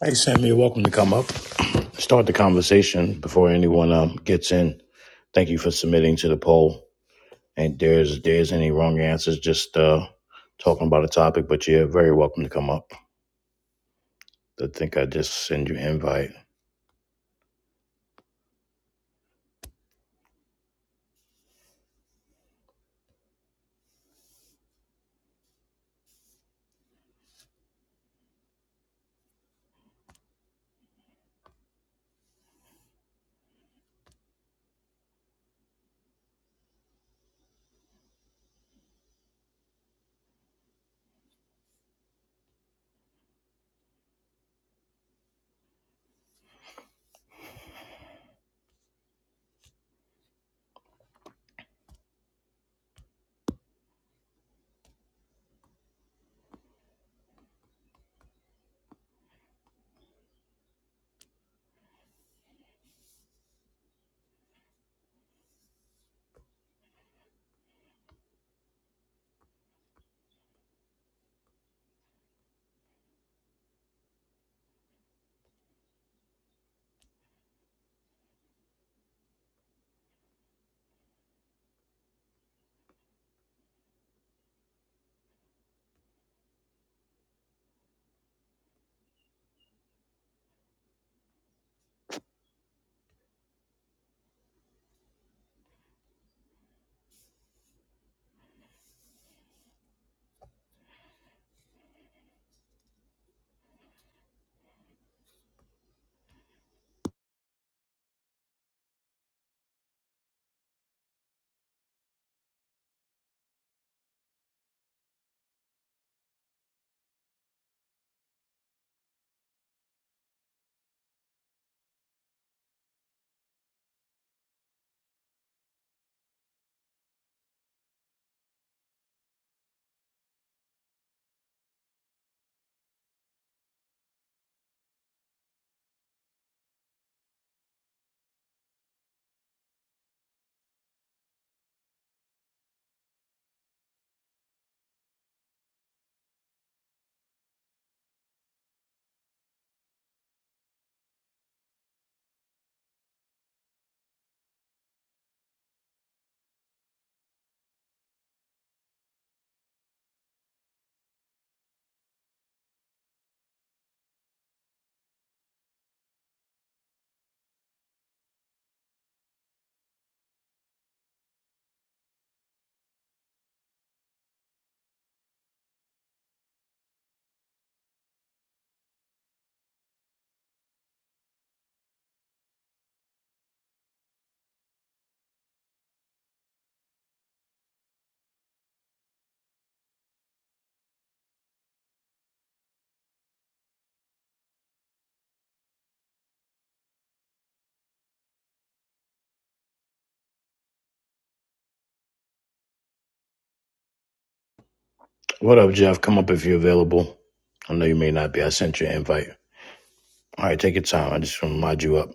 Hey, Sam, you're welcome to come up. Start the conversation before anyone um, gets in. Thank you for submitting to the poll. And there's there's any wrong answers, just uh, talking about a topic, but you're very welcome to come up. I think I just send you an invite. What up, Jeff? Come up if you're available. I know you may not be. I sent you an invite. All right, take your time. I just want to mod you up.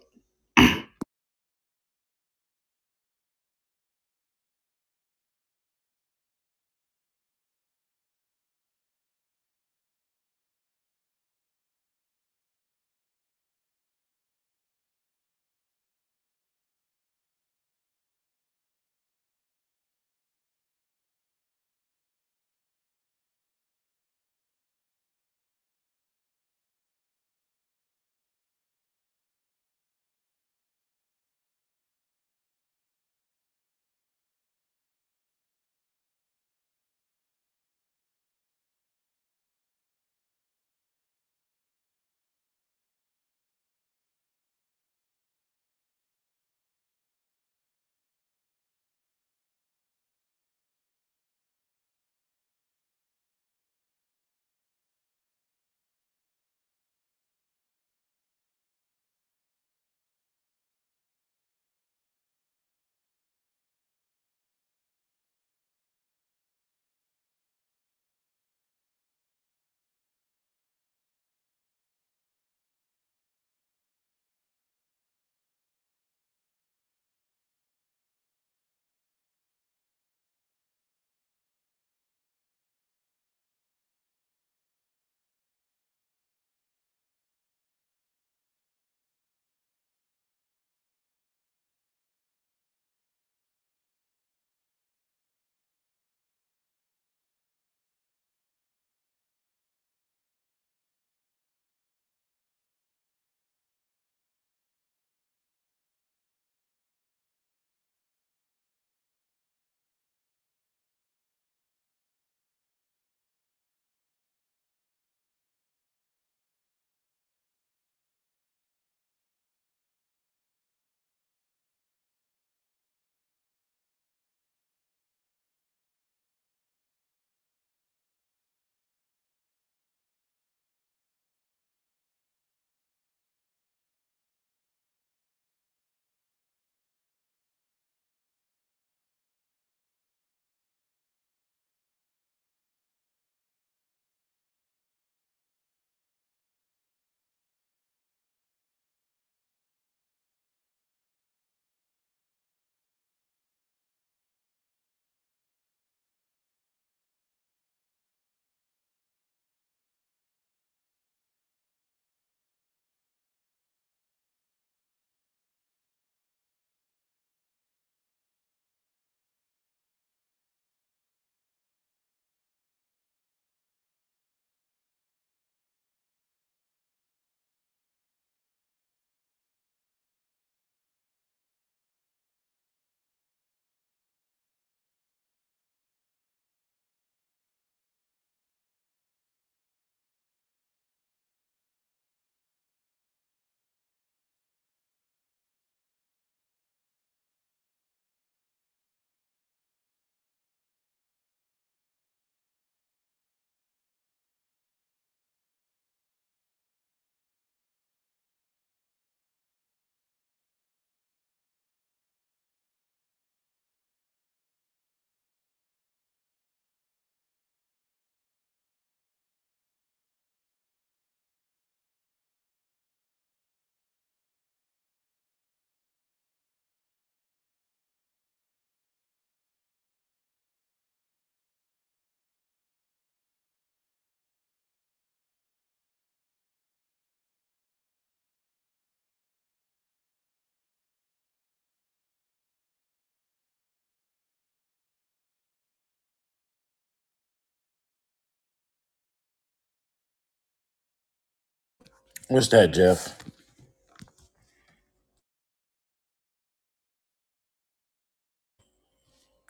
What's that, Jeff?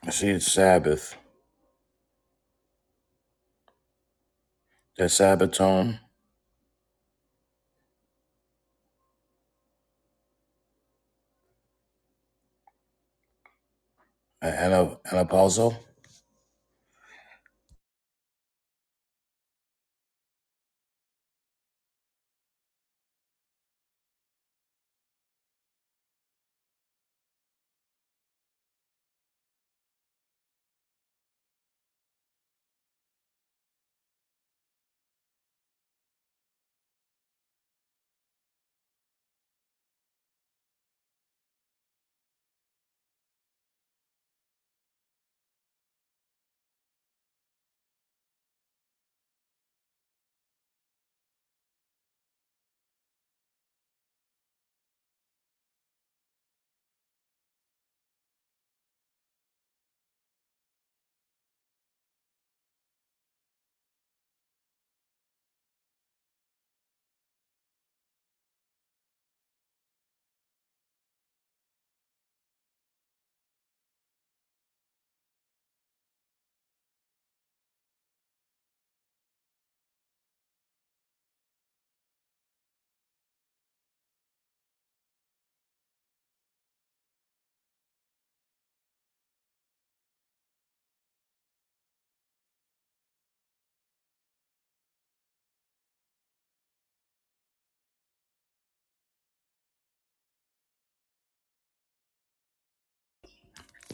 I see it's Sabbath. That Sabbath tone? Anna, Anna Palzo?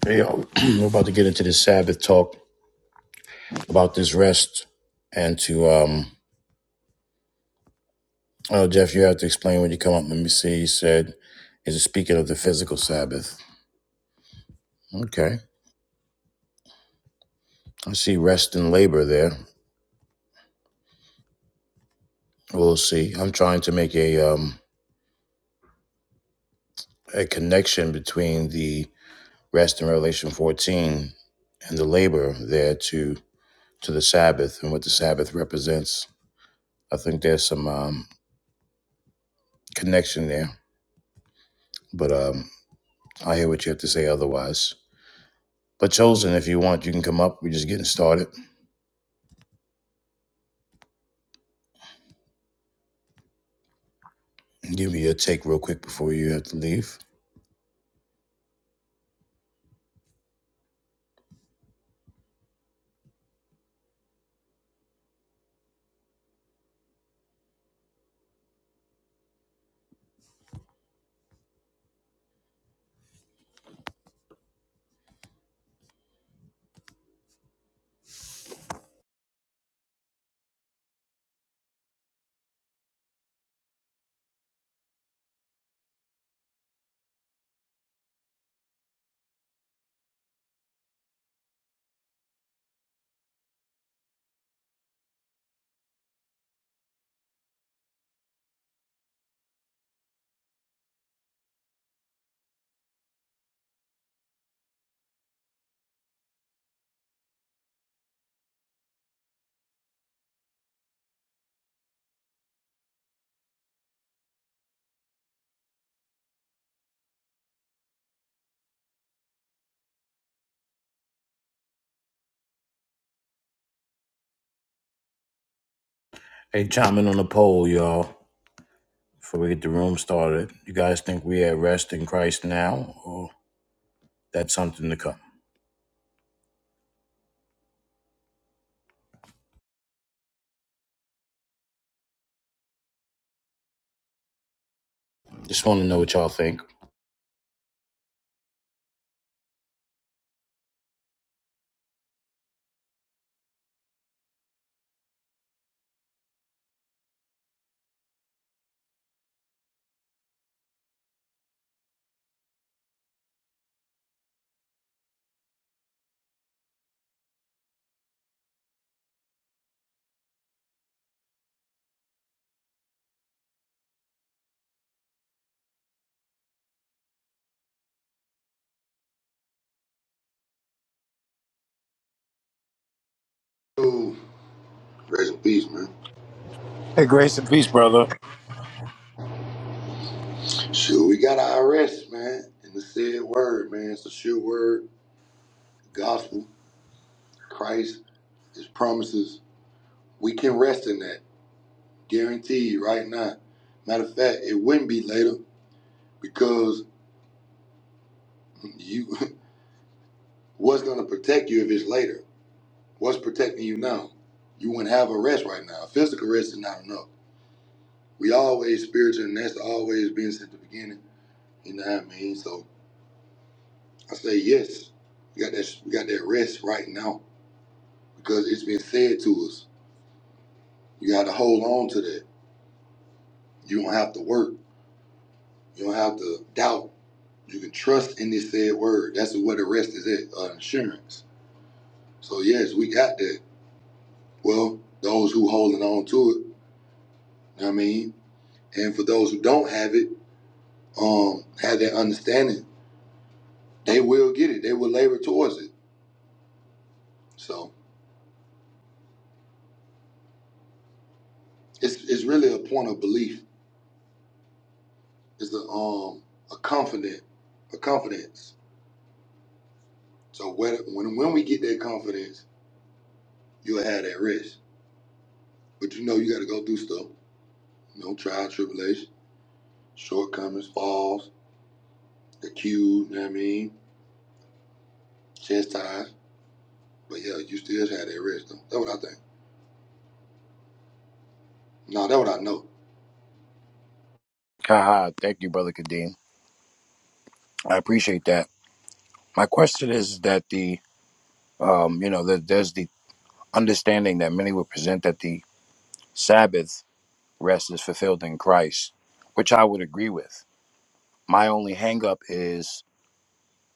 Hey, yo, we're about to get into the Sabbath talk. about this rest and to um oh Jeff, you have to explain when you come up. Let me see. He said, is it speaking of the physical Sabbath? Okay. I see rest and labor there. We'll see. I'm trying to make a um a connection between the rest in Revelation 14 and the labor there to to the Sabbath and what the Sabbath represents. I think there's some um connection there. But um I hear what you have to say otherwise. But chosen, if you want, you can come up. We're just getting started. Give me your take real quick before you have to leave. Hey, chime in on the poll, y'all, before we get the room started. You guys think we at rest in Christ now, or that's something to come? Just want to know what y'all think. Yo, rest in peace, man. Hey, grace and peace, brother. Sure, we got our arrest, man, in the said word, man. It's the sure word, the gospel, Christ, his promises. We can rest in that, guaranteed, right now. Matter of fact, it wouldn't be later because you, what's gonna protect you if it's later? What's protecting you now? You wouldn't have arrest right now. Physical arrest is not enough. We always spiritual, and that's always been since the beginning. You know what I mean? So I say yes. We got that. We got that rest right now. because it's been said to us. You got to hold on to that. You don't have to work. You don't have to doubt. You can trust in this said word. That's where the rest is at, uh, insurance. So yes, we got that. Well, those who holding on to it, you know what I mean, and for those who don't have it, um, have that understanding, they will get it. They will labor towards it. So it's it's really a point of belief. It's a um a confident, a confidence. So whether, when when we get that confidence, you'll have that rest. But you know you gotta go through stuff. You know, trial, tribulation, shortcomings, falls, accused, you know what I mean? Chastised. But yeah, you still had that rest though. That's what I think. No, that's what I know. Haha, thank you, brother Kadeem. I appreciate that. My question is that the, um, you know, that there's the understanding that many would present that the Sabbath rest is fulfilled in Christ, which I would agree with. My only hangup is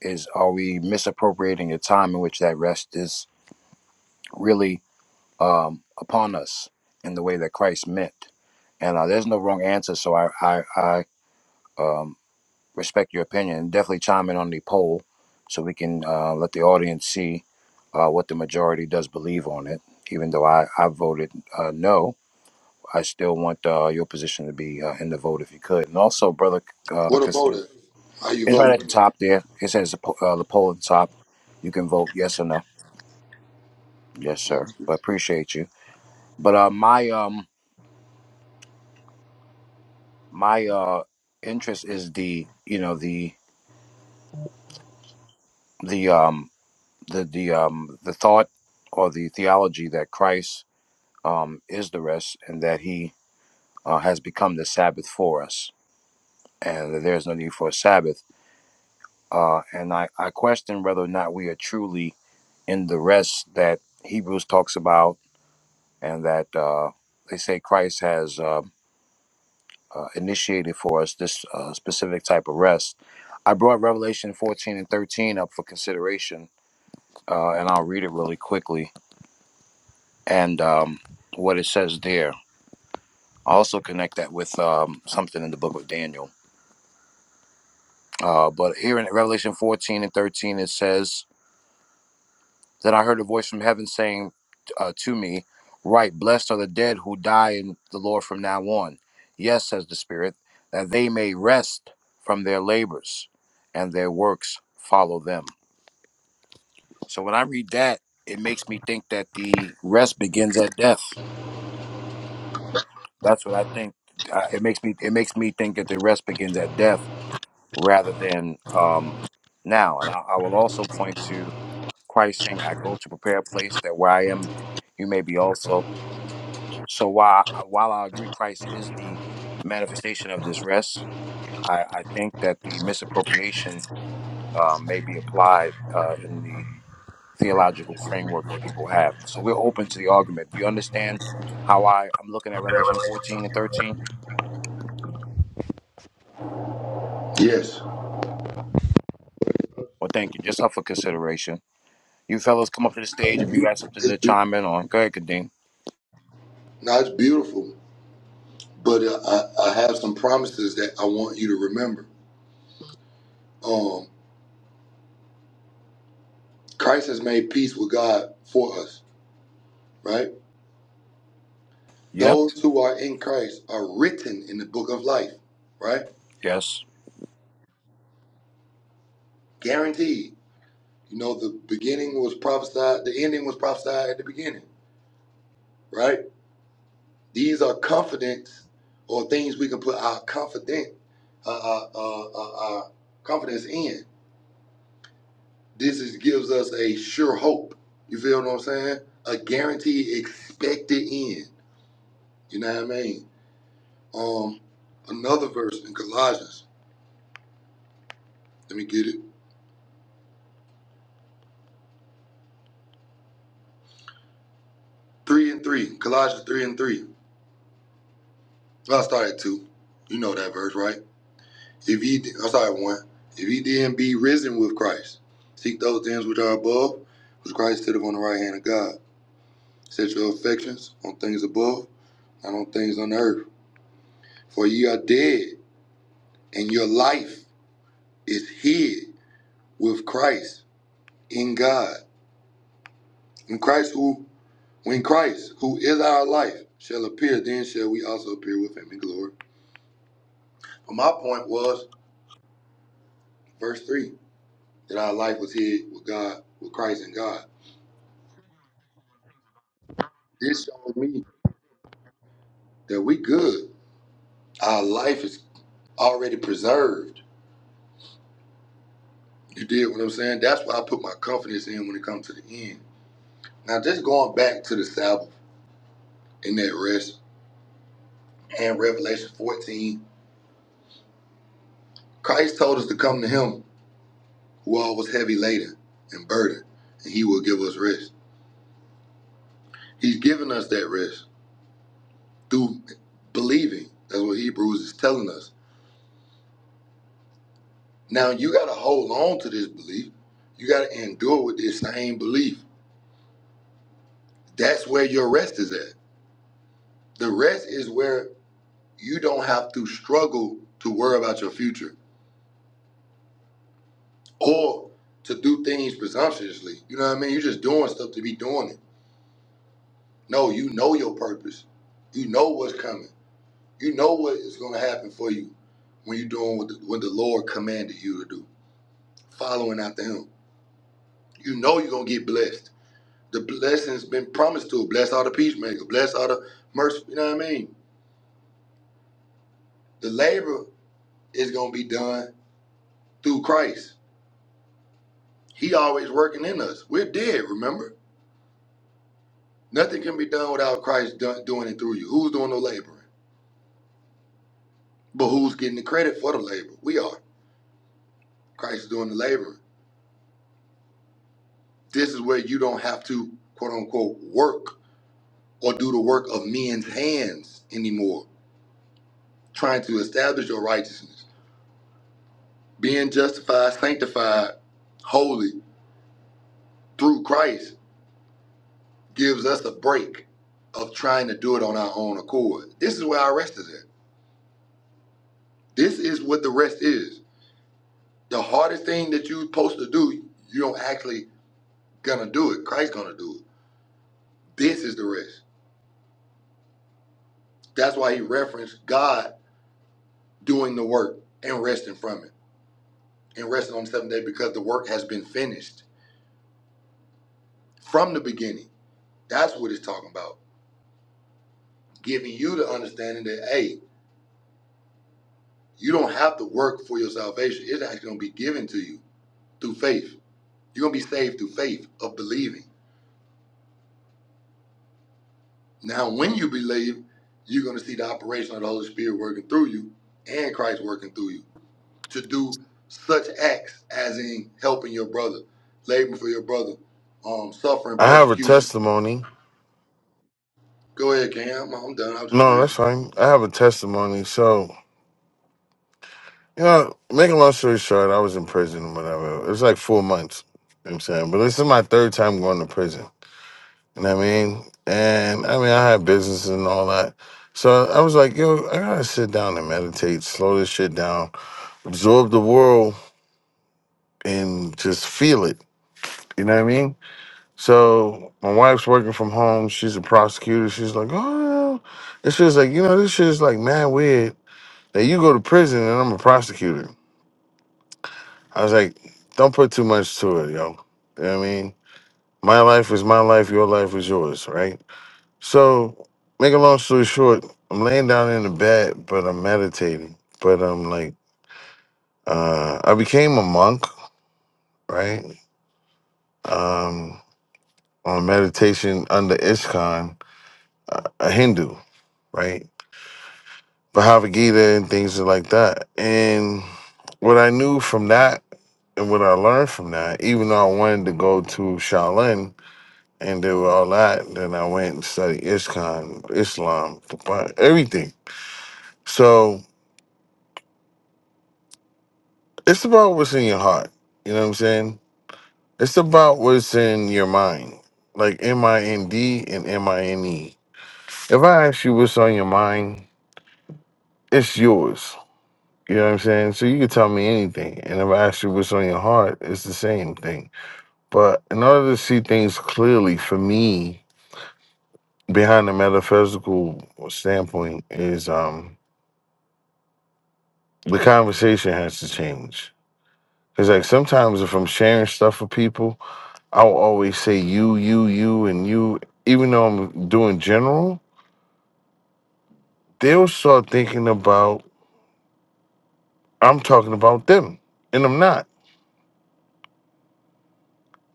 is are we misappropriating the time in which that rest is really um, upon us in the way that Christ meant? And uh, there's no wrong answer, so I I, I um, respect your opinion. definitely chime in on the poll so we can uh, let the audience see uh, what the majority does believe on it. Even though I I voted uh, no, I still want uh, your position to be uh, in the vote if you could. And also, brother, uh, What a vote is. How you it's right at vote? the top there. It says the po- uh, the poll at the top. You can vote yes or no Yes, sir. But appreciate you. But uh, my um my uh interest is the you know the the um the the um the thought or the theology that Christ um is the rest and that He uh, has become the Sabbath for us and that there is no need for a Sabbath. Uh, and I I question whether or not we are truly in the rest that Hebrews talks about and that uh, they say Christ has. Um, uh, initiated for us this uh, specific type of rest. I brought Revelation 14 and 13 up for consideration, uh, and I'll read it really quickly and um, what it says there. I also connect that with um, something in the book of Daniel. Uh, but here in Revelation 14 and 13, it says, Then I heard a voice from heaven saying uh, to me, Right, blessed are the dead who die in the Lord from now on. Yes, says the Spirit, that they may rest from their labors and their works follow them. So when I read that, it makes me think that the rest begins at death. That's what I think. Uh, it makes me it makes me think that the rest begins at death rather than um, now. And I, I will also point to Christ saying, "I go to prepare a place that where I am, you may be also." So while while I agree Christ is the manifestation of this rest, I, I think that the misappropriation uh, may be applied uh, in the theological framework that people have. So we're open to the argument. Do you understand how I, I'm looking at Revelation 14 and 13? Yes. Well, thank you. Just up for consideration. You fellas come up to the stage It's if you got beautiful. something It's to beautiful. chime in on. Go ahead, Kadeem. No, it's beautiful. But uh, I, I have some promises that I want you to remember. Um, Christ has made peace with God for us, right? Yep. Those who are in Christ are written in the book of life, right? Yes. Guaranteed. You know, the beginning was prophesied, the ending was prophesied at the beginning, right? These are confidence or things we can put our confident, uh, uh, uh, uh, uh, confidence in. This is, gives us a sure hope. You feel what I'm saying? A guaranteed expected end. You know what I mean? Um, another verse in Colossians. Let me get it. Three and three. Colossians three and three. I'll start at two. You know that verse, right? If ye, I'm sorry, one. If ye then be risen with Christ, seek those things which are above, which Christ sitteth on the right hand of God. Set your affections on things above, not on things on earth. For ye are dead, and your life is hid with Christ in God. When Christ who, when Christ who is our life shall appear, then shall we also appear with him in glory. But my point was verse three that our life was hid with God, with Christ in God. This showed me. that we good. Our life is already preserved. You did what I'm saying? That's why I put my confidence in when it comes to the end. Now, just going back to the Sabbath in that rest and Revelation 14, Christ told us to come to Him who all was heavy laden and burdened, and He will give us rest. He's given us that rest through believing. That's what Hebrews is telling us. Now, you got to hold on to this belief. You got to endure with this same belief. That's where your rest is at. The rest is where you don't have to struggle to worry about your future or to do things presumptuously. You know what I mean? You're just doing stuff to be doing it. No, you know your purpose. You know what's coming. You know what is going to happen for you when you're doing what the, what the Lord commanded you to do, following after Him. You know you're going to get blessed. The blessing's been promised to. us. Bless all the peacemakers. Bless all the mercy. You know what I mean? The labor is going to be done through Christ He always working in us. We're dead, remember? Nothing can be done without Christ do- doing it through you. Who's doing the laboring? But who's getting the credit for the labor? We are. Christ is doing the laboring. This is where you don't have to, quote unquote, work or do the work of men's hands anymore, trying to establish your righteousness. Being justified, sanctified, holy through Christ gives us a break of trying to do it on our own accord. This is where our rest is at. This is what the rest is. the hardest thing that you're supposed to do, you don't actually gonna do it. Christ's gonna do it. This is the rest. That's why he referenced God doing the work and resting from it and resting on the seventh day because the work has been finished from the beginning. That's what it's talking about. Giving you the understanding that, hey, you don't have to work for your salvation. It's actually gonna be given to you through faith. You're gonna be saved through faith of believing. Now, when you believe, you're gonna see the operation of the Holy Spirit working through you and Christ working through you to do such acts as in helping your brother, laboring for your brother, um, suffering I have a persecution. testimony. Go ahead, Cam. I'm done. I just No, that's ran. fine. I have a testimony. So, you know, make a long story short, I was in prison and whatever. It was like four months. You know what I'm saying? But this is my third time going to prison. You know what I mean? And I mean, I had business and all that. So I was like, yo, I gotta sit down and meditate, slow this shit down, absorb the world, and just feel it. You know what I mean? So my wife's working from home. She's a prosecutor. She's like, oh, yeah. And she was like, you know, this shit is like mad weird Now you go to prison and I'm a prosecutor. I was like, don't put too much to it, yo. You know what I mean? My life is my life, your life is yours, right? So, make a long story short, I'm laying down in the bed, but I'm meditating. But I'm like, uh, I became a monk, right? Um, on meditation under Iskon, a a Hindu, right? Bhagavad Gita and things like that. And what I knew from that and what I learned from that, even though I wanted to go to Shaolin and do all that, then I went and studied ISKCON, Islam, the Bi- everything. So it's about what's in your heart. You know what I'm saying? It's about what's in your mind. Like M I N D and M I N E. If I ask you what's on your mind, it's yours You know what I'm saying? So you can tell me anything. And if I ask you what's on your heart, it's the same thing. But in order to see things clearly, for me, behind the metaphysical standpoint, is um the conversation has to change. Cause like sometimes if I'm sharing stuff with people, I'll always say you, you, you, and you, even though I'm doing general, they'll start thinking about I'm talking about them. And I'm not.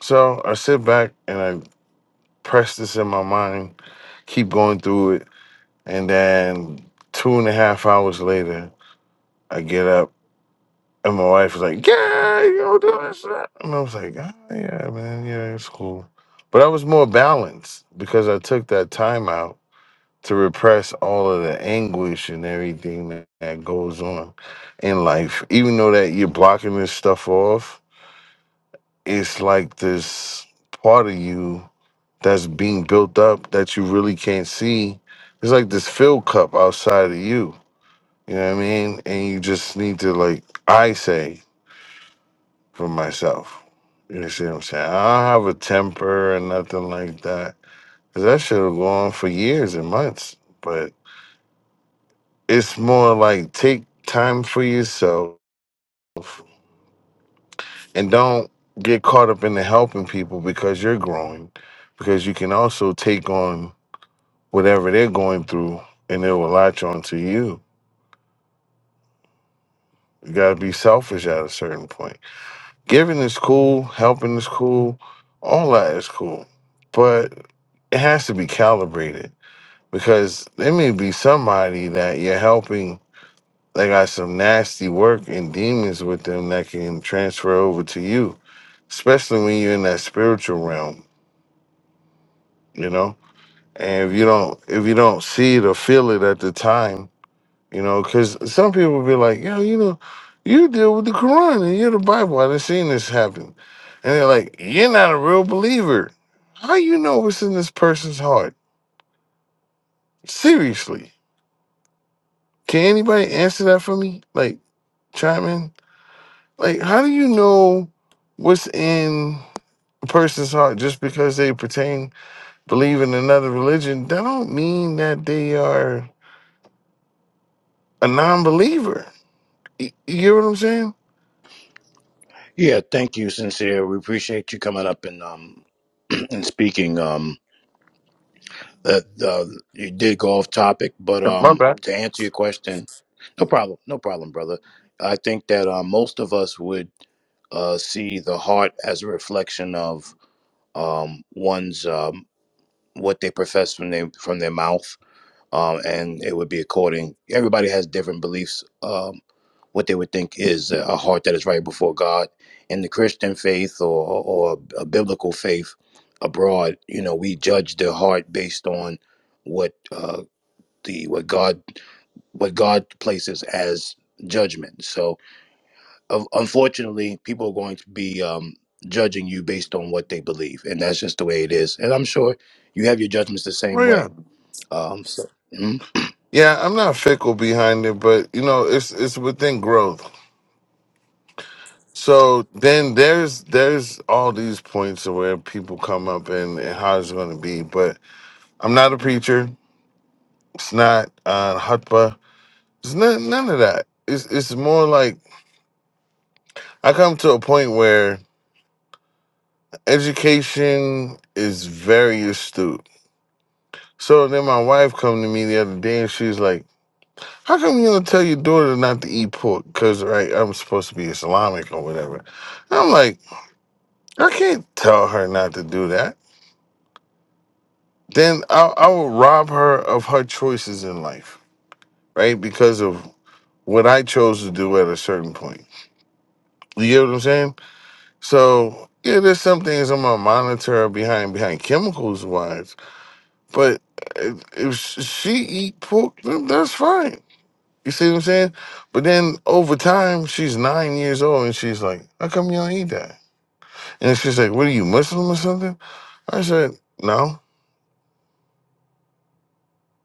So I sit back and I press this in my mind keep going through it. And then two and a half hours later, I get up and my wife was like, Yeah, you know, do this. that." And I was like, ah, Yeah, man, yeah, it's cool. But I was more balanced because I took that time out to repress all of the anguish and everything that, that goes on in life. Even though that you're blocking this stuff off, it's like this part of you that's being built up that you really can't see. It's like this fill cup outside of you. You know what I mean? And you just need to like I say for myself. You see what I'm saying? I don't have a temper or nothing like that. Cause that should have gone on for years and months. But it's more like take time for yourself and don't get caught up in the helping people because you're growing. Because you can also take on whatever they're going through and they will latch onto you. You got to be selfish at a certain point. Giving is cool, helping is cool, all that is cool. But it has to be calibrated because there may be somebody that you're helping that got some nasty work and demons with them that can transfer over to you, especially when you're in that spiritual realm, you know? And if you don't if you don't see it or feel it at the time, You know, because some people be like, yo, you know, you deal with the Quran and you're the Bible. I done seen this happen. And they're like, you're not a real believer. How you know what's in this person's heart? Seriously. Can anybody answer that for me? Like, chime in? Like, how do you know what's in a person's heart just because they pertain, believe in another religion? That don't mean that they are a non believer. You, hear what I'm saying? Yeah, thank you, sincere. We appreciate you coming up and um and speaking. Um That uh, you did go off topic, but Yeah, My um, bad. to answer your question, no problem, no problem, brother. I think that uh, most of us would uh, see the heart as a reflection of um, one's um, what they profess from their from their mouth, um, and it would be according. Everybody has different beliefs, um what they would think is a heart that is right before God. In the Christian faith or, or a biblical faith abroad, you know, we judge the heart based on what uh, the what God what God places as judgment. So, un- unfortunately, people are going to be um, judging you based on what they believe, and that's just the way it is. And I'm sure you have your judgments the same Right way. Um, so, mhm. Yeah, I'm not fickle behind it, but you know, it's it's within growth. So then there's there's all these points of where people come up and, and how it's going to be, but I'm not a preacher. It's not uh, hutba. It's none, none of that. It's it's more like I come to a point where education is very astute. So then my wife come to me the other day and she's like, "How come you don't tell your daughter not to eat pork? Cause right, I'm supposed to be Islamic or whatever." I'm like. I can't tell her not to do that. Then I, I will rob her of her choices in life, right? Because of what I chose to do at a certain point. You get what I'm saying? So yeah, there's some things I'm gonna monitor behind behind chemicals wise, but if if she eat pork, then that's fine. You see what I'm saying? But then over time, she's nine years old and she's like, "How come you don't eat that?" And she's like, "What are you Muslim or something?" I said, "No."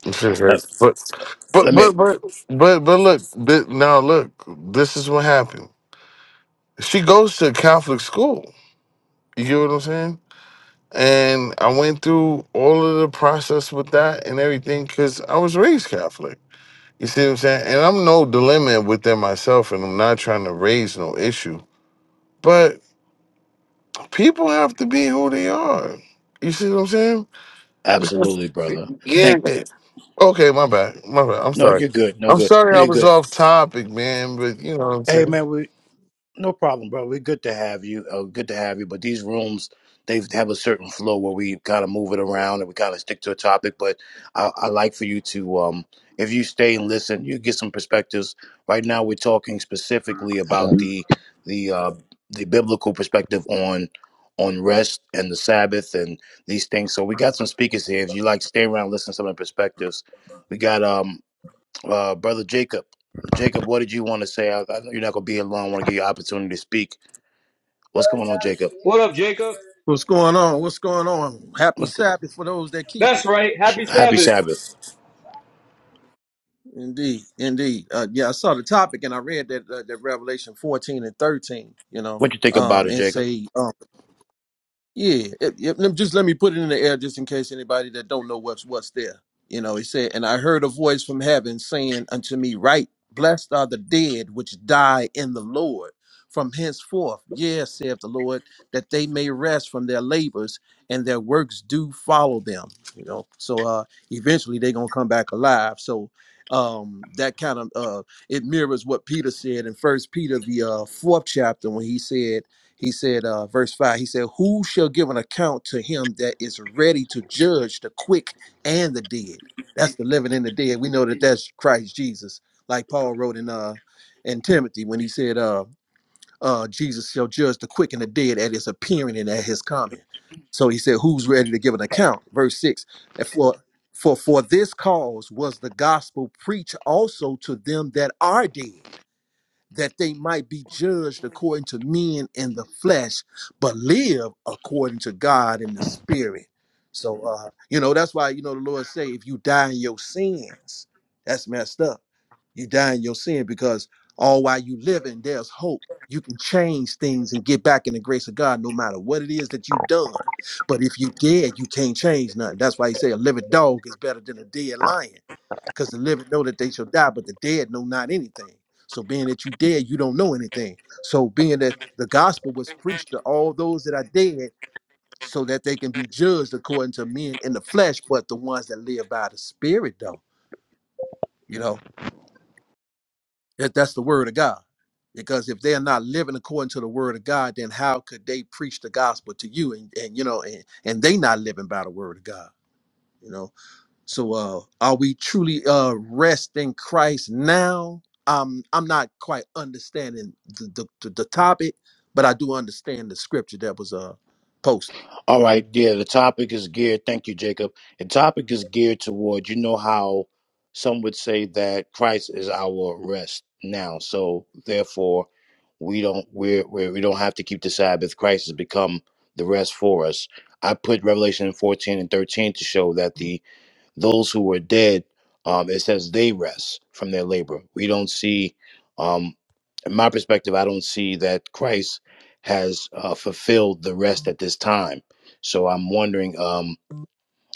Shit, Uh, right. but let but me but but but but look thi- now look this is what happened she goes to catholic school you get what i'm saying and i went through all of the process with that and everything because i was raised catholic you see what i'm saying and i'm no dilemma within myself and i'm not trying to raise no issue but people have to be who they are you see what i'm saying Because- absolutely, brother. yeah. Thank. Okay, my bad. My bad. I'm No, sorry. you're good. No I'm good. sorry No, I you're was good. off topic, man, but you know what I'm Hey, saying? man. We. No problem, bro. We're good to have you. Uh, good to have you. But these rooms, they have a certain flow where we kind of move it around and we kind of stick to a topic. But I, I like for you to, um, if you stay and listen, you get some perspectives. Right now, we're talking specifically about the the uh, the biblical perspective on on rest and the Sabbath and these things. So we got some speakers here. If you like, stay around, listen to some of the perspectives. We got. um uh, Brother Jacob, Jacob, what did you want to say? I, I know you're not going to be alone. I want to give you an opportunity to speak. What's going on, Jacob? What up, Jacob? What's going on? What's going on? Happy What's go- Sabbath for those that keep it. That's right. Sh- Happy Happy Sabbath. Sabbath. Indeed, indeed. Uh, yeah, I saw the topic and I read that uh, that Revelation fourteen and thirteen. You know, What you think about um, it, and Jacob? say um, Yeah, yep, yep, lem- just let me put it in the air just in case anybody that don't know what's what's there. You know, he said, and I heard a voice from heaven saying unto me, Right, blessed are the dead which die in the Lord from henceforth, yes, saith the Lord, that they may rest from their labors and their works do follow them. You know, so uh eventually they're gonna come back alive. So um that kind of uh it mirrors what Peter said in first Peter the uh fourth chapter when he said he said, uh, verse 5, he said, Who shall give an account to him that is ready to judge the quick and the dead? That's the living and the dead. We know that that's Christ Jesus, like Paul wrote in uh in Timothy when he said, uh, uh, Jesus shall judge the quick and the dead at his appearing and at his coming. So he said, Who's ready to give an account? Verse 6, and for for for this cause was the gospel preached also to them that are dead that they might be judged according to men in the flesh, but live according to God in the spirit. So uh, you know, that's why you know the Lord say, if you die in your sins, that's messed up you die in your sin because all while you living, there's hope. You can change things and get back in the grace of God no matter what it is that you've done. But if you dead, you can't change nothing. That's why he say a living dog is better than a dead lion. Because the living know that they shall die, but the dead know not anything. So being that you dead, you don't know anything. So being that the gospel was preached to all those that are dead, so that they can be judged according to men in the flesh, but the ones that live by the spirit, though, you know. That, that's the word of God. Because if they are not living according to the word of God, then how could they preach the gospel to you and, and you know and, and they not living by the word of God? You know. So uh are we truly uh rest in Christ now? Um I'm not quite understanding the the, the, the topic, but I do understand the scripture that was uh posted. All right, yeah, the topic is geared. Thank you, Jacob. The topic is geared toward, you know, how some would say that Christ is our rest now. So therefore, we don't we're, we're we don't have to keep the Sabbath. Christ has become the rest for us. I put Revelation 14 and 13 to show that the those who were dead, um, it says they rest from their labor. We don't see, um, in my perspective, I don't see that Christ has uh, fulfilled the rest at this time. So I'm wondering um,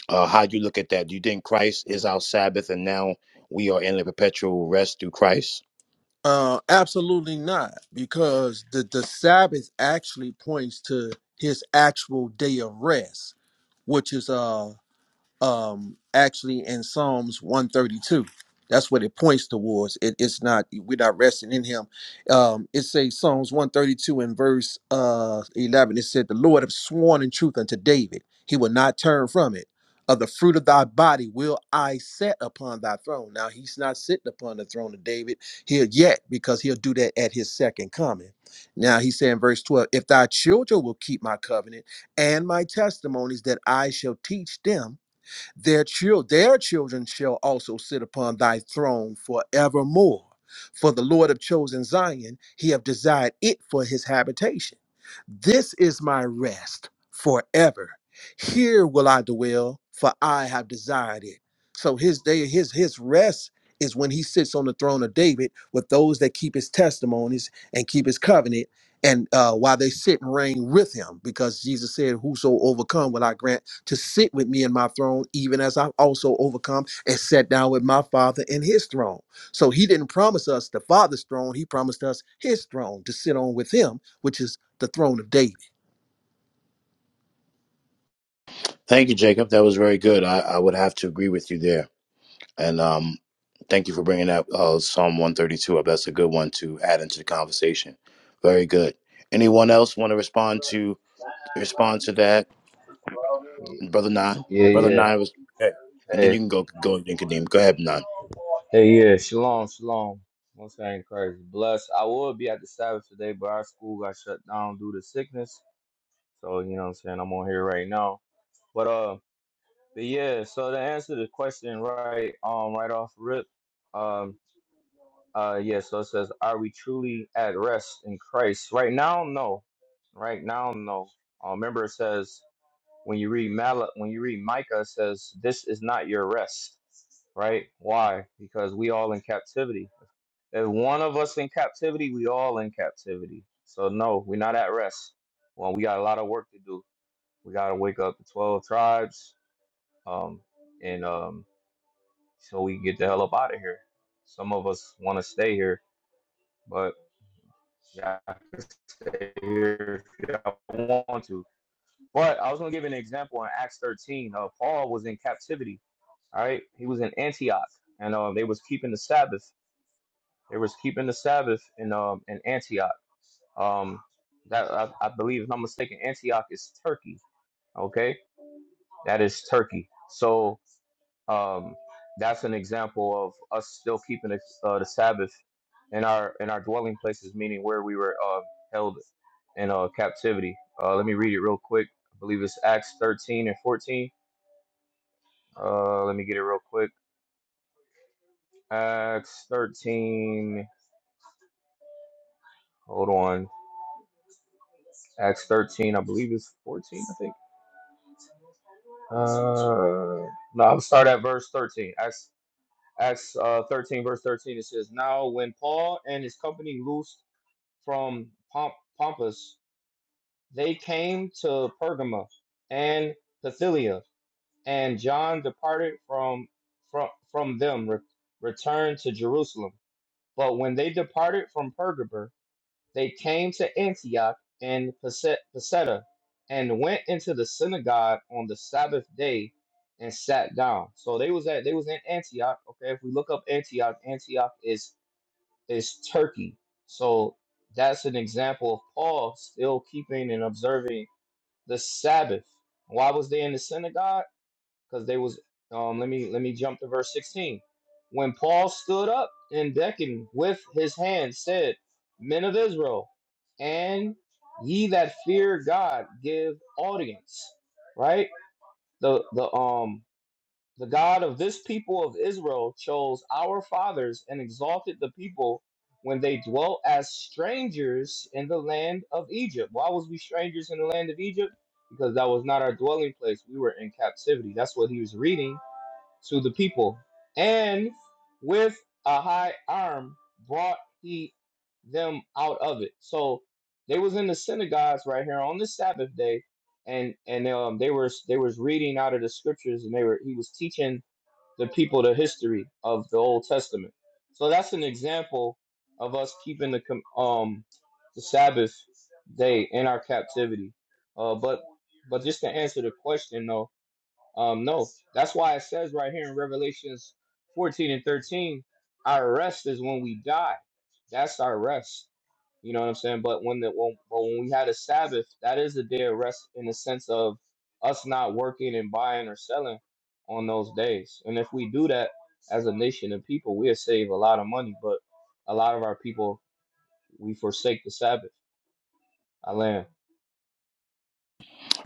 uh, how you look at that. Do you think Christ is our Sabbath and now we are in a perpetual rest through Christ? Uh absolutely not, because the, the Sabbath actually points to his actual day of rest which is uh um actually in psalms 132 that's what it points towards it, it's not we're not resting in him um it says psalms 132 in verse uh 11 it said the lord have sworn in truth unto david he will not turn from it of the fruit of thy body will i set upon thy throne now he's not sitting upon the throne of david here yet because he'll do that at his second coming now he said in verse 12 if thy children will keep my covenant and my testimonies that i shall teach them their children their children shall also sit upon thy throne forevermore for the lord have chosen zion he have desired it for his habitation this is my rest forever here will i dwell for i have desired it so his day his his rest is when he sits on the throne of david with those that keep his testimonies and keep his covenant and uh, while they sit and reign with him because jesus said whoso overcome will i grant to sit with me in my throne, even as I've also overcome and sat down with my Father in his throne. So he didn't promise us the Father's throne, he promised us his throne to sit on with him, which is the throne of David. Thank you, Jacob. That was very good. I, I would have to agree with you there. And um, thank you for bringing up uh, Psalm 132 up. That's a good one to add into the conversation. Very good. Anyone else want to respond to respond to that, Brother Nine? Yeah, Brother yeah. Nine was okay. And then Hey, you can go go and then Kadeem. Go ahead, Nine. hey, yeah. Shalom, shalom. Most ain't crazy. Bless. I would be at the Sabbath today, but our school got shut down due to sickness. So you know what I'm saying. I'm on here right now. But uh, but yeah. So to answer the question, right, um, right off rip, um, uh, yeah. So it says, are we truly at rest in Christ right now? No. Right now, no. Uh, remember, it says. When you read Mal, when you read Micah, it says, "This is not your rest." Right? Why? Because we all in captivity. If one of us in captivity, we all in captivity. So no, we're not at rest. Well, we got a lot of work to do. We got to wake up the twelve tribes, um, and um, so we can get the hell up out of here. Some of us want to stay here, but y'all can stay here if y'all want to. But I was going to give an example in Acts 13. Uh, Paul was in captivity. All right, he was in Antioch, and uh, they was keeping the Sabbath. They was keeping the Sabbath in um, in Antioch. Um, that I, I believe, if I'm mistaken, Antioch is Turkey. Okay, that is Turkey. So um, that's an example of us still keeping the, uh, the Sabbath in our in our dwelling places, meaning where we were uh, held in uh, captivity. Uh, let me read it real quick. I believe it's Acts 13 and 14 Uh, let me get it real quick. Acts 13. Hold on. Acts 13, I believe it's 14, I think. Uh, no, I'll start at verse 13. Acts, Acts uh, 13, verse 13, it says, Now when Paul and his company loosed from Pomp- Pompus, they came to Pergama and Pamphylia, and John departed from, from, from them, re- returned to Jerusalem. But when they departed from Pergama, They came to Antioch and Pise- Pisidia and went into the synagogue on the Sabbath day and sat down. So they was at they was in Antioch. Okay, if we look up Antioch, Antioch is is Turkey. So that's an example of Paul still keeping and observing the Sabbath. Why was they in the synagogue? because they was um let me let me jump to verse 16 when paul stood up and beckoned with his hand said men of israel and ye that fear god give audience right the the um the god of this people of israel chose our fathers and exalted the people when they dwelt as strangers in the land of egypt why was we strangers in the land of egypt because that was not our dwelling place we were in captivity that's what he was reading to the people, and with a high arm brought he them out of it. So they was in the synagogues right here on the Sabbath day, and and um they were they was reading out of the scriptures, and they were he was teaching the people the history of the Old Testament. So that's an example of us keeping the com- um the Sabbath day in our captivity. Uh, but but just to answer the question though um, no, that's why it says right here in Revelations 14 and 13, our rest is when we die. That's our rest. You know what I'm saying? But when the when, but when we had a Sabbath, that is a day of rest in the sense of us not working and buying or selling on those days. And if we do that as a nation and people, we'll save a lot of money. But a lot of our people, we forsake the Sabbath. I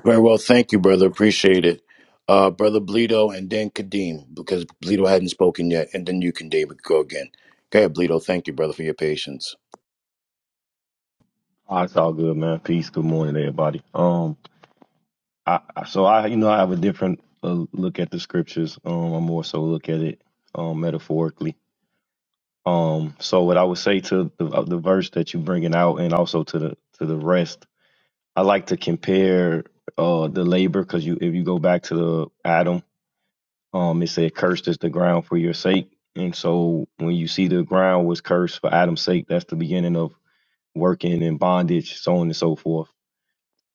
Very well. Thank you, brother. Appreciate it. Uh, brother Bleedo and then Kadeem because Bleedo hadn't spoken yet, and then you can David go again. Go ahead, Bleedo. Thank you, brother, for your patience. Oh, it's all good, man. Peace. Good morning, everybody. Um, I I- so I you know I have a different uh, look at the scriptures. Um, I more so look at it um metaphorically. Um, so what I would say to the uh, the verse that you bringing out, and also to the to the rest, I like to compare uh the labor because you if you go back to the Adam, um, it said cursed is the ground for your sake, and so when you see the ground was cursed for Adam's sake, that's the beginning of working in bondage, so on and so forth.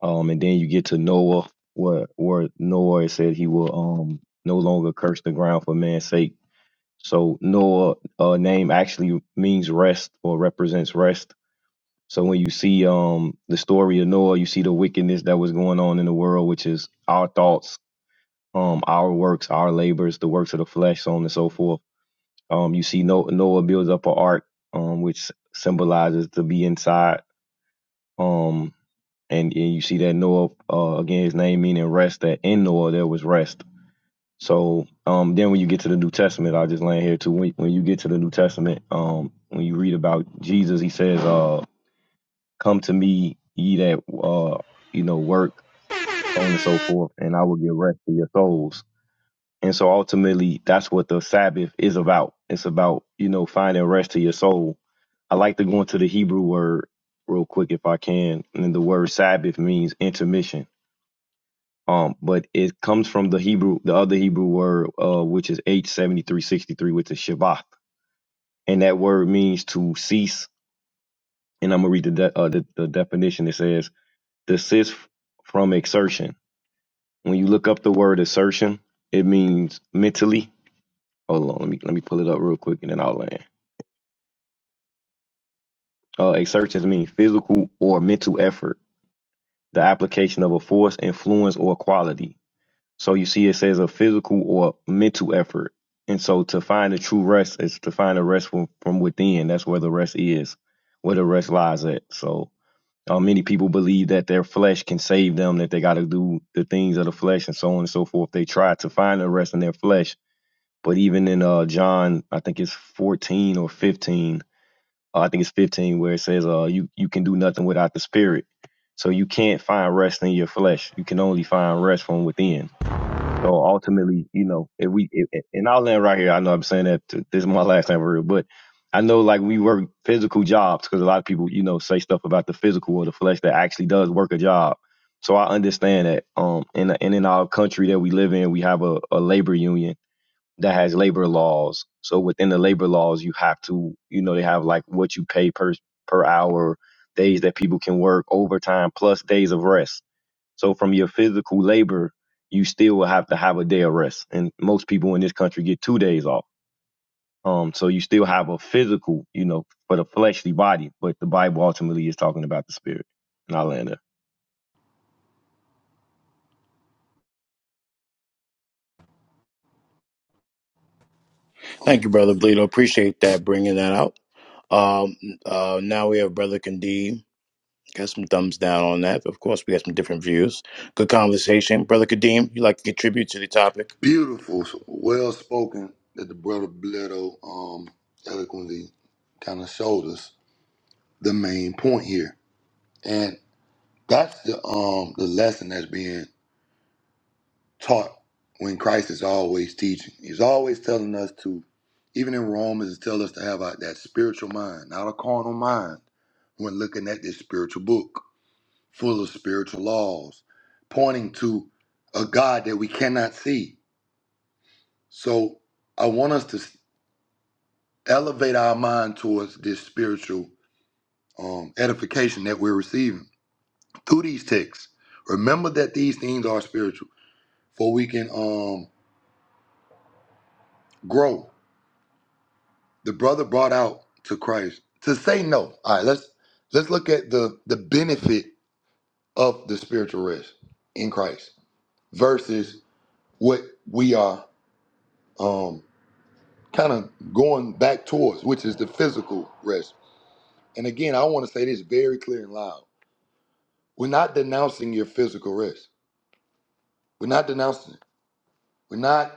Um, and then you get to Noah, where where Noah said he will um no longer curse the ground for man's sake. So Noah uh, name actually means rest or represents rest. So when you see um the story of Noah, you see the wickedness that was going on in the world, which is our thoughts, um, our works, our labors, the works of the flesh, so on and so forth. Um, you see no- Noah builds up an ark, um, which symbolizes to be inside. Um, and, and you see that Noah uh, again, his name meaning rest. That in Noah there was rest. So um, then when you get to the New Testament, I just land here too. When, when you get to the New Testament, um, when you read about Jesus, he says, uh, "Come to me, ye that uh, you know work, so on and so forth, and I will give rest to your souls." And so ultimately, that's what the Sabbath is about. It's about you know finding rest to your soul. I like to go into the Hebrew word real quick if I can, and the word Sabbath means intermission Um, but it comes from the Hebrew, the other Hebrew word, uh, which is H seventy three sixty three, which is Shabbat, and that word means to cease. And I'm gonna read the de- uh, the, the definition. It says desist from exertion. When you look up the word assertion, it means mentally. Hold on, let me let me pull it up real quick, and then I'll land. Uh, exertions mean physical or mental effort, the application of a force, influence, or quality. So you see, it says a physical or mental effort. And so to find the true rest is to find the rest from, from within. That's where the rest is, where the rest lies at. So uh, many people believe that their flesh can save them, that they got to do the things of the flesh and so on and so forth. They try to find the rest in their flesh. But even in uh, John, I think it's 14 or 15, uh, I think it's 15, where it says, uh, you, you can do nothing without the spirit. So you can't find rest in your flesh. You can only find rest from within so ultimately, you know, if we if, and I'll land right here. I know I'm saying that to, this is my last time for real, but I know like we work physical jobs because a lot of people, you know, say stuff about the physical or the flesh that actually does work a job. So I understand that. Um, and and in our country that we live in, we have a, a labor union that has labor laws. So within the labor laws, you have to, you know, they have like what you pay per per hour, days that people can work, overtime plus days of rest. So from your physical labor, you still will have to have a day of rest. And most people in this country get two days off. Um, so you still have a physical, you know, for the fleshly body, but the Bible ultimately is talking about the spirit. And I land there. Thank you, brother Bleedo. Appreciate that bringing that out. Um, uh, now we have brother Kadeem. Got some thumbs down on that. Of course, we got some different views. Good conversation. Brother Kadeem, you like to contribute to the topic? Beautiful, well spoken that the brother Bledo um, eloquently kind of showed us the main point here, and that's the um the lesson that's being taught when Christ is always teaching. He's always telling us to, even in Romans, it tells us to have a, that spiritual mind, not a carnal mind, when looking at this spiritual book full of spiritual laws, pointing to a God that we cannot see. So I want us to s- elevate our mind towards this spiritual um, edification that we're receiving through these texts. Remember that these things are spiritual, for we can um, grow the brother brought out to Christ to say no. All right, let's let's look at the the benefit of the spiritual rest in Christ versus what we are um kind of going back towards, which is the physical rest. And again, I want to say this very clear and loud. We're not denouncing your physical rest. We're not denouncing it. We're not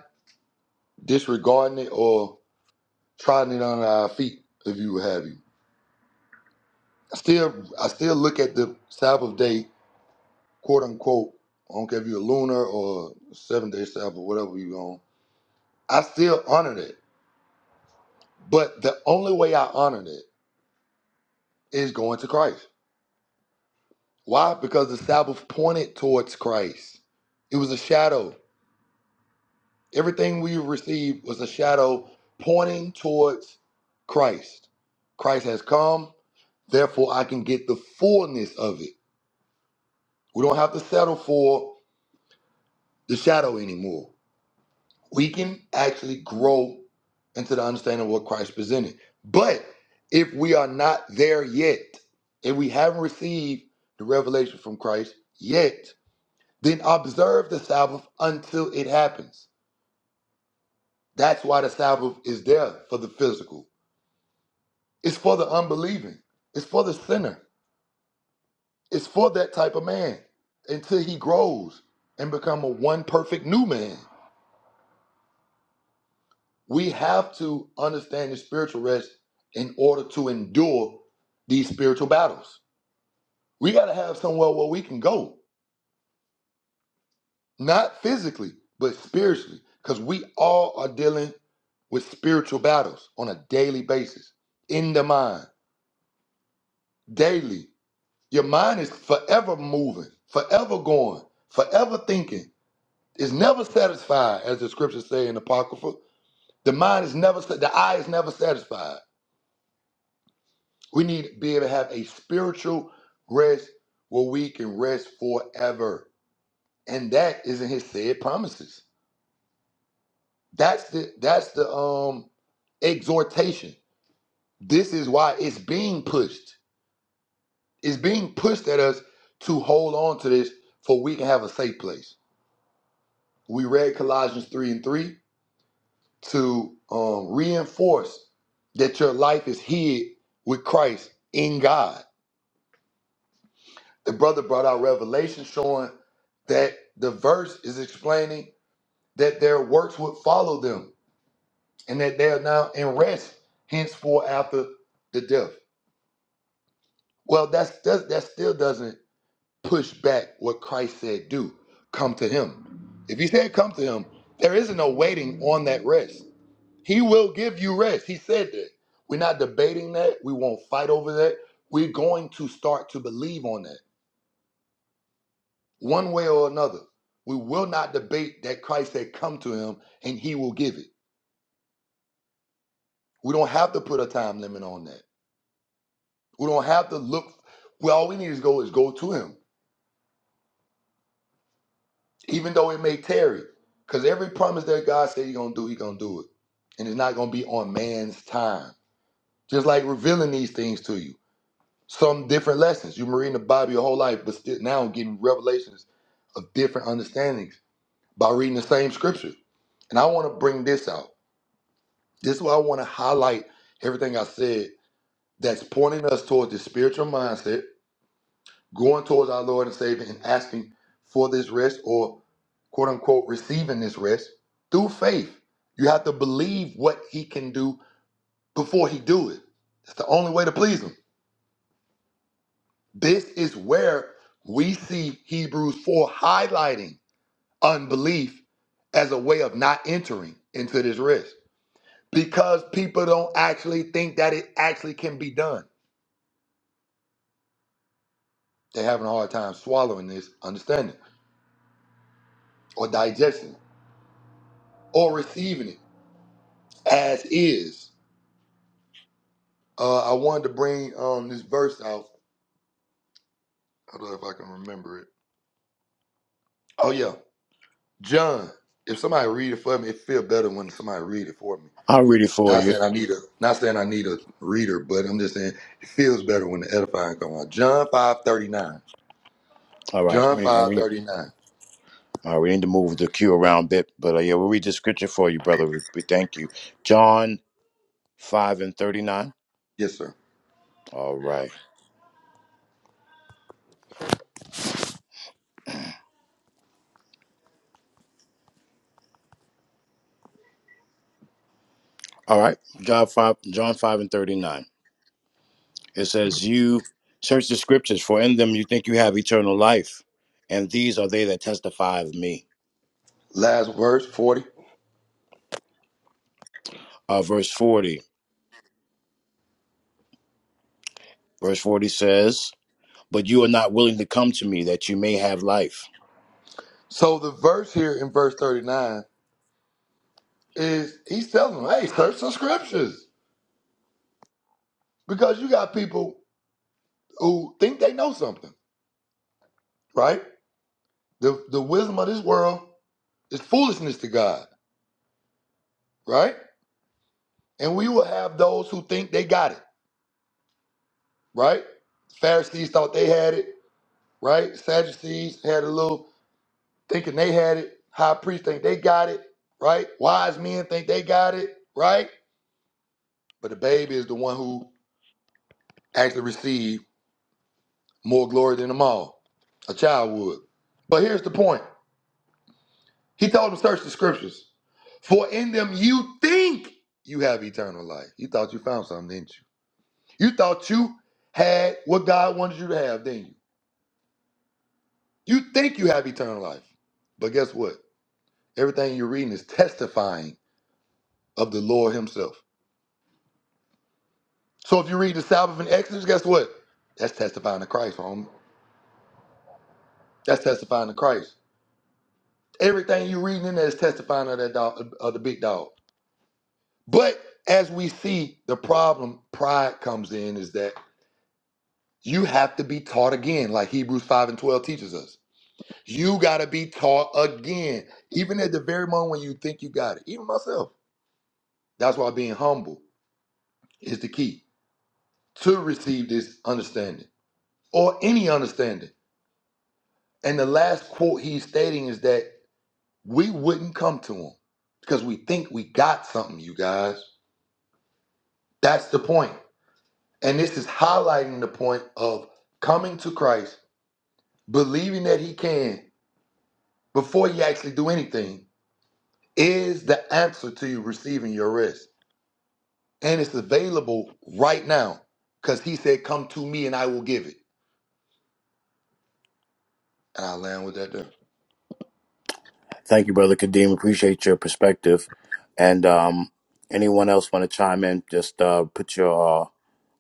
disregarding it or trotting it on our feet, if you would have you. I still I still look at the Sabbath day quote unquote, I don't care if you're a lunar or seven day Sabbath or whatever you on, I still honored it. But the only way I honored it is going to Christ. Why? Because the Sabbath pointed towards Christ. It was a shadow. Everything we received was a shadow pointing towards Christ. Christ has come, therefore I can get the fullness of it. We don't have to settle for the shadow anymore. we can actually grow into the understanding of what Christ presented. But if we are not there yet, if we haven't received the revelation from Christ yet, then observe the Sabbath until it happens. That's why the Sabbath is there for the physical. It's for the unbelieving. It's for the sinner. It's for that type of man until he grows and become a one perfect new man. We have to understand the spiritual rest in order to endure these spiritual battles. We got to have somewhere where we can go, not physically, but spiritually, because we all are dealing with spiritual battles on a daily basis in the mind, daily. Your mind is forever moving, forever going, forever thinking. It's never satisfied, as the scriptures say in Apocrypha. The mind is never, sa- the eye is never satisfied. We need to be able to have a spiritual rest where we can rest forever. And that is in his said promises. That's the that's the um exhortation. This is why it's being pushed. It's being pushed at us to hold on to this for we can have a safe place. We read Colossians 3 and 3 to um, reinforce that your life is hid with Christ in God. the brother brought out revelation showing that the verse is explaining that their works would follow them and that they are now in rest henceforth after the death well that's, that's that still doesn't push back what christ said do come to him if he said come to him there isn't no waiting on that rest he will give you rest he said that we're not debating that we won't fight over that we're going to start to believe on that one way or another. We will not debate that Christ had come to him and he will give it. We don't have to put a time limit on that. We don't have to look. Well, all we need to go is go to him, even though it may tarry. Because every promise that God said he's going to do, he's going to do it. And it's not going to be on man's time. Just like revealing these things to you. Some different lessons. You've been reading the Bible your whole life, but still now getting revelations of different understandings by reading the same scripture. And I want to bring this out. This is why I want to highlight everything I said that's pointing us towards the spiritual mindset, going towards our Lord and Savior and asking for this rest or quote unquote receiving this rest through faith. You have to believe what he can do before he do it. It's the only way to please him. This is where we see Hebrews 4 highlighting unbelief as a way of not entering into this rest because people don't actually think that it actually can be done They're having a hard time swallowing this, understanding, or digesting, or receiving it as is. Uh, I wanted to bring um, this verse out. I don't know if I can remember it. Oh yeah, John. If somebody read it for me, it feel better when somebody read it for me. I'll read it for Not you. saying I need a, not saying I need a reader, but I'm just saying it feels better when the edifying come out. John five thirty nine. All right. John We, and five we, thirty nine. all right, we need to move the queue around a bit, but uh, yeah, we'll read the scripture for you, brother. We, we thank you. John 5 and 39. Yes, sir. All right. All right. John 5, John 5 and 39. It says, You search the scriptures, for in them you think you have eternal life, and these are they that testify of me. Last verse forty. Uh, verse 40. Verse 40 says, but you are not willing to come to me that you may have life. So the verse here in verse 39 is he's telling them, hey, search the scriptures. Because you got people who think they know something, right? The the wisdom of this world is foolishness to God, right? And we will have those who think they got it, right? Pharisees thought they had it, right? Sadducees had a little thinking they had it. High priests think they got it, right? Wise men think they got it, right? But the baby is the one who actually received more glory than them all. A child would. But here's the point. He told him, search the scriptures. For in them you think you have eternal life. You thought you found something, didn't you? You thought you had what God wanted you to have, didn't you? You think you have eternal life. But guess what? Everything you're reading is testifying of the Lord Himself. So if you read the Sabbath in Exodus, guess what? That's testifying to Christ, homie. That's testifying to Christ. Everything you're reading in there is testifying of that dog, of the big dog. But as we see, the problem pride comes in is that You have to be taught again, like Hebrews 5 and 12 teaches us. You got to be taught again, even at the very moment when you think you got it. Even myself. That's why being humble is the key to receive this understanding or any understanding. And the last quote he's stating is that we wouldn't come to him because we think we got something, you guys. That's the point. And this is highlighting the point of coming to Christ, believing that he can before you actually do anything is the answer to you receiving your rest. And it's available right now because he said, Come to me and I will give it. And I land with that there. Thank you, Brother Kadeem. Appreciate your perspective. And um, anyone else want to chime in, just uh, put your uh,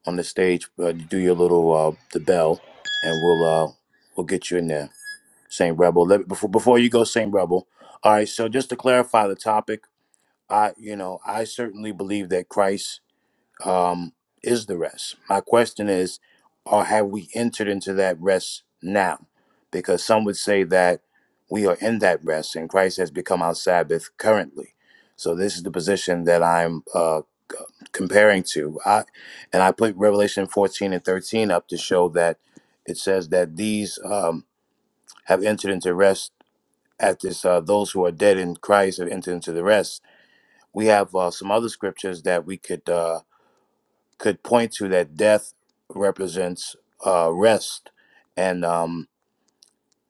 on the stage, uh, do your little uh, the bell, and we'll uh, we'll get you in there. Saint Rebel, let, before before you go, Saint Rebel. All right. So just to clarify the topic, I you know I certainly believe that Christ um, is the rest. My question is, or have we entered into that rest now? Because some would say that we are in that rest and Christ has become our Sabbath currently. So this is the position that I'm uh, c- comparing to. I, and I put Revelation 14 and 13 up to show that it says that these um, have entered into rest at this, uh, those who are dead in Christ have entered into the rest. We have uh, some other scriptures that we could. uh, could point to that death represents uh, rest, and um,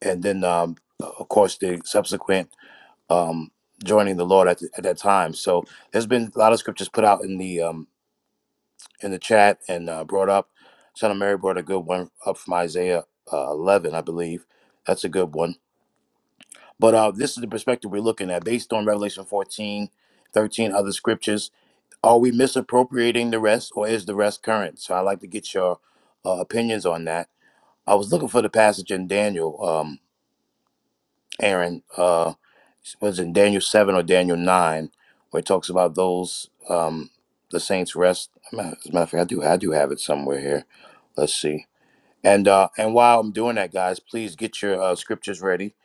and then um, of course the subsequent um, joining the Lord at, th- at that time. So there's been a lot of scriptures put out in the um, in the chat and uh, brought up. Son of Mary brought a good one up from Isaiah uh, 11, I believe. That's a good one. But uh, this is the perspective we're looking at based on Revelation 14, 13, other scriptures Are we misappropriating the rest, or is the rest current? So I'd like to get your uh, opinions on that. I was looking for the passage in Daniel, um, Aaron. Uh, was in Daniel seven or Daniel nine, where it talks about those um, the saints rest. As a matter of fact, I do I do have it somewhere here. Let's see. And uh, and while I'm doing that, guys, please get your uh, scriptures ready,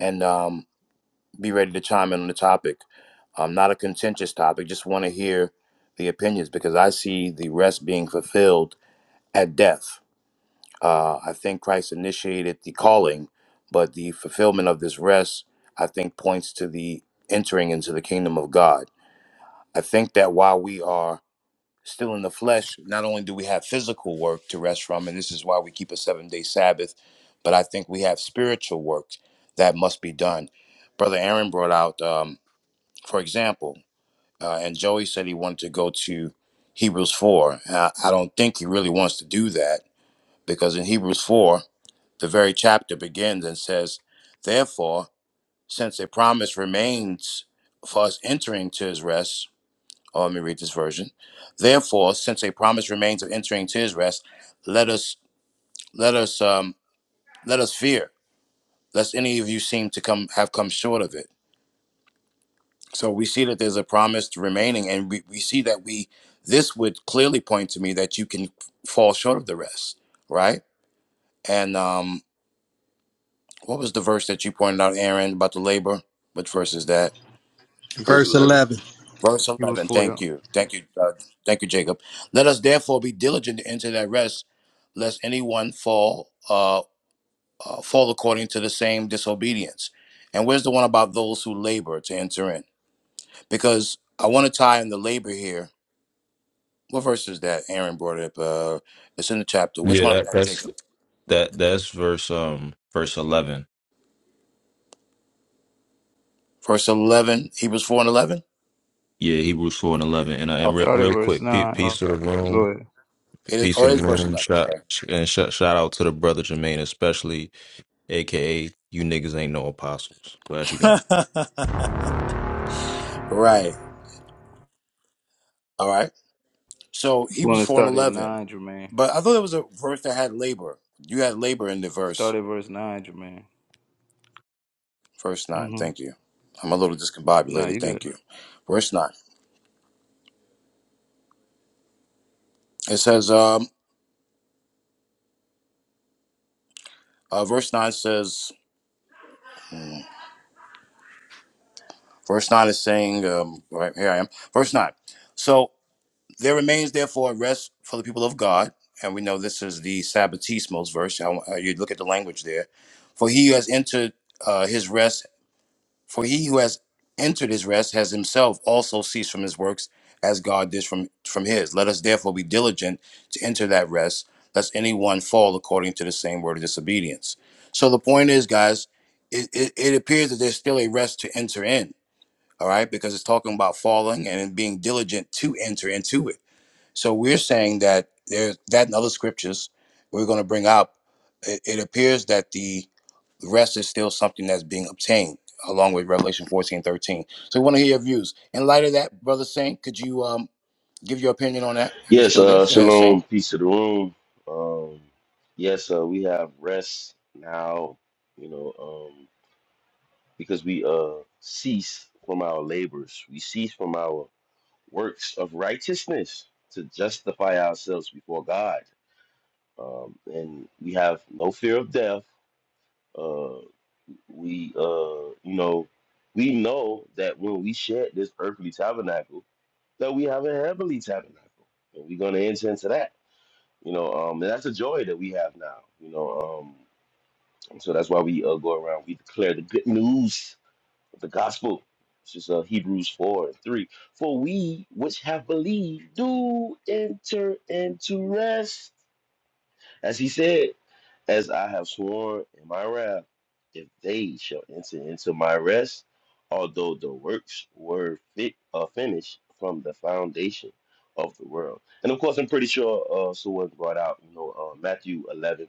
and um, be ready to chime in on the topic. Um, not a contentious topic. Just want to hear the opinions because I see the rest being fulfilled at death. Uh, I think Christ initiated the calling, but the fulfillment of this rest, I think, points to the entering into the kingdom of God. I think that while we are still in the flesh, not only do we have physical work to rest from, and this is why we keep a seven day Sabbath, but I think we have spiritual work that must be done. Brother Aaron brought out. Um, for example, uh, and Joey said he wanted to go to Hebrews 4. Uh, I don't think he really wants to do that because in Hebrews 4, the very chapter begins and says, Therefore, since a promise remains for us entering to his rest, Oh, let me read this version. Therefore, since a promise remains of entering to his rest, let us let us um, let us fear, lest any of you seem to come have come short of it. So we see that there's a promise to remaining, and we, we see that we this would clearly point to me that you can fall short of the rest, right? And um, what was the verse that you pointed out, Aaron, about the labor? Which verse is that? Verse Verse 11. 11. Verse Hebrews eleven. 4, yeah. Thank you, thank you, uh, thank you, Jacob. Let us therefore be diligent to enter that rest, lest anyone fall uh, uh, fall according to the same disobedience. And where's the one about those who labor to enter in? Because I want to tie in the labor here What verse is that? Aaron brought it up. Uh, it's in the chapter. Which Yeah, one is that, that, that's Jacob? that that's verse um verse eleven. Verse 11, Hebrews 4 and 11? Yeah, Hebrews four and eleven. And uh, and Okay. re- Start at real verse quick, pe- 9. Oh, peace to the go room, ahead. It is, peace oh, it of the is verse room. 11. Shout and shout shout out to the brother Jermaine, especially, aka you niggas ain't no apostles. Glad you got it. Okay. right. All right. So You Hebrews want to 4 and start at 11. 9, Jermaine? But I thought there was a verse that had labor. You had labor in the Start verse, at verse 9, Jermaine. verse 9. Thank Mm-hmm. you. I'm a little Nah, discombobulated. you good. Thank you. Verse 9. It says, um, uh, verse 9 says, verse 9 is saying, um, right here I am. Verse 9. So There remains therefore a rest for the people of God. And we know this is the Sabbatismos verse. I, I- you look at the language there. For he who has entered uh, his rest, for he who has entered his rest has himself also ceased from his works as God did from, from his. Let us therefore be diligent to enter that rest, lest anyone fall according to the same word of disobedience. So the point is, guys, it, it, it appears that there's still a rest to enter in, all right? Because it's talking about falling and being diligent to enter into it. So we're saying that there that and other scriptures we're going to bring up. It, it appears that the rest is still something that's being obtained along with Revelation 14 13. So we want to hear your views. In light of that, Brother Saint, could you um give your opinion on that? Are you Yes, still there? uh, Go ahead, Saint. shalom, peace to the room. Um, yes, uh, we have rest now, you know, um, because we uh, cease from our labors, we cease from our works of righteousness to justify ourselves before God. Um, and we have no fear of death. Uh, we, uh, you know, we know that when we shed this earthly tabernacle, that we have a heavenly tabernacle, and we're going to enter into that. You know, um, and that's a joy that we have now. You know, um, and so that's why we uh, go around. We declare the good news of the gospel. It's just uh, Hebrews four and three. For we which have believed do enter into rest. As he said, as I have sworn in my wrath, if they shall enter into my rest, although the works were fit uh, finished from the foundation of the world. And of course, I'm pretty sure uh, someone brought out, you know, uh, Matthew 11.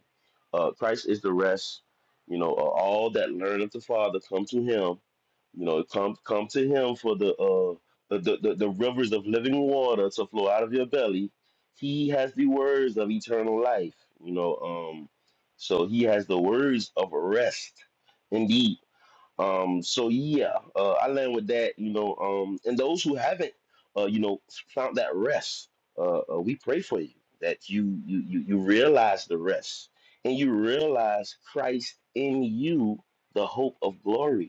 Uh, Christ is the rest. You know, uh, all that learn of the Father come to Him. You know, come come to Him for the uh, the, the the the rivers of living water to flow out of your belly he has the words of eternal life you know um so he has the words of rest indeed um so yeah uh, i land with that you know um and those who haven't uh you know found that rest uh, uh we pray for you that you you you, you realize the rest and you realize christ in you the hope of glory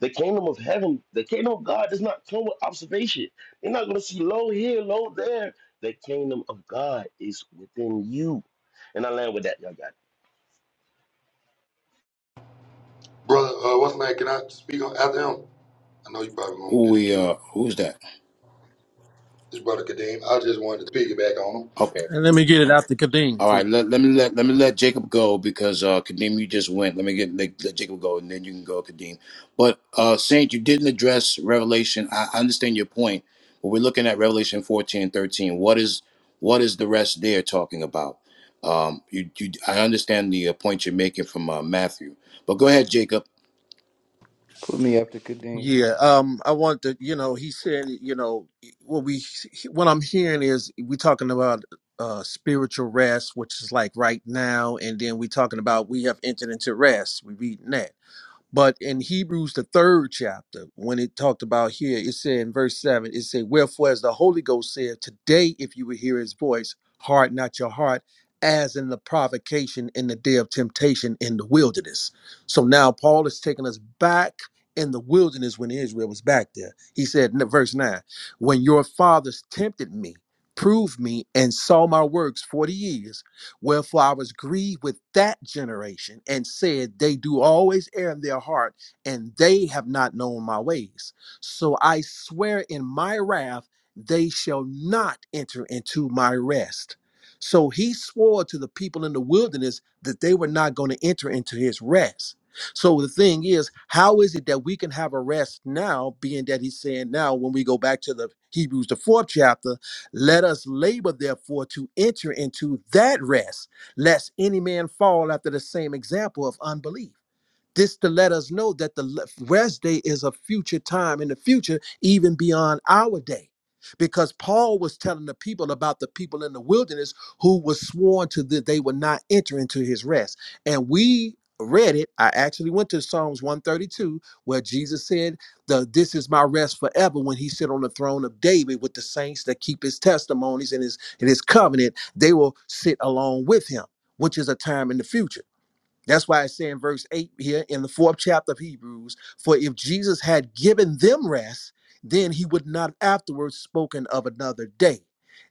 the kingdom of heaven, the kingdom of God does not come with observation. You're not going to see low here, low there. The kingdom of God is within you. And I land with that, y'all got Brother, uh, what's my name? Can I speak on after him? I know you probably won't Who get a we cue. uh who's that? This brother Kadeem, I just wanted to piggyback on him. Okay. And let me get it out to Kadeem, All right, too. let, let me let let me let Jacob go because uh Kadeem, you just went. Let me get let, let Jacob go and then you can go, Kadeem. But uh Saint, you didn't address Revelation. I, I understand your point, but we're looking at Revelation 14 and 13. What is what is the rest there talking about? Um you, you I understand the uh, point you're making from uh, Matthew. But go ahead, Jacob. Put me after Kadeem. Yeah, um, I want to, you know, he said, you know, what we, what I'm hearing is we talking about uh spiritual rest, which is like right now, and then we talking about we have entered into rest. We reading that. But in Hebrews, the third chapter, when it talked about here, it said in verse 7, it said, Wherefore, as the Holy Ghost said, Today, if you will hear his voice, harden not your heart, as in the provocation in the day of temptation in the wilderness. So now Paul is taking us back in the wilderness when Israel was back there. He said in verse 9, When your fathers tempted me, proved me, and saw my works 40 years. Wherefore I was grieved with that generation and said, They do always err in their heart, and they have not known my ways. So I swear in my wrath, they shall not enter into my rest. So he swore to the people in the wilderness that they were not going to enter into his rest. So the thing is, how is it that we can have a rest now, being that he's saying now, when we go back to the Hebrews, the fourth chapter? Let us labor, therefore, to enter into that rest, lest any man fall after the same example of unbelief this to let us know that the rest day is a future time in the future, even beyond our day. Because Paul was telling the people about the people in the wilderness who was sworn to that they would not enter into his rest. And we read it. I actually went to Psalms 132, where Jesus said, the, This is my rest forever when he sit on the throne of David with the saints that keep his testimonies and his and his covenant, they will sit along with him, which is a time in the future. That's why it's saying verse 8 here in the fourth chapter of Hebrews, for if Jesus had given them rest, then he would not afterwards spoken of another day.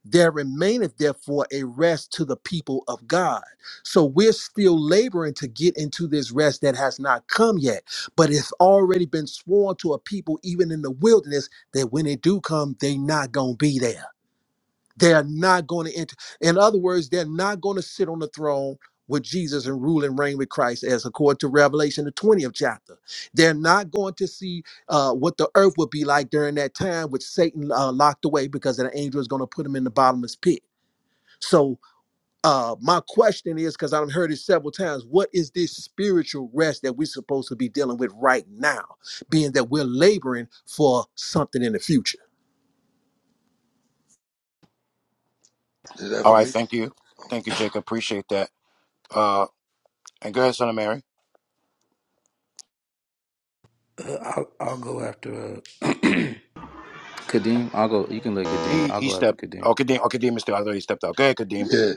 There remaineth therefore a rest to the people of God. So we're still laboring to get into this rest that has not come yet, but it's already been sworn to a people, even in the wilderness, that when it do come, they not gonna be there. They're not going to enter. In other words, they're not going to sit on the throne with Jesus and rule and reign with Christ, as according to Revelation, the 20th chapter. They're not going to see uh, what the earth would be like during that time, which Satan uh, locked away because an angel is going to put him in the bottomless pit. So, uh, my question is because I've heard it several times what is this spiritual rest that we're supposed to be dealing with right now, being that we're laboring for something in the future? Is that All for right, me? thank you, thank you, Jacob. Appreciate that. Uh, and go ahead, Son of Mary. Uh, I'll, I'll go after uh, Kadeem. I'll go. You can let Kadeem. He I'll he go after stepped. Kadeem. Oh, Kadeem. Oh, Kadeem is still. I thought he stepped out. Go ahead, Kadeem. Yeah.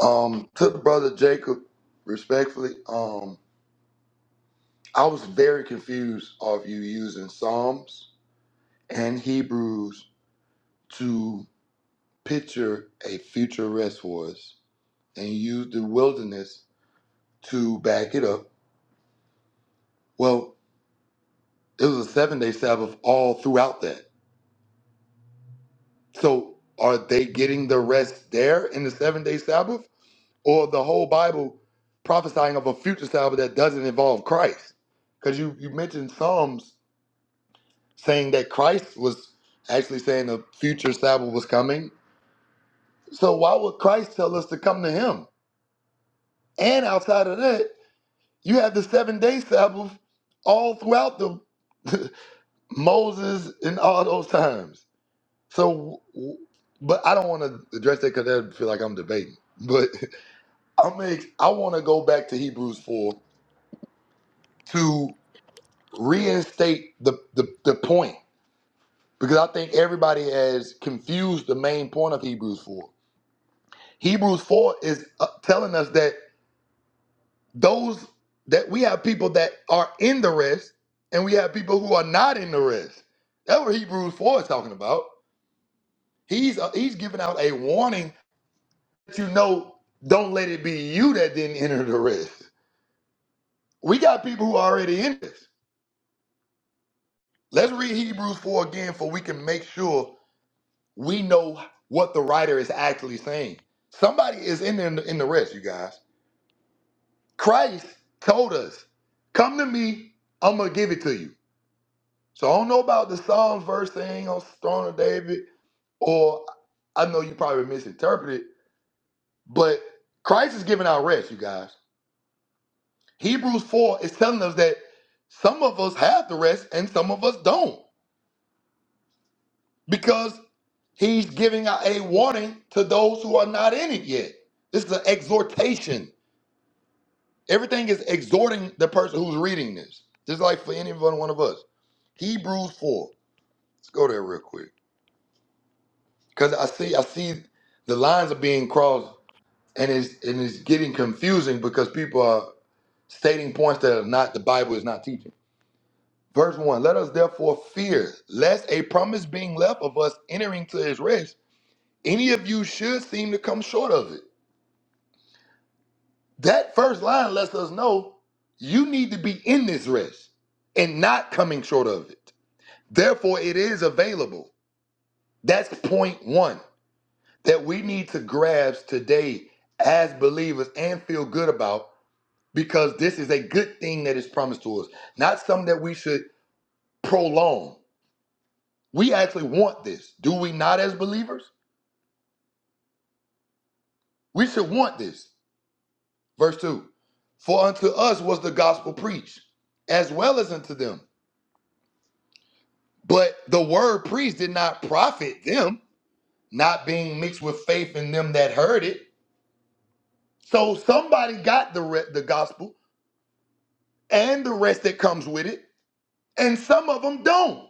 Um, to the brother Jacob, respectfully, um, I was very confused of you using Psalms and Hebrews to picture a future rest for us. and used the wilderness to back it up. Well, it was a seven day Sabbath all throughout that. So are they getting the rest there in the seven day Sabbath or the whole Bible prophesying of a future Sabbath that doesn't involve Christ? Because you, you mentioned Psalms saying that Christ was actually saying a future Sabbath was coming. So why would Christ tell us to come to him? And outside of that, you have the seven day Sabbath all throughout the Moses in all those times. So, w- but I don't want to address that because I feel like I'm debating. But i make I want to go back to Hebrews four to reinstate the, the the point because I think everybody has confused the main point of Hebrews four. Hebrews four is uh, telling us that those that we have people that are in the rest and we have people who are not in the rest. That's what Hebrews four is talking about. He's uh, he's giving out a warning let you know, don't let it be you that didn't enter the rest. We got people who are already in this. Let's read Hebrews 4 again for we can make sure we know what the writer is actually saying. Somebody is in the, in the rest, you guys. Christ told us, come to me, I'm going to give it to you. So I don't know about the Psalms verse saying on Throne of David, or I know you probably misinterpreted, but Christ is giving out rest, you guys. Hebrews 4 is telling us that some of us have the rest and some of us don't because he's giving out a warning to those who are not in it yet. This is an exhortation. Everything is exhorting the person who's reading this, just like for any one one of us. Hebrews 4. Let's go there real quick. Because I see I see the lines are being crossed and it's, and it's getting confusing because people are stating points that are not the Bible is not teaching. Verse 1 Let us therefore fear, lest a promise being left of us entering to his rest, any of you should seem to come short of it. That first line lets us know you need to be in this rest and not coming short of it. Therefore, it is available. That's point one that we need to grasp today as believers and feel good about because this is a good thing that is promised to us, not something that we should prolong. We actually want this, do we not, as believers? We should want this. Verse 2 For unto us was the gospel preached, as well as unto them. But the word preached did not profit them, not being mixed with faith in them that heard it. So somebody got the, re- the gospel and the rest that comes with it, and some of them don't.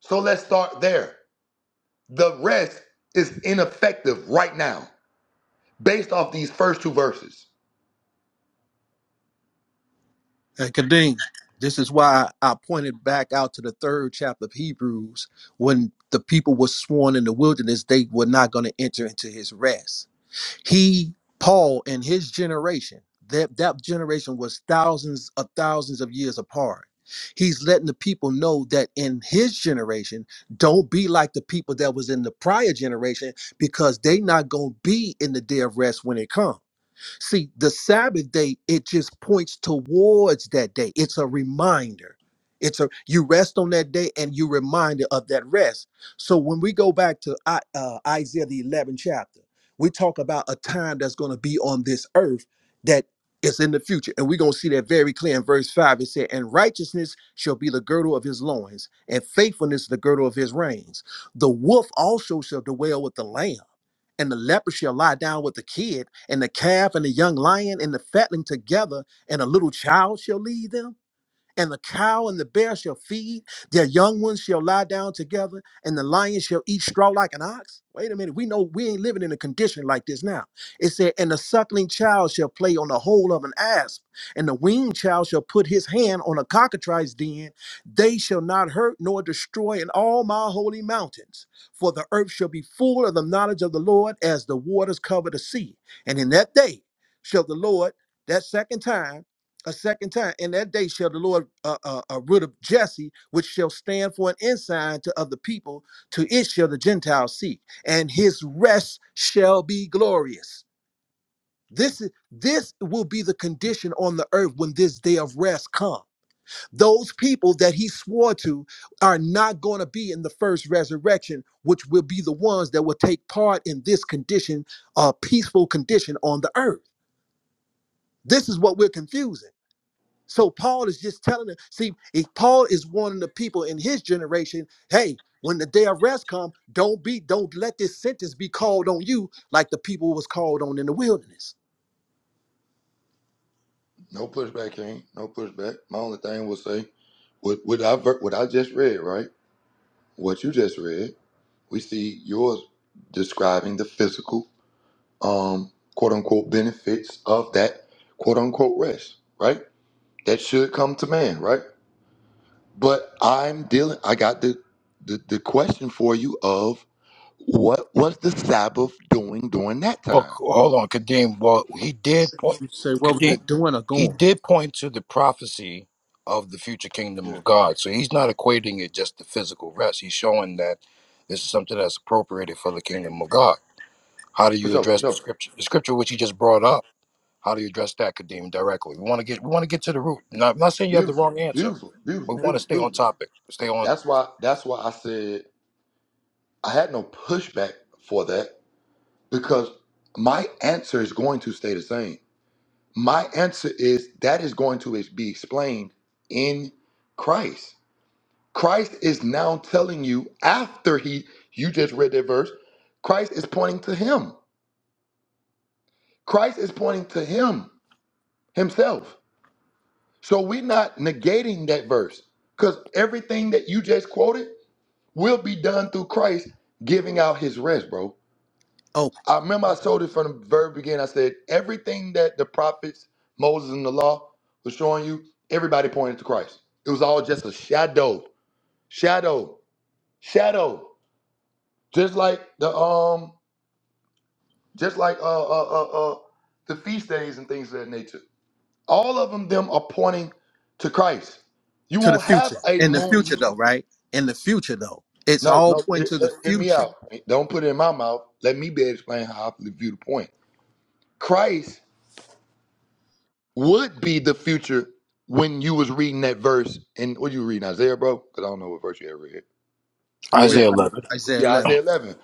So let's start there. The rest is ineffective right now, based off these first two verses. Hey, Kadeem, this is why I pointed back out to the third chapter of Hebrews. When the people were sworn in the wilderness, they were not going to enter into his rest. He, Paul, and his generation, that, that generation was thousands of thousands of years apart. He's letting the people know that in his generation, don't be like the people that was in the prior generation because they not going to be in the day of rest when it comes. See, the Sabbath day, it just points towards that day. It's a reminder. It's a you rest on that day and you reminded of that rest. So when we go back to I- uh, Isaiah the 11th chapter, we talk about a time that's going to be on this earth that is in the future. And we're going to see that very clear in verse 5. It said, And righteousness shall be the girdle of his loins, and faithfulness the girdle of his reins. The wolf also shall dwell with the lamb and the leper shall lie down with the kid, and the calf and the young lion and the fatling together, and a little child shall lead them? And the cow and the bear shall feed, their young ones shall lie down together, and the lion shall eat straw like an ox. Wait a minute, we know we ain't living in a condition like this now. It said, And the suckling child shall play on the hole of an asp, and the weaned child shall put his hand on a cockatrice den. They shall not hurt nor destroy in all my holy mountains, for the earth shall be full of the knowledge of the Lord as the waters cover the sea. And in that day shall the Lord, that second time, a second time. In that day shall the Lord uh, uh, uh, root of Jesse, which shall stand for an ensign to other people. To it shall the Gentiles seek, and his rest shall be glorious. This is this will be the condition on the earth when this day of rest comes. Those people that he swore to are not going to be in the first resurrection, which will be the ones that will take part in this condition, a uh, peaceful condition on the earth. This is what we're confusing so Paul is just telling them, see, if Paul is warning the people in his generation, hey, when the day of rest come, don't be, don't let this sentence be called on you like the people was called on in the wilderness. No pushback, King. No pushback. My only thing will say, what what I ver- what I just read, right? What you just read, we see yours describing the physical, um, quote unquote benefits of that quote unquote rest, right? That should come to man, right? But I'm dealing. I got the the, the question for you of what was the Sabbath doing during that Well, c- time? hold on, Kadeem. Well, he did point, You say, what was Kadeem. it doing or He going? did point to the prophecy of the future kingdom Yeah, of God. So he's not equating it just to physical rest. He's showing that this is something that's appropriated for the kingdom of God. How do for you sure, for address the sure. scripture? The scripture which he just brought up. How do you address that, Kadeem, directly? We want to get we want to get to the root. Not, I'm not saying you have the Beautiful, wrong answer, beautiful, but beautiful, we want to beautiful, stay on beautiful. topic. Stay on That's why. That's why I said I had no pushback for that because my answer is going to stay the same. My answer is that is going to is- be explained in Christ. Christ is now telling you after he you just read that verse, Christ is pointing to him. Christ is pointing to him himself. So we're not negating that verse because everything that you just quoted will be done through Christ giving out his rest, bro. Oh, I remember I told it from the very beginning. I said everything that the prophets, Moses, and the law was showing you, everybody pointed to Christ. It was all just a shadow, shadow, shadow. Just like the um, just like uh uh uh, uh the feast days and things of that nature. All of them, them are pointing to Christ. You to the won't future. have a In the moon. future, though, right? In the future, though, it's No, all no. pointing Hear, to the hear- me future. out. Don't put it in my mouth. Let me be able to explain how I view the point. Christ would be the future when you was reading that verse and what you reading Isaiah, bro? Because I don't know what verse you ever read. I You read read Isaiah Isaiah? 11. Isaiah Yeah, 11. Isaiah 11.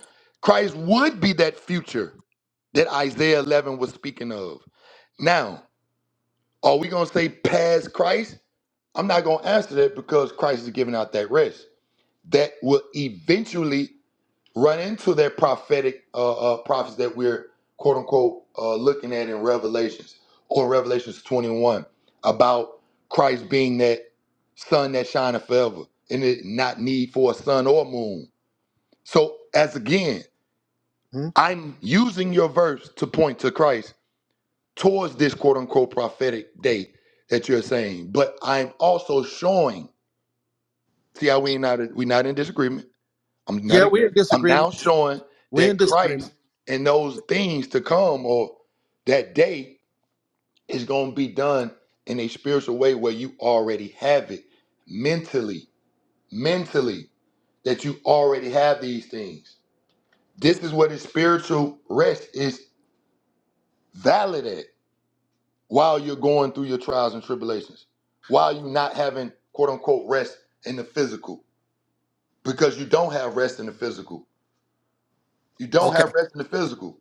Christ would be that future that Isaiah 11 was speaking of. Now, are we gonna say past Christ? I'm not gonna answer that because Christ is giving out that rest that will eventually run into that prophetic uh, uh, prophets that we're quote unquote uh, looking at in Revelations or Revelations 21 about Christ being that sun that shineth forever and it not need for a sun or moon. So as again, Hmm? I'm using your verse to point to Christ towards this quote unquote prophetic day that you're saying, but I'm also showing. See how we not we not in disagreement. I'm not. Yeah, e, we're in I'm now disagreement. showing We're in that disagreement. Christ and those things to come, or that day, is going to be done in a spiritual way where you already have it mentally, mentally that you already have these things. This is where the spiritual rest is valid at while you're going through your trials and tribulations, while you're not having quote unquote rest in the physical, because you don't have rest in the physical. You don't Okay, have rest in the physical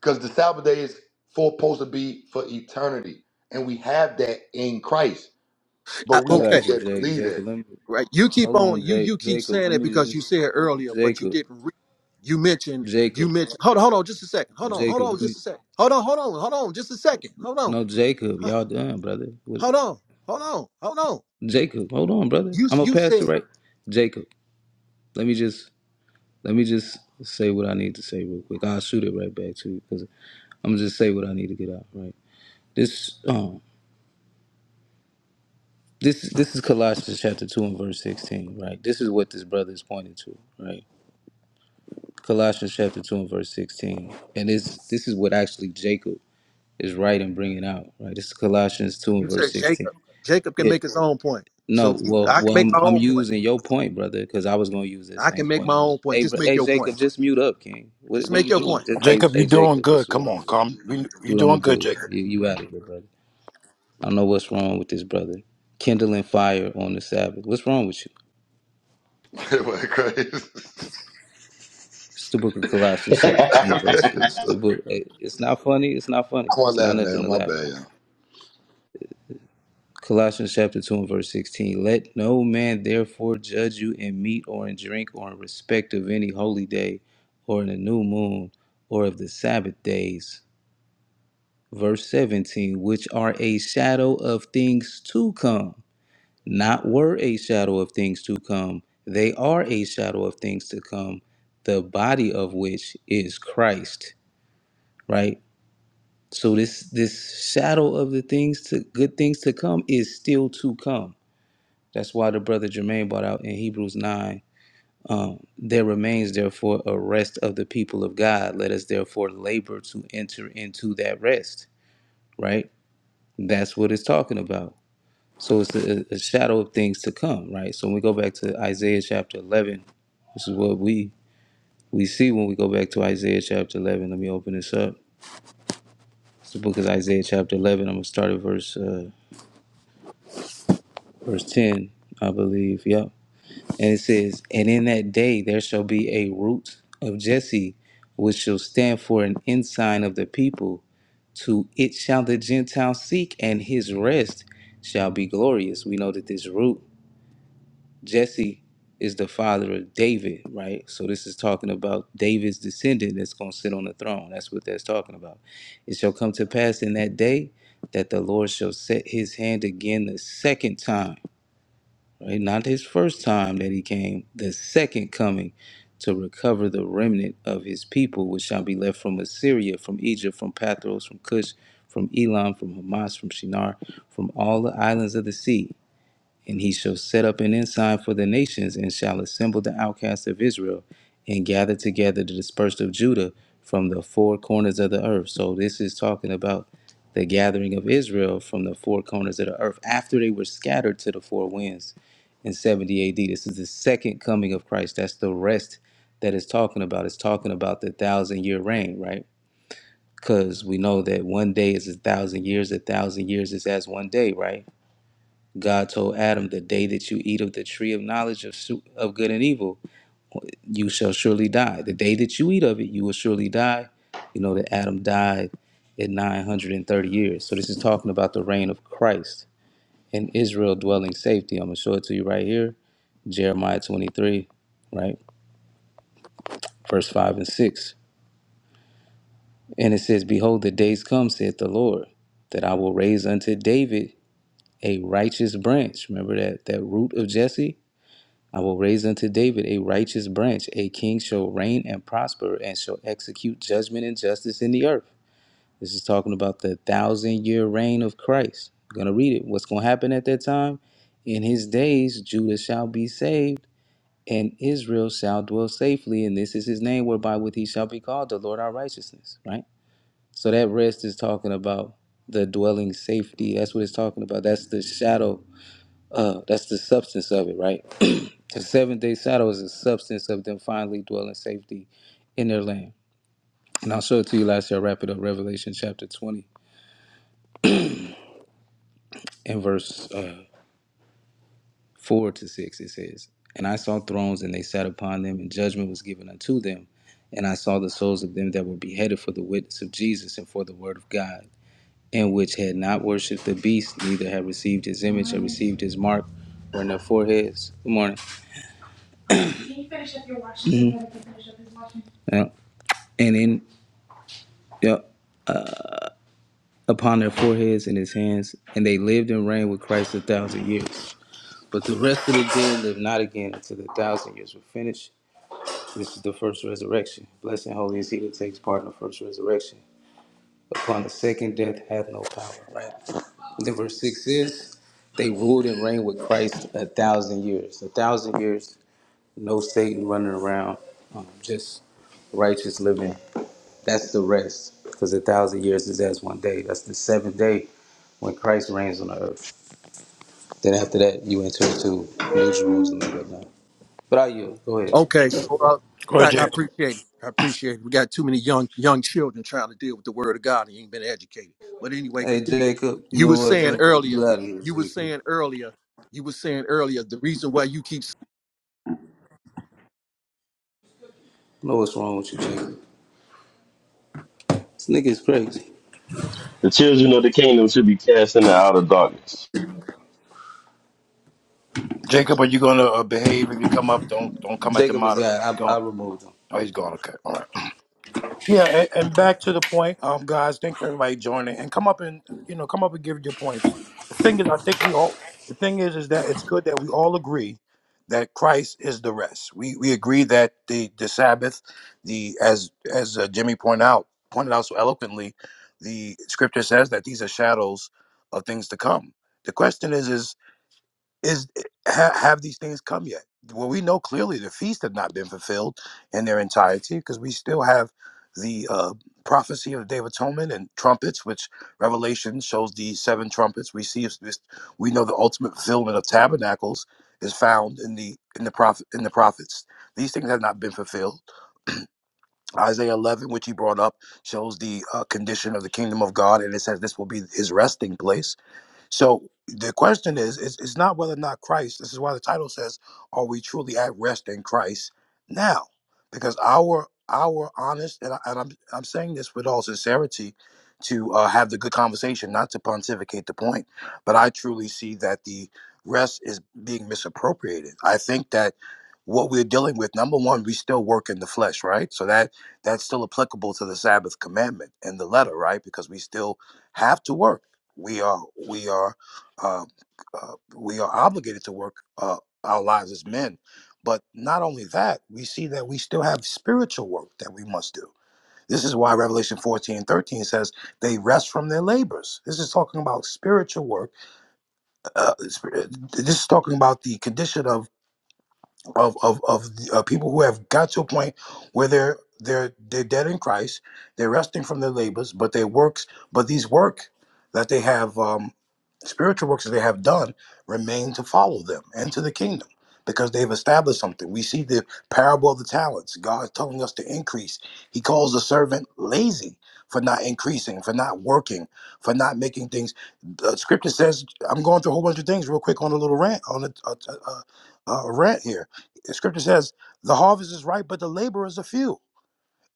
because the Sabbath day is for, supposed to be for eternity, and we have that in Christ, but I- we I have to okay, got you, get to Jake. believe Jacob, that. let me. right. You keep Hold on. on, You you Jake. keep Jacob, saying let it me because you just. said it earlier, but you Jacob. didn't. Re- you mentioned. You Jacob. mentioned. Hold on, hold on, just a second. Hold on, hold Jacob, on, let just me. a second. Hold on, hold on, hold on, just a second. Hold on, No, Jacob. Huh, Y'all done, brother. What, hold on, hold on, hold on. Jacob, hold on, brother. You I'm going you to pass said it right. Jacob, let me just. Let me just say what I need to say real quick. I'll shoot it right back to you because I'm gonna just say what I need to get out. Right. This um this this is Colossians chapter two and verse sixteen. Right. This is what this brother is pointing to. Right. Colossians chapter two and verse sixteen, and this this is what actually Jacob is writing, bringing out. Right. This is Colossians two and You verse said sixteen. Jacob. Jacob can Yeah. make his own point. So No. Well. I can Well. make I'm my I'm own point. using your point, brother, because I was gonna use that I can same make point. my Anyway. own point. Hey, br- Just make hey, your point. Jacob, just mute up, King. What Just What are make you your doing? point. Just hey, Jacob, you're hey, doing Jacob. This good. is what. I'm Come doing. on, come. You- You're That's what I'm doing gonna good, do. Jacob. You, you out of here, brother. I don't know what's wrong with this brother. Kindling fire on the Sabbath. What's wrong with you? Christ. It's the book of Colossians, chapter i two, and it. verse. It's the book. eh, It's not funny. It's not funny. want It's not not laughing at nothing to My laugh bad, at. y'all. Colossians chapter two and verse sixteen. Let no man therefore judge you in meat or in drink or in respect of any holy day, or in a new moon, or of the Sabbath days. Verse seventeen, which are a shadow of things to come not were a shadow of things to come. They are a shadow of things to come, the body of which is Christ, right? So this this shadow of the things to good things to come is still to come. That's why the brother Jermaine brought out in Hebrews 9, um, there remains therefore a rest of the people of God. Let us therefore labor to enter into that rest, right? That's what it's talking about So it's a, a shadow of things to come, right? So when we go back to Isaiah chapter 11, this is what we we see when we go back to Isaiah chapter 11. Let me open this up. It's the book of Isaiah chapter 11. I'm gonna start at verse uh, verse 10, I believe. Yep. And it says, "And in that day there shall be a root of Jesse, which shall stand for an ensign of the people. To it shall the Gentiles seek, and his rest shall be glorious." We know that this root Jesse is the father of David, right? So this is talking about David's descendant that's going to sit on the throne. That's what that's talking about. It shall come to pass in that day that the Lord shall set his hand again the second time, right? Not his first time that he came, the second coming to recover the remnant of his people, which shall be left from Assyria, from Egypt, from Pathros, from Cush, from Elam, from Hamas, from Shinar, from all the islands of the sea and he shall set up an ensign for the nations, and shall assemble the outcasts of Israel, and gather together the dispersed of Judah from the four corners of the earth. So this is talking about the gathering of Israel from the four corners of the earth after they were scattered to the four winds in 70 AD. This is the second coming of Christ. That's the rest that it's talking about. It's talking about the thousand year reign, right? Because we know that one day is a thousand years, a thousand years is as one day, right? God told Adam, "The day that you eat of the tree of knowledge of su- of good and evil, you shall surely die. The day that you eat of it, you will surely die." You know that Adam died at 930 years. So this is talking about the reign of Christ and Israel dwelling safety. I'm gonna show it to you right here, Jeremiah 23, right, verse five and six, and it says, "Behold, the days come," saith the Lord, "that I will raise unto David a righteous branch." Remember that that root of Jesse I will raise unto David a righteous branch. A king shall reign and prosper and shall execute judgment and justice in the earth. This is talking about the thousand year reign of Christ. I'm going to read it. What's going to happen at that time? In his days, Judah shall be saved and Israel shall dwell safely. And this is his name whereby with he shall be called the Lord our righteousness, right? So that rest is talking about the dwelling safety. That's what it's talking about. That's the shadow. Uh, that's the substance of it, right? The seventh day shadow is the substance of them finally dwelling safety in their land. And I'll show it to you last year. I'll wrap it up. Revelation chapter 20 and verse uh, 4 to 6. It says, And I saw thrones, and they sat upon them, and judgment was given unto them. And I saw the souls of them that were beheaded for the witness of Jesus and for the word of God, and which had not worshipped the beast, neither had received his image, or received his mark, or in their foreheads. Good morning. Yeah. And in yeah. upon their foreheads and his hands, and they lived and reigned with Christ a thousand years. But the rest of the dead lived not again until the thousand years were finished. This is the first resurrection. Blessed and holy is he that takes part in the first resurrection. Upon the second death hath no power, right? And then verse 6 is, they ruled and reigned with Christ a thousand years. A thousand years, no Satan running around, um, just righteous living that's the rest, because a thousand years is as one day. That's the seventh day when Christ reigns on the earth. Then after that, you enter into New Jerusalem and whatnot. But I you go ahead. Okay, so uh, Go ahead, I I Jacob. appreciate it. I appreciate it. We got too many young young children trying to deal with the word of God and ain't been educated. But anyway, Hey continue. Jacob, you You know were what, saying Jacob, earlier. you out of here, You were Jacob. saying earlier. You were saying earlier. The reason why you keep I know what's wrong with you, Jacob. This nigga is crazy. the children of the kingdom should be cast into outer darkness. Jacob, are you going to uh, behave if you come up? Don't don't come at the Jacob mod. is out. I, Go. I removed him. Oh, he's gone. Okay, all right. Yeah, and, and back to the point, um, guys. Thanks for everybody joining, and come up and you know come up and give your points. The thing is, I think we all. The thing is, is that it's good that we all agree that Christ is the rest. We we agree that the the Sabbath, the as as uh, Jimmy pointed out pointed out so eloquently, the Scripture says that these are shadows of things to come. The question is, is is eh, ha, have these things come yet? Well, we know clearly the feast have not been fulfilled in their entirety because we still have the uh, prophecy of the Day of Atonement and trumpets, which Revelation shows the seven trumpets. We see this. We know the ultimate fulfillment of tabernacles is found in the in the prophet in the prophets. These things have not been fulfilled. Isaiah 11, which he brought up, shows the uh, condition of the kingdom of God, and it says this will be his resting place so the question is, it's, it's not whether or not Christ, this is why the title says, Are we truly at rest in Christ now? Because our our honest, and, I, and I'm, I'm saying this with all sincerity to uh, have the good conversation, not to pontificate the point, but I truly see that the rest is being misappropriated. I think that what we're dealing with number one we still work in the flesh right so that that's still applicable to the sabbath commandment and the letter right because we still have to work we are we are uh, uh, we are obligated to work uh, our lives as men but not only that we see that we still have spiritual work that we must do this is why revelation 14 and 13 says they rest from their labors this is talking about spiritual work uh, sp- uh, this is talking about the condition of of of of the, uh, people who have got to a point where they're they're they're dead in Christ. They're resting from their labors, but their works, but these work that they have um, spiritual works that they have done remain to follow them and to the kingdom because they've established something. We see the parable of the talents. God is telling us to increase. He calls the servant lazy for not increasing, for not working, for not making things. The scripture says, "I'm going through a whole bunch of things real quick on a little rant on a, a, a, a rant here." The scripture says, the harvest is ripe, but the laborers are few.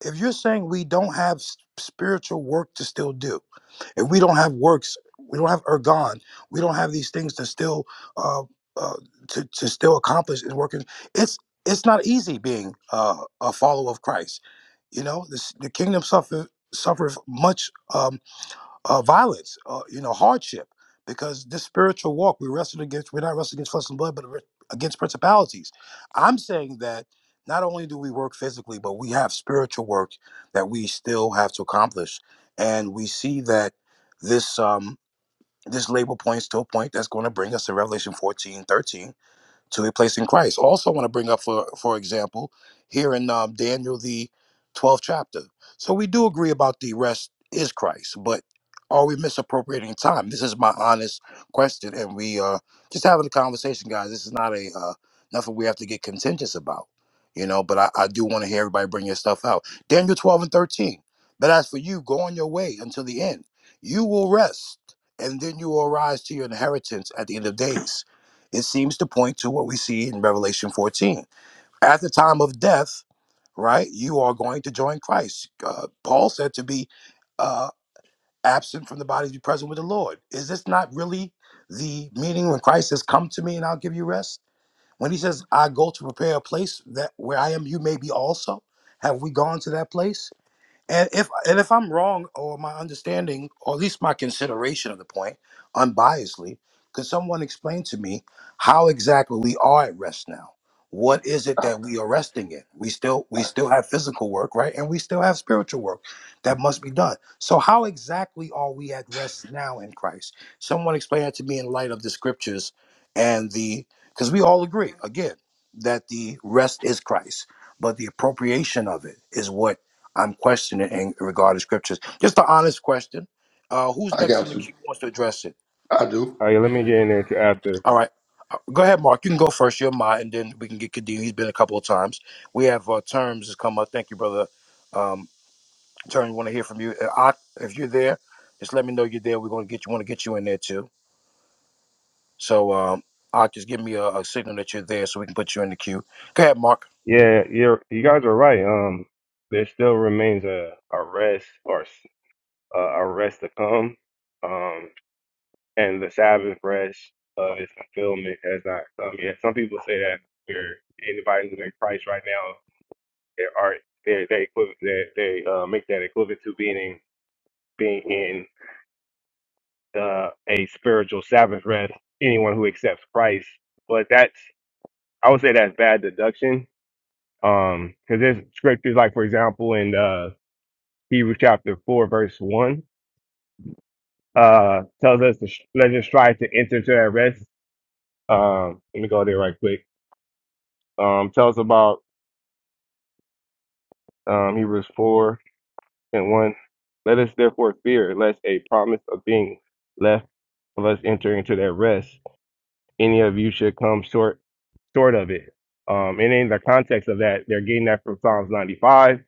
If you're saying we don't have s- spiritual work to still do, if we don't have works, we don't have ergon, we don't have these things to still uh, uh, to, to still accomplish is working. It's it's not easy being uh, a follower of Christ. You know, this, the kingdom suffer suffereth much. Um, uh, violence, uh, you know, hardship, because this spiritual walk we wrestle against, we're not wrestling against flesh and blood, but we're against principalities. I'm saying that not only do we work physically, but we have spiritual work that we still have to accomplish, and we see that this um, this label points to a point that's going to bring us to Revelation 14 13 to a place in Christ. Also, want to bring up for for example here in um, Daniel the twelfth chapter. So we do agree about the rest is Christ, but are we misappropriating time? This is my honest question, and we uh, just having a conversation, guys. This is not a uh, nothing we have to get contentious about, you know. But I, I do want to hear everybody bring your stuff out. Daniel twelve and thirteen. But as for you, go on your way until the end. You will rest, and then you will arise to your inheritance at the end of days. It seems to point to what we see in Revelation 14. At the time of death, right, you are going to join Christ. Uh, Paul said to be uh, absent from the body, be present with the Lord. Is this not really the meaning when Christ says, "Come to me, and I'll give you rest"? When he says, "I go to prepare a place that where I am, you may be also." Have we gone to that place? And if and if I'm wrong, or my understanding, or at least my consideration of the point, unbiasedly, could someone explain to me how exactly we are at rest now? What is it that we are resting in? We still we still have physical work, right? And we still have spiritual work that must be done. So how exactly are we at rest now in Christ? Someone explain that to me in light of the scriptures and the because we all agree again that the rest is Christ, but the appropriation of it is what I'm questioning in regard to scriptures. Just an honest question. Uh, who's I next in got the you. queue who wants to address it? I do. Oh yeah, let me get in there too after. All right. Uh, Go ahead, Mark. You can go first. You're mine, and then we can get Kadeem. He's been a couple of times. We have uh, terms has come up. Thank you, brother. Um, Terms, want to hear from you. Uh, Ak, if you're there, just let me know you're there. We're going to get you. Want to get you in there too. So, um, Ak, just give me a, a signal that you're there, so we can put you in the queue. Go ahead, Mark. Yeah, you're you guys are right. Um, there still remains a a rest or s- uh, a rest to come. Um, and the Sabbath rest of its fulfillment has not come yet. Some people say that we're anybody who's in Christ right now, they are they they equiv- they, they uh, make that equivalent to being in, being in uh, a spiritual Sabbath rest. Anyone who accepts Christ, but that's I would say that's bad deduction Um, cause there's scriptures like, for example, in, uh, Hebrews chapter four, verse one, uh, tells us to, sh- let us strive to enter into that rest. Um, let me go there right quick. Um, tells about, um, Hebrews four and one. Let us therefore fear lest a promise of being left of us entering into that rest, any of you should come short short of it. Um, and in the context of that, they're getting that from Psalms 95,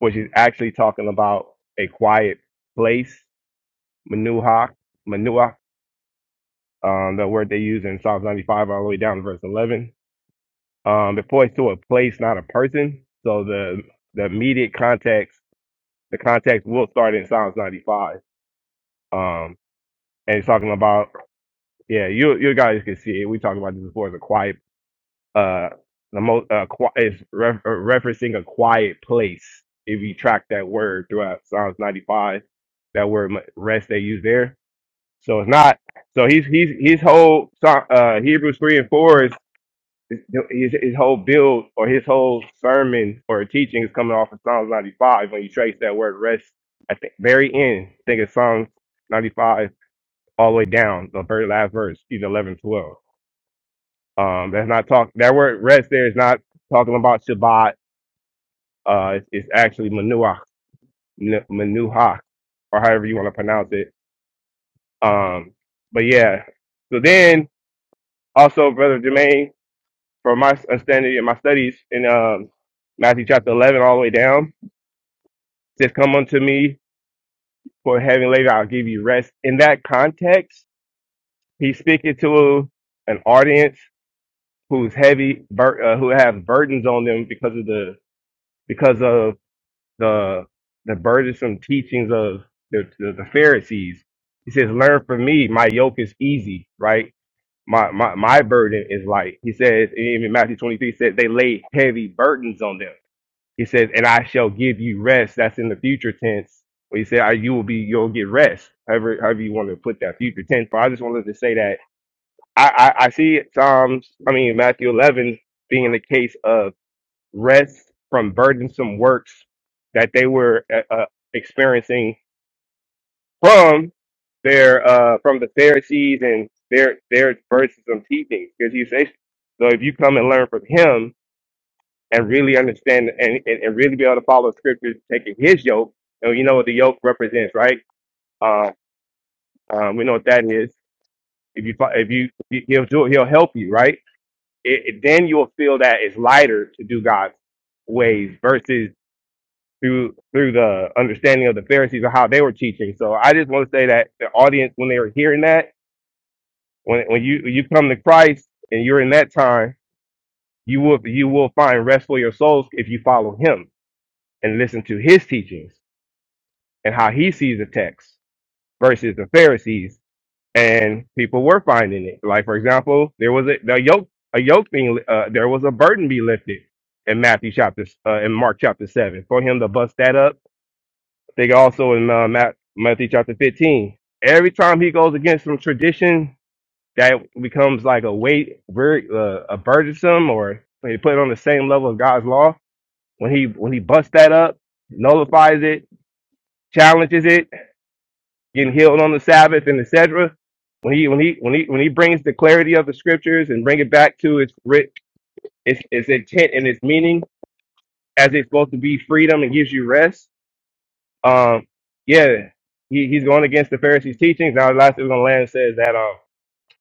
which is actually talking about a quiet place Manuha, Manua, um, the word they use in Psalms 95 all the way down to verse 11. Um, it points to a place, not a person. So the the immediate context, the context will start in Psalms 95. Um, and it's talking about, yeah, you you guys can see it. We talked about this before. It's a quiet, uh, the most uh, qui- it's re- uh, referencing a quiet place. If you track that word throughout Psalms 95, that word rest they use there So it's not. So he's he's his whole so- uh, Hebrews three and four is his, his whole build or his whole sermon or teaching is coming off of Psalms ninety five. When you trace that word rest at the very end, I think it's Psalms ninety five all the way down the very last verse, either 11 12. Um, that's not talk. That word rest there is not talking about Shabbat. Uh, it's, it's actually manuach, n- manuha, or however you want to pronounce it. Um, but yeah. So then also, brother Jermaine. for my understanding in my studies in um, Matthew chapter 11 all the way down. Just come unto me for heavy labor, I'll give you rest. In that context, he's speaking to an audience who's heavy, bur- uh, who have burdens on them because of the because of the the burdensome teachings of the, the, the Pharisees. He says, "Learn from me. My yoke is easy, right? My my my burden is light." He says, and even Matthew twenty three said they laid heavy burdens on them He says, and I shall give you rest. That's in the future tense. When he said, "I- you will be, you'll get rest. However, however you want to put that future tense. But I just wanted to say that I, I, I see Psalms, I mean, Matthew 11 being the case of rest from burdensome works that they were uh, uh, experiencing from their, uh, from the Pharisees and their, their burdensome teachings. Because he says, so if you come and learn from him, and really understand and, and, and really be able to follow scriptures, taking his yoke. And you know what the yoke represents, right? Uh, um, we know what that is. If you, fo- if you, he'll do, he'll help you, right? It, it- then you'll feel that it's lighter to do God's ways versus through through the understanding of the Pharisees or how they were teaching. So I just want to say that the audience, when they were hearing that, when when you when you come to Christ and you're in that time, you will you will find rest for your souls if you follow Him and listen to His teachings and how he sees the text versus the Pharisees. And people were finding it. Like for example, there was a the yoke a yoke being uh, there was a burden be lifted in Matthew chapter uh, in Mark chapter seven for him to bust that up. They think also in uh, Matt, Matthew chapter fifteen. Every time he goes against some tradition that becomes like a weight, very uh, a burdensome, or when he put it on the same level of God's law. When he when he busts that up, nullifies it, challenges it. getting healed on the Sabbath and etc. When he when he when he when he brings the clarity of the scriptures and bring it back to its writ its its intent and its meaning as it's supposed to be freedom and gives you rest. Um, yeah, he, he's going against the Pharisees' teachings. Now, the last thing we're gonna land says that um,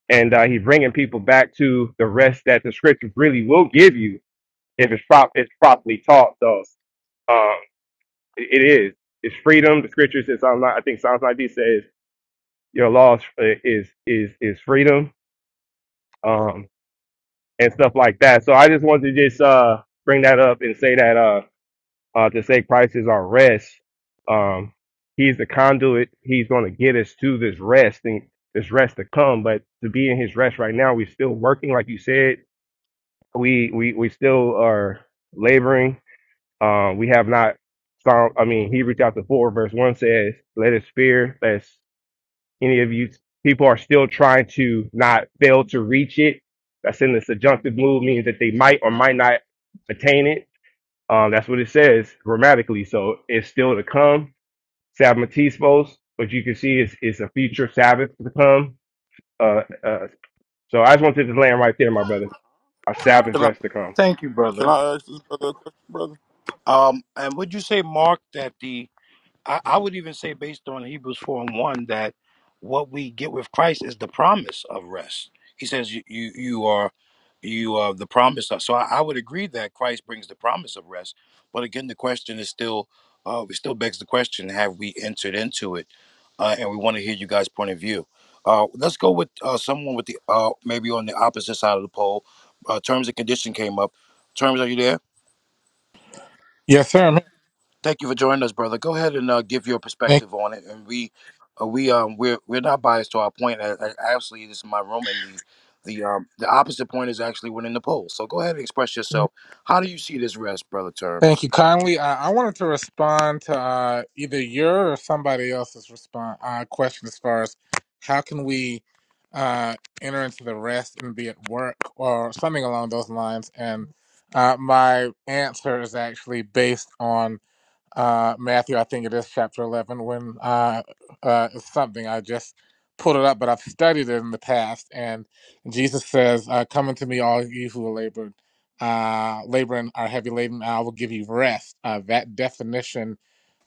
and uh, he's bringing people back to the rest that the scriptures really will give you if it's prop it's properly taught. So um, it, it is. It's freedom. The scriptures in Psalm, 9 I think Psalms 90 says your law is, is is is freedom. um, and stuff like that. So I just wanted to just uh, bring that up and say that uh, uh, to say Christ is our rest. Um, he's the conduit. He's going to get us to this rest and this rest to come. But to be in His rest right now, we're still working, like you said. We we we still are laboring. Uh, we have not found. I mean, Hebrews chapter four, verse one says, "Let us fear, lest any of you people are still trying to not fail to reach it. That's in the subjunctive mood, means that they might or might not attain it. Um, that's what it says grammatically. So it's still to come, Sabbatismos, but you can see it's, it's a future Sabbath to come. Uh, uh, so I just wanted to just land right there, my brother. A Sabbath Can I rest to come. Thank you, can brother. I ask this brother a question, brother? Um, and would you say, Mark, that the I, I would even say based on Hebrews 4 and 1 that what we get with Christ is the promise of rest. He says you you, you are you are the promise of so I, I would agree that Christ brings the promise of rest. But again the question is still uh it still begs the question, have we entered into it? Uh, and we want to hear you guys' point of view. Uh, let's go with uh, someone with the uh, maybe on the opposite side of the poll. Uh, terms and condition came up. Terms, are you there? Yes, sir. I'm here. Thank you for joining us, brother. Go ahead and uh, give your Thank perspective on it. And we, uh, we, um, we're we're not biased to our point. I, I, actually, this is my room, and the the um the opposite point is actually winning the poll. So go ahead and express you. yourself. How do you see this rest, brother? Thank Terms. you kindly. I, I wanted to respond to uh, either your or somebody else's response uh, question as far as how can we uh, enter into the rest and be at work or something along those lines. And uh, my answer is actually based on uh, Matthew, I think it is chapter 11, when uh, uh, it's something I just pulled it up, but I've studied it in the past. And Jesus says, uh, Come unto me, all you who are labored, uh, laboring are heavy laden, and I will give you rest. Uh, that definition,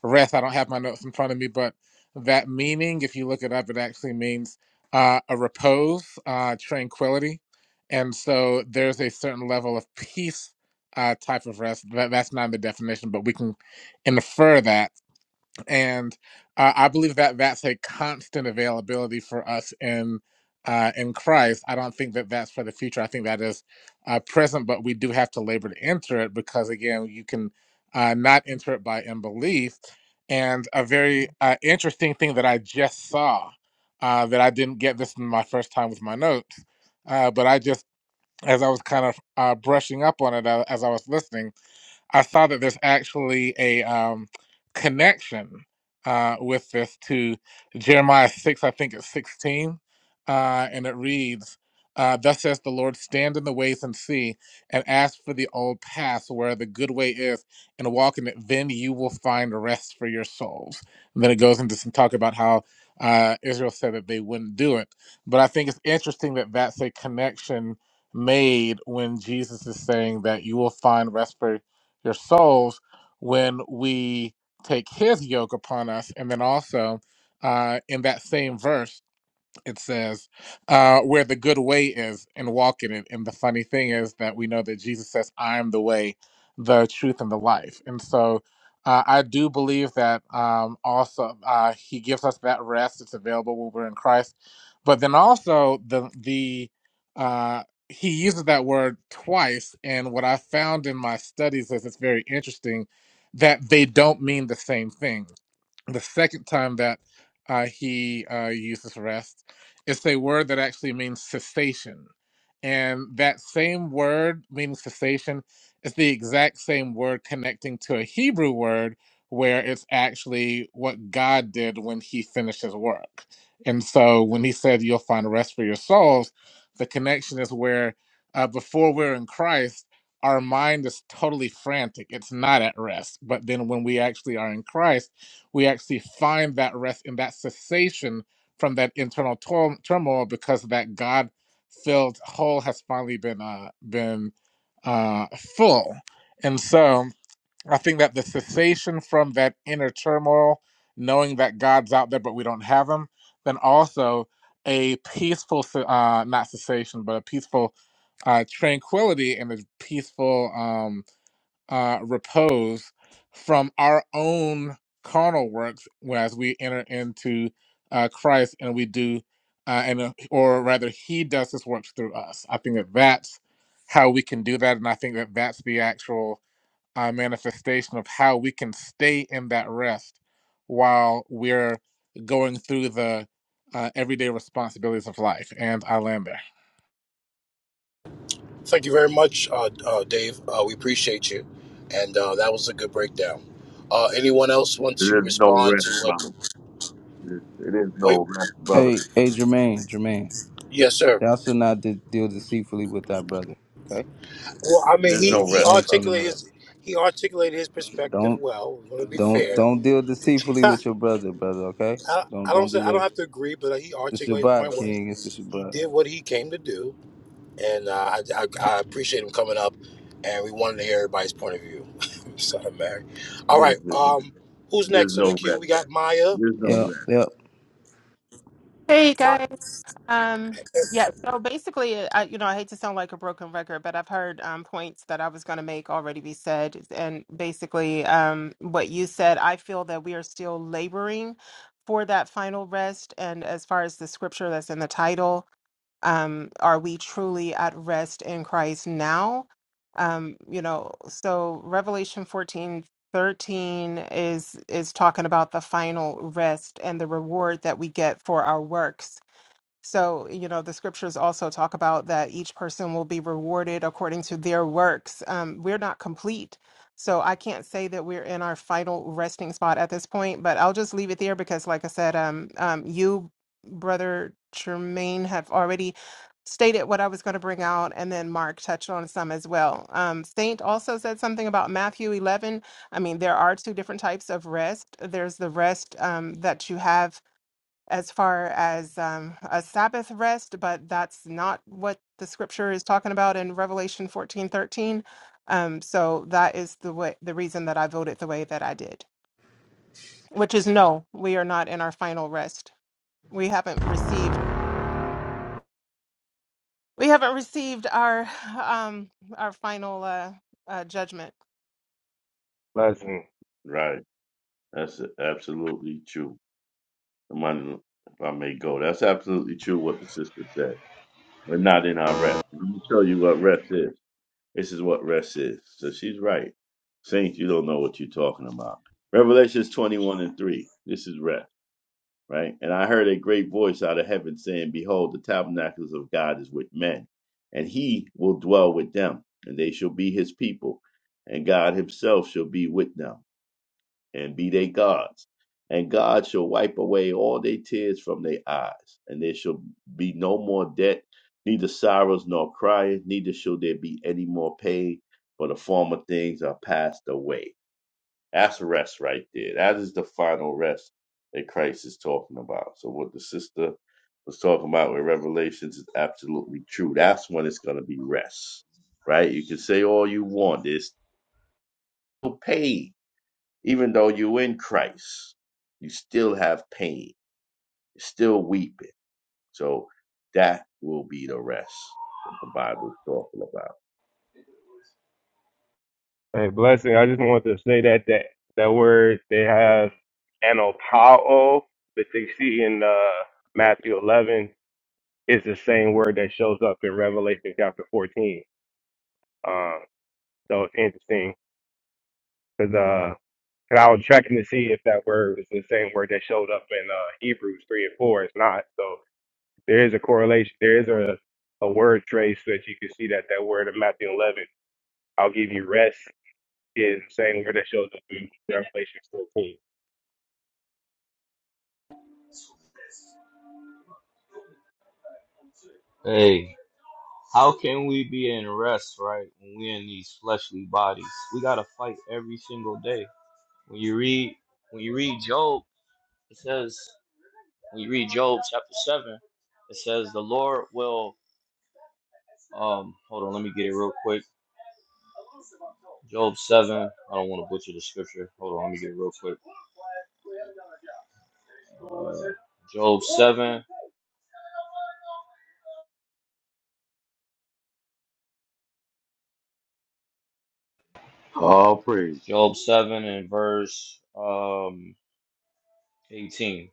rest, I don't have my notes in front of me, but that meaning, if you look it up, it actually means uh, a repose, uh, tranquility. And so there's a certain level of peace uh, type of rest. That, that's not in the definition, but we can infer that. And uh, I believe that that's a constant availability for us in uh, in Christ. I don't think that that's for the future. I think that is uh, present, but we do have to labor to enter it because again, you can uh, not enter it by unbelief. And a very uh, interesting thing that I just saw uh, that I didn't get this in my first time with my notes, uh, but I just as I was kind of uh, brushing up on it uh, as I was listening I saw that there's actually a um, connection uh, with this to Jeremiah 6, I think it's 16. Uh, and it reads, uh, Thus says the Lord, stand in the ways and see, and ask for the old path where the good way is, and walk in it. Then you will find rest for your souls. And then it goes into some talk about how uh, Israel said that they wouldn't do it. But I think it's interesting that that's a connection made when Jesus is saying that you will find rest for your souls when we take his yoke upon us. And then also uh, in that same verse, it says, uh, where the good way is and walk in it. And the funny thing is that we know that Jesus says, I am the way, the truth, and the life. And so uh, I do believe that um, also uh, he gives us that rest. It's available when we're in Christ. But then also the, the, uh, he uses that word twice. And what I found in my studies is it's very interesting that they don't mean the same thing the second time that uh, he uh, uses rest. It's a word that actually means cessation. And that same word meaning cessation is the exact same word connecting to a Hebrew word where it's actually what God did when he finished his work. And so when he said, You'll find rest for your souls, the connection is where uh, before we're in Christ, our mind is totally frantic. It's not at rest. But then when we actually are in Christ, we actually find that rest in that cessation from that internal tor- turmoil because of that God filled hole has finally been uh, been uh, full. And so I think that the cessation from that inner turmoil, knowing that God's out there but we don't have Him, then also a peaceful, uh, not cessation, but a peaceful uh, tranquility and a peaceful. um, uh, repose from our own carnal works as we enter into uh, Christ and we do, uh, and uh, or rather, He does His works through us. I think that that's how we can do that, and I think that that's the actual uh, manifestation of how we can stay in that rest while we're going through the uh, everyday responsibilities of life. And I land there. Thank you very much, uh, uh, Dave. Uh, we appreciate you, and uh, that was a good breakdown. Uh, anyone else want to There's no respond rest, to brother. what? It is it is Wait, no rest, brother. Hey, hey, Jermaine, Jermaine, yes, sir. thou shalt not de- deal deceitfully with thy brother. Okay, Well, I It mean, is he no because he rest, name seen brother. in articulated the his he articulated his perspective Don't, well. I want to be don't, fair, don't deal deceitfully with your brother, brother. Okay, I, don't, I don't don't say do I don't that. have to agree, but he The articulated his Shabbat, point where he, King. It's the he Shabbat. did what he came to do, and uh, I, I, I appreciate him coming up, and we wanted to hear everybody's point of view. Son of Mary. All It is, right, it is um, who's next in the no queue? rest. We got It Maya. is no rest. Yep, yep. Hey My, guys. Um, yeah, so basically, I, you know, I hate to sound like a broken record, but I've heard um, points that I was going to make already be said. And basically, um, what you said, I feel that we are still laboring for that final rest. And as far as the scripture that's in the title, um, are we truly at rest in Christ now? Um, you know, so Revelation 14 13 is is talking about the final rest and the reward that we get for our works so, you know, the scriptures also talk about that each person will be rewarded according to their works. Um, we're not complete. So I can't say that we're in our final resting spot at this point, but I'll just leave it there because, like I said, um, um, you, Brother Tremaine, have already stated what I was going to bring out, and then Mark touched on some as well. Um, Saint also said something about Matthew 11. I mean, there are two different types of rest. There's the rest um, that you have as far as um, a Sabbath rest, but that's not what the scripture is talking about in Revelation fourteen thirteen. Um, so that is the way, the reason that I voted the way that I did, which is no, we are not in our final rest. We haven't received we haven't received our um our final uh, uh judgment. Blessings. Right. That's absolutely true. If I if I may go, that's absolutely true what the sister said. We're not in our rest. Let me tell you what rest is. This is what rest is. So she's right. Saints, you don't know what you're talking about. Revelations 21 and 3. This is rest. right? And I heard a great voice out of heaven saying, Behold, the tabernacles of God is with men, and he will dwell with them, and they shall be his people, and God himself shall be with them, and be their gods. And God shall wipe away all their tears from their eyes, and there shall be no more debt, neither sorrows nor crying, neither shall there be any more pain, for the former things are passed away. That's rest right there. That is the final rest that Christ is talking about. So what the sister was talking about with Revelations is absolutely true. That's when it's gonna be rest. Right? You can say all you want. There's still pain. Even though you're in Christ, you still have pain. You're still weeping. So that will be the rest that the Bible is talking Hey, blessing. I just wanted to say that that that word they have anopao, that they see in uh, Matthew 11 is the same word that shows up in Revelation chapter 14. Um, so it's interesting because uh, 'cause I was checking to see if that word was the same word that showed up in uh, Hebrews 3 and 4. It's not. So there is a correlation. There is a, a word trace so that you can see that that word of Matthew 11. I'll give you rest is the same word that shows up in Revelation 14. land. How can we be in rest, right, when we're in these fleshly bodies? We gotta fight every single day. When you read when you read Job, it says when you read Job chapter seven, it says the Lord will um hold on, let me get it real quick. Job seven, I don't want to butcher the scripture. Hold on, let me get it real quick. Job seven, All praise. Job seven and verse um eighteen.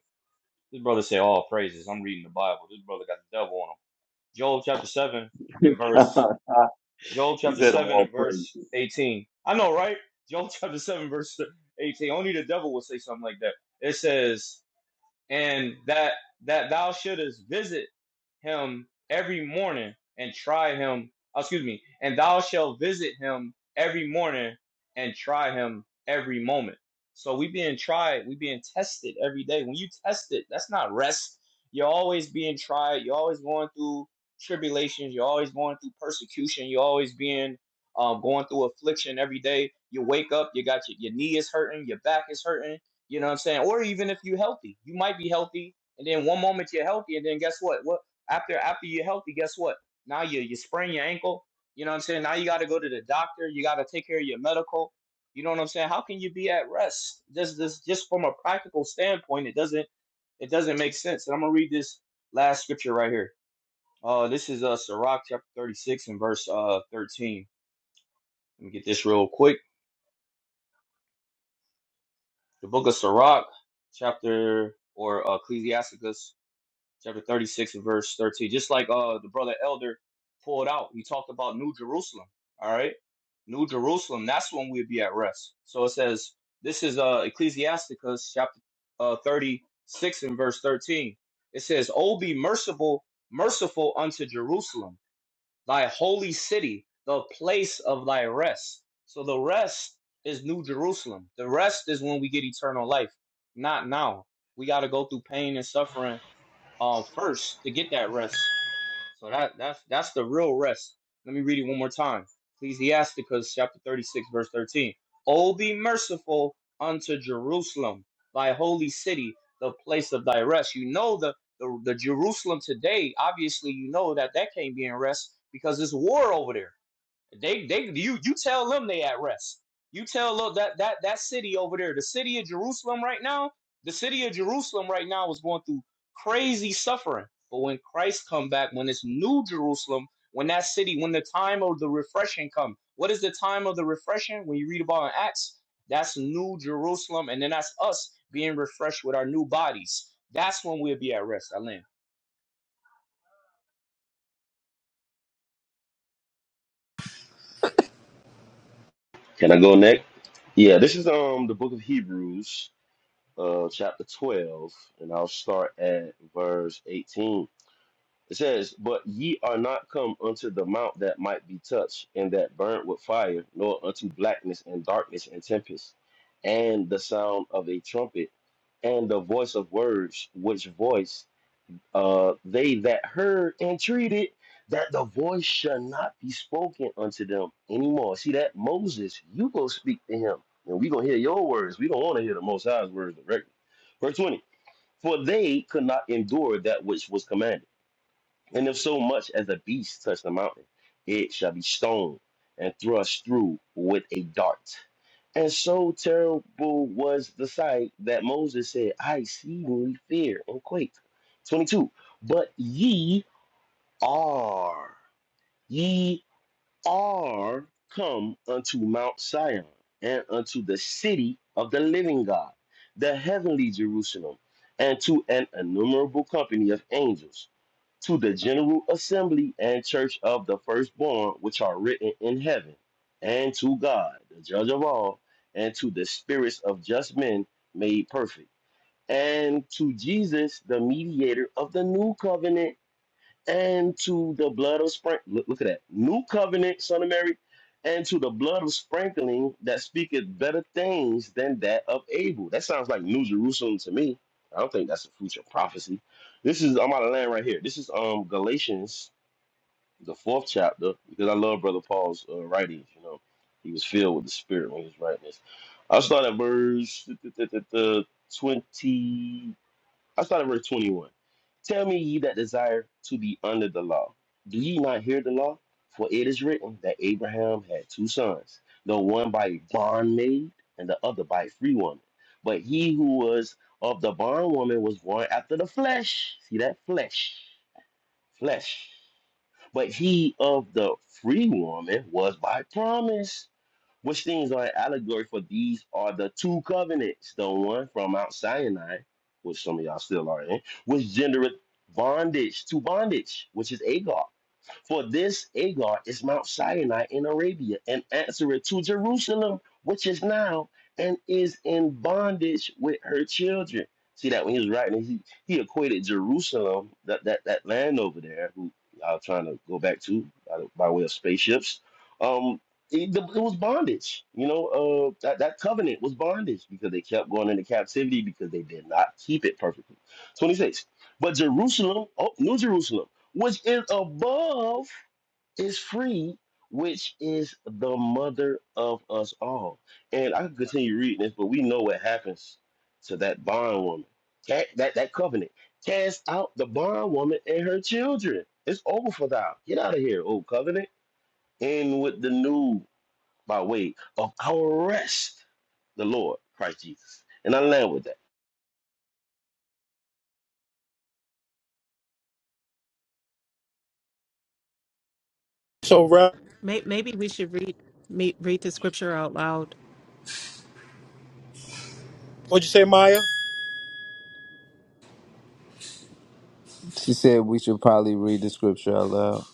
This brother say all praises. I'm reading the Bible. This brother got the devil on him. Job chapter seven and verse about. Joel he chapter said 7 all and praises. verse 18. I know, right? Joel chapter 7, verse 18. Only the devil would say something like that. It says, and that that thou shouldest visit him every morning and try him oh, excuse me and thou shalt visit him every morning and try him every moment so we being tried we being tested every day when you test it that's not rest you're always being tried you're always going through tribulations you're always going through persecution you're always being um, going through affliction every day you wake up you got your, your knee is hurting your back is hurting you know what I'm saying? Or even if you're healthy, you might be healthy, and then one moment you're healthy, and then guess what? What after after you're healthy, guess what? Now you you sprain your ankle. You know what I'm saying? Now you got to go to the doctor. You got to take care of your medical. You know what I'm saying? How can you be at rest? This this just from a practical standpoint, it doesn't it doesn't make sense. And I'm gonna read this last scripture right here. Uh, this is uh Sirach chapter 36 and verse uh 13. Let me get this real quick. The book of Sirach, chapter or uh, Ecclesiasticus chapter 36 and verse 13 just like uh the brother elder pulled out he talked about new jerusalem all right new jerusalem that's when we'd be at rest so it says this is uh ecclesiasticus chapter uh 36 and verse 13 it says oh be merciful merciful unto jerusalem thy holy city the place of thy rest so the rest is new jerusalem the rest is when we get eternal life not now we got to go through pain and suffering um first to get that rest. So that that's that's the real rest. Let me read it one more time. Ecclesiasticus chapter 36, verse 13. Oh, be merciful unto Jerusalem, thy holy city, the place of thy rest. You know the, the, the Jerusalem today, obviously you know that that can't be in rest because there's war over there. They they you you tell them they at rest. You tell look that that that city over there, the city of Jerusalem right now, the city of Jerusalem right now is going through crazy suffering. But when Christ come back, when it's new Jerusalem, when that city, when the time of the refreshing come, what is the time of the refreshing? When you read about in Acts, that's new Jerusalem, and then that's us being refreshed with our new bodies. That's when we'll be at rest, I Alan. Can I go next? Yeah, this is um the book of Hebrews, uh chapter 12, and I'll start at verse 18. It says, But ye are not come unto the mount that might be touched, and that burnt with fire, nor unto blackness and darkness and tempest, and the sound of a trumpet, and the voice of words, which voice uh, they that heard entreated that the voice shall not be spoken unto them anymore. See that Moses, you go speak to him, and we gonna hear your words. We don't want to hear the Most High's words directly. Verse twenty: For they could not endure that which was commanded and if so much as a beast touch the mountain, it shall be stoned and thrust through with a dart. And so terrible was the sight that Moses said, I exceedingly fear and quake. 22. But ye are, ye are come unto Mount Sion and unto the city of the living God, the heavenly Jerusalem, and to an innumerable company of angels, to the general assembly and church of the firstborn which are written in heaven, and to God, the judge of all, and to the spirits of just men made perfect, and to Jesus, the mediator of the new covenant and to the blood of sprinkling. Look, look at that. New covenant, son of Mary, and to the blood of sprinkling that speaketh better things than that of Abel. That sounds like New Jerusalem to me. I don't think that's a future prophecy. This is I'm out of land right here. This is um Galatians, the fourth chapter, because I love Brother Paul's uh, writings. You know, he was filled with the Spirit when he was writing this. I'll start at verse 20. I started verse 21. Tell me ye that desire to be under the law. Do ye not hear the law? For it is written that Abraham had two sons, the one by a bondmaid and the other by a free woman. But he who was of the bondwoman was born after the flesh. See that? Flesh. Flesh. But he of the free woman was by promise which things are an allegory for these are the two covenants, the one from Mount Sinai, which some of y'all still are in, which gendereth bondage to bondage, which is Agag, for this Agar is Mount Sinai in Arabia, and answereth to Jerusalem, which is now and is in bondage with her children. See that when he was writing, he, he equated Jerusalem, that, that that land over there, who y'all trying to go back to by, by way of spaceships. Um, it, the- it was bondage. You know, uh, that that covenant was bondage because they kept going into captivity because they did not keep it perfectly. Twenty six. But Jerusalem, oh, New Jerusalem which is above is free, which is the mother of us all. And I can continue reading this, but we know what happens to that bondwoman. That, that that covenant. Cast out the bondwoman and her children. It's over for thou. Get out of here, old covenant. In with the new by way of our rest, the Lord, Christ Jesus. And I land with that. so, Rev, May- Maybe we should read me- read the scripture out loud. what'd you say, Maya? She said we should probably read the scripture out loud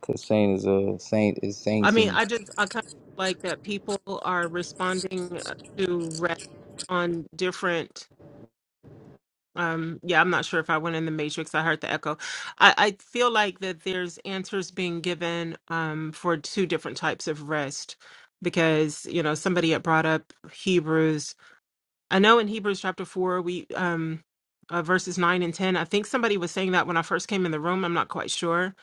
because Saint is a saint. Is I mean, sainting. I just I kind of like that people are responding to rest on different. Um, yeah, I'm not sure if I went in the matrix. I heard the echo. I, I feel like that there's answers being given um, for two different types of rest because, you know, somebody had brought up Hebrews. I know in Hebrews chapter four, we um, uh, verses nine and 10, I think somebody was saying that when I first came in the room. I'm not quite sure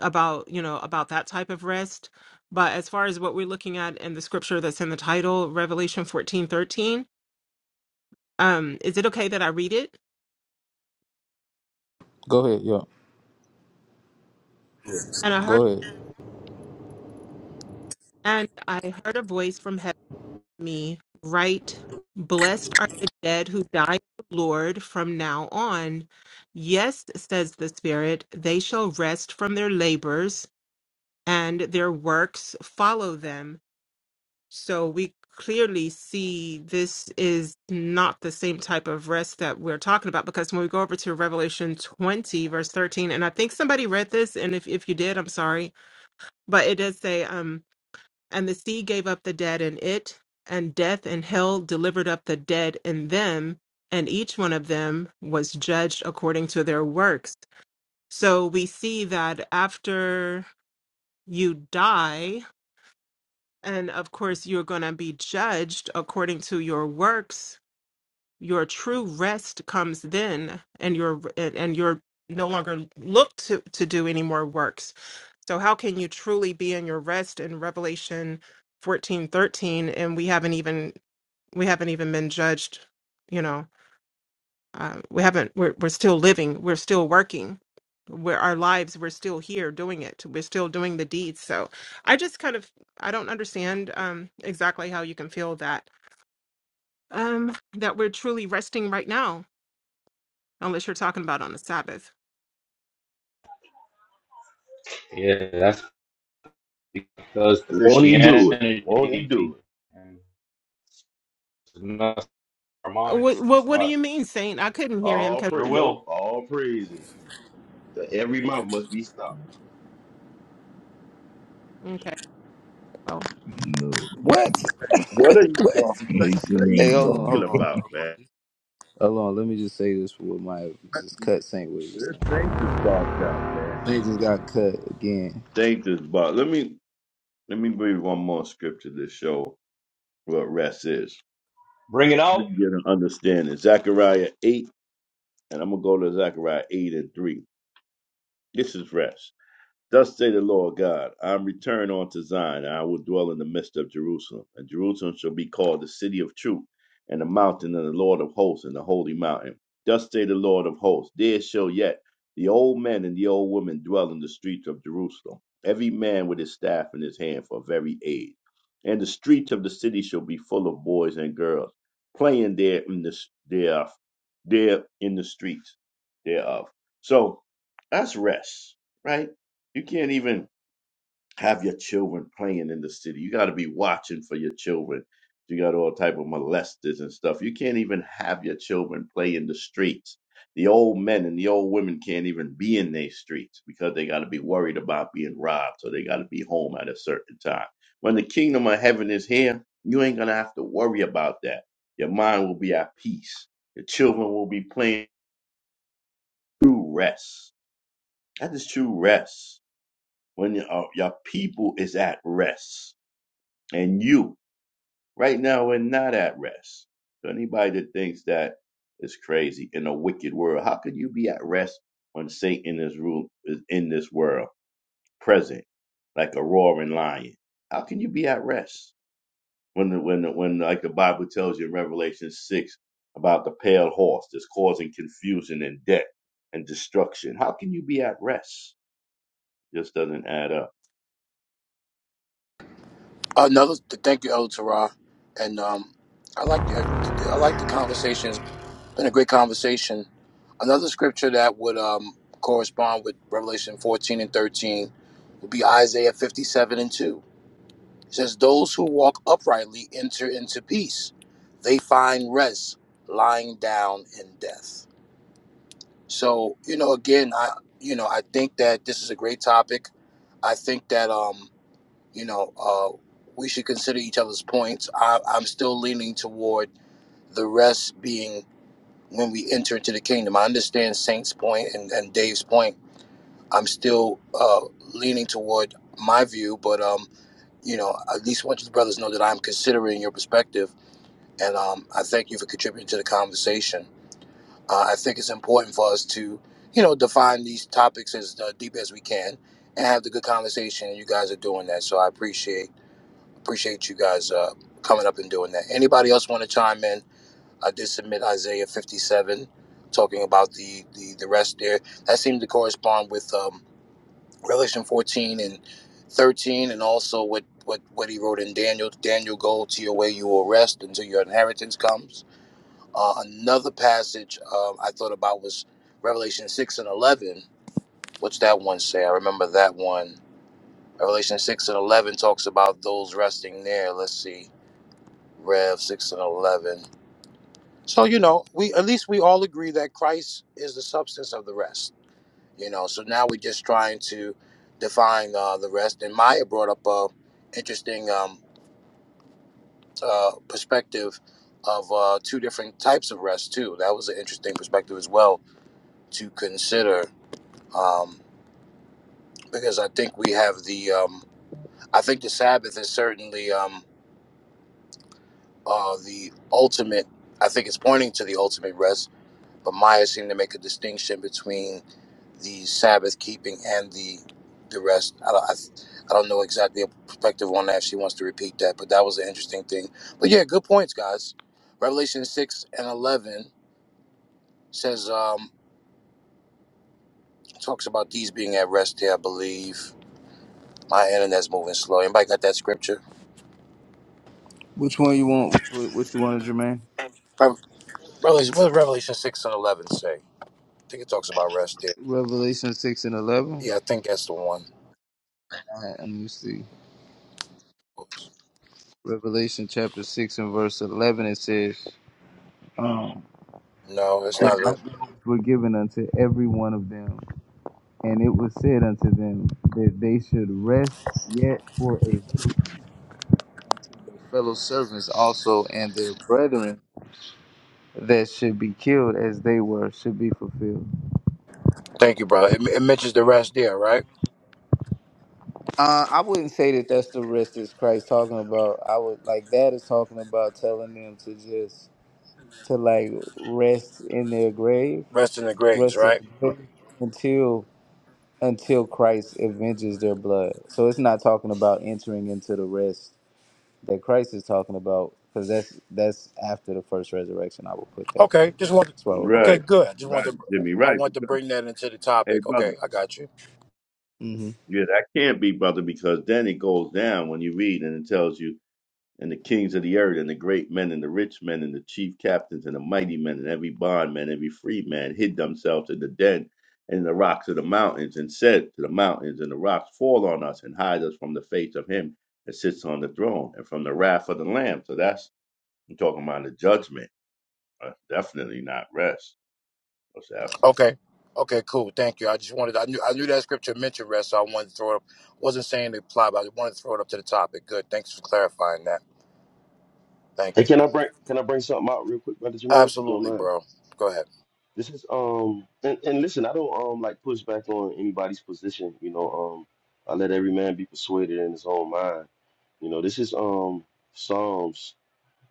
about, you know, about that type of rest. But as far as what we're looking at in the scripture that's in the title, Revelation 14 13. um, is it okay that I read it? Go ahead. Yep. And I heard. Go ahead. And I heard a voice from heaven to me, Write, Blessed are the dead who die in the Lord from now on. Yes, says the Spirit, they shall rest from their labors, and their works follow them. So we clearly see this is not the same type of rest that we're talking about because when we go over to Revelation 20, verse 13, and I think somebody read this, and if, if you did, I'm sorry, but it does say, um, and the sea gave up the dead in it, and death and hell delivered up the dead in them, and each one of them was judged according to their works. So we see that after you die, and of course, you're going to be judged according to your works. Your true rest comes then, and you're and and you're no longer looked to to do any more works so how can you truly be in your rest in Revelation 14 13 And we haven't even we haven't even been judged, you know. Uh, we haven't we're we're still living, we're still working. We're our lives, we're still here doing it. We're still doing the deeds. So I just kind of I don't understand um exactly how you can feel that um that we're truly resting right now, unless you're talking about on the Sabbath. Yeah, that's because Won't he Christianity do it? Won't he do it? and our Uh, What minds. That's what what do why. you mean, Saint? I couldn't hear him All because Sure praise nope, will. all praises. Every mouth must be stopped. okay. well, No, What? What are you what? talking? I What are you Hey, hold on, agree. talking hold on, about, man? hold on. Let me just say this for what my just cut Saint with just This now. thing just bogged out, man. They just got cut again. They just bogged. Let me let me read one more scripture to show what rest is. Bring it You out. can get an understanding. Zechariah eight, and I'm gonna go to Zechariah eight and three. This is rest. Thus say the Lord God, I am returned unto Zion, and I will dwell in the midst of Jerusalem. And Jerusalem shall be called the city of truth, and the mountain of the Lord of hosts, and the holy mountain. Thus say the Lord of hosts, there shall yet the old men and the old women dwell in the streets of Jerusalem, every man with his staff in his hand for very age. And the streets of the city shall be full of boys and girls, playing there in the, there, there in the streets thereof. So that's rest, right? You can't even have your children playing in the city. You got to be watching for your children. You got all type of molesters and stuff. You can't even have your children play in the streets. The old men and the old women can't even be in their streets because they got to be worried about being robbed. So they got to be home at a certain time. When the kingdom of heaven is here, you ain't going to have to worry about that. Your mind will be at peace. Your children will be playing true rest. That is true rest when your, uh, your people is at rest and you right now we're not at rest so anybody that thinks that is crazy in a wicked world how could you be at rest when satan is rule is in this world present like a roaring lion how can you be at rest when the, when the, when like the bible tells you in revelation 6 about the pale horse that's causing confusion and death and destruction how can you be at rest just doesn't add up Another thank you, El Tara, and um, I like the I like the conversation. It's been a great conversation. Another scripture that would um, correspond with Revelation fourteen and thirteen would be Isaiah fifty seven and two. It says, "Those who walk uprightly enter into peace; they find rest, lying down in death." So you know, again, I you know I think that this is a great topic. I think that um, you know, uh, we should consider each other's points. I, I'm still leaning toward the rest being when we enter into the kingdom. I understand Saint's point and, and Dave's point. I'm still uh, leaning toward my view, but um, you know, at least want you brothers know that I'm considering your perspective, and um, I thank you for contributing to the conversation. Uh, I think it's important for us to, you know, define these topics as uh, deep as we can and have the good conversation. And you guys are doing that, so I appreciate. Appreciate you guys uh, coming up and doing that. Anybody else want to chime in? I did submit Isaiah 57, talking about the, the, the rest there. That seemed to correspond with um, Revelation 14 and 13, and also what, what, what he wrote in Daniel. Daniel, go to your way, you will rest until your inheritance comes. Uh, another passage um, I thought about was Revelation 6 and 11. What's that one say? I remember that one. Revelation 6 and 11 talks about those resting there. Let's see. Rev 6 and 11. So, you know, we at least we all agree that Christ is the substance of the rest. You know, so now we're just trying to define uh, the rest. And Maya brought up a interesting um, uh, perspective of uh, two different types of rest, too. That was an interesting perspective as well to consider um, because I think we have the, um, I think the Sabbath is certainly um, uh, the ultimate, I think it's pointing to the ultimate rest But Maya seemed to make a distinction between the Sabbath keeping and the the rest. I don't, I, I don't know exactly a perspective on that if she wants to repeat that, but that was an interesting thing. But yeah, good points, guys. Revelation 6 and 11 says, um, talks about these being at rest here, I believe. My internet's moving slow. Anybody got that scripture? Which one you want? Which one- which you wanted, Jermaine? Rev- Revelation, what does Revelation 6 and 11 say? I think it talks about rest there. Revelation six and eleven. Yeah, I think that's the one. All right, let me see. Revelation chapter six and verse eleven. It says. um, No, it's and not. The, lightnings were given unto every one of them. And it was said unto them that they should rest yet for a little unto their fellow servants also and their brethren that should be killed as they were should be fulfilled. thank you, brother. It, it mentions the rest there, right? Uh, I wouldn't say that that's the rest that's Christ talking about. I would like that is talking about telling them to just to like rest in their grave, Rest in the graves, rest in right? the grave until until Christ avenges their blood. So it's not talking about entering into the rest that Christ is talking about, because that's that's after the first resurrection. I will put that. Okay, just want. That's why. Okay, Right, good. I just right, wanted to. Jimmy, I right. wanted to Because, bring that into the hey, topic. brother, Okay, I got you. Mm-hmm. yeah, that can't be, brother, because then it goes down when you read and it tells you, and the kings of the earth, and the great men, and the rich men, and the chief captains, and the mighty men, and every bondman, every free man hid themselves in the den and in the rocks of the mountains, and said to the mountains and the rocks, Fall on us and hide us from the face of him that sits on the throne and from the wrath of the Lamb. So that's, I'm talking about the judgment, uh, definitely not rest. What's after? Okay, okay, cool. Thank you. I just wanted. I knew. I knew that scripture mentioned rest, so I wanted to throw it up. Wasn't saying to apply, but I wanted to throw it up to the topic. Good. Thanks for clarifying that. Thank Hey, you. can I bring can I bring something out real quick, brother Jermaine? If you don't Absolutely, mind. bro. Go ahead. This is um and, and listen, I don't um like push back on anybody's position. You know, um I let every man be persuaded in his own mind. You know, this is um Psalms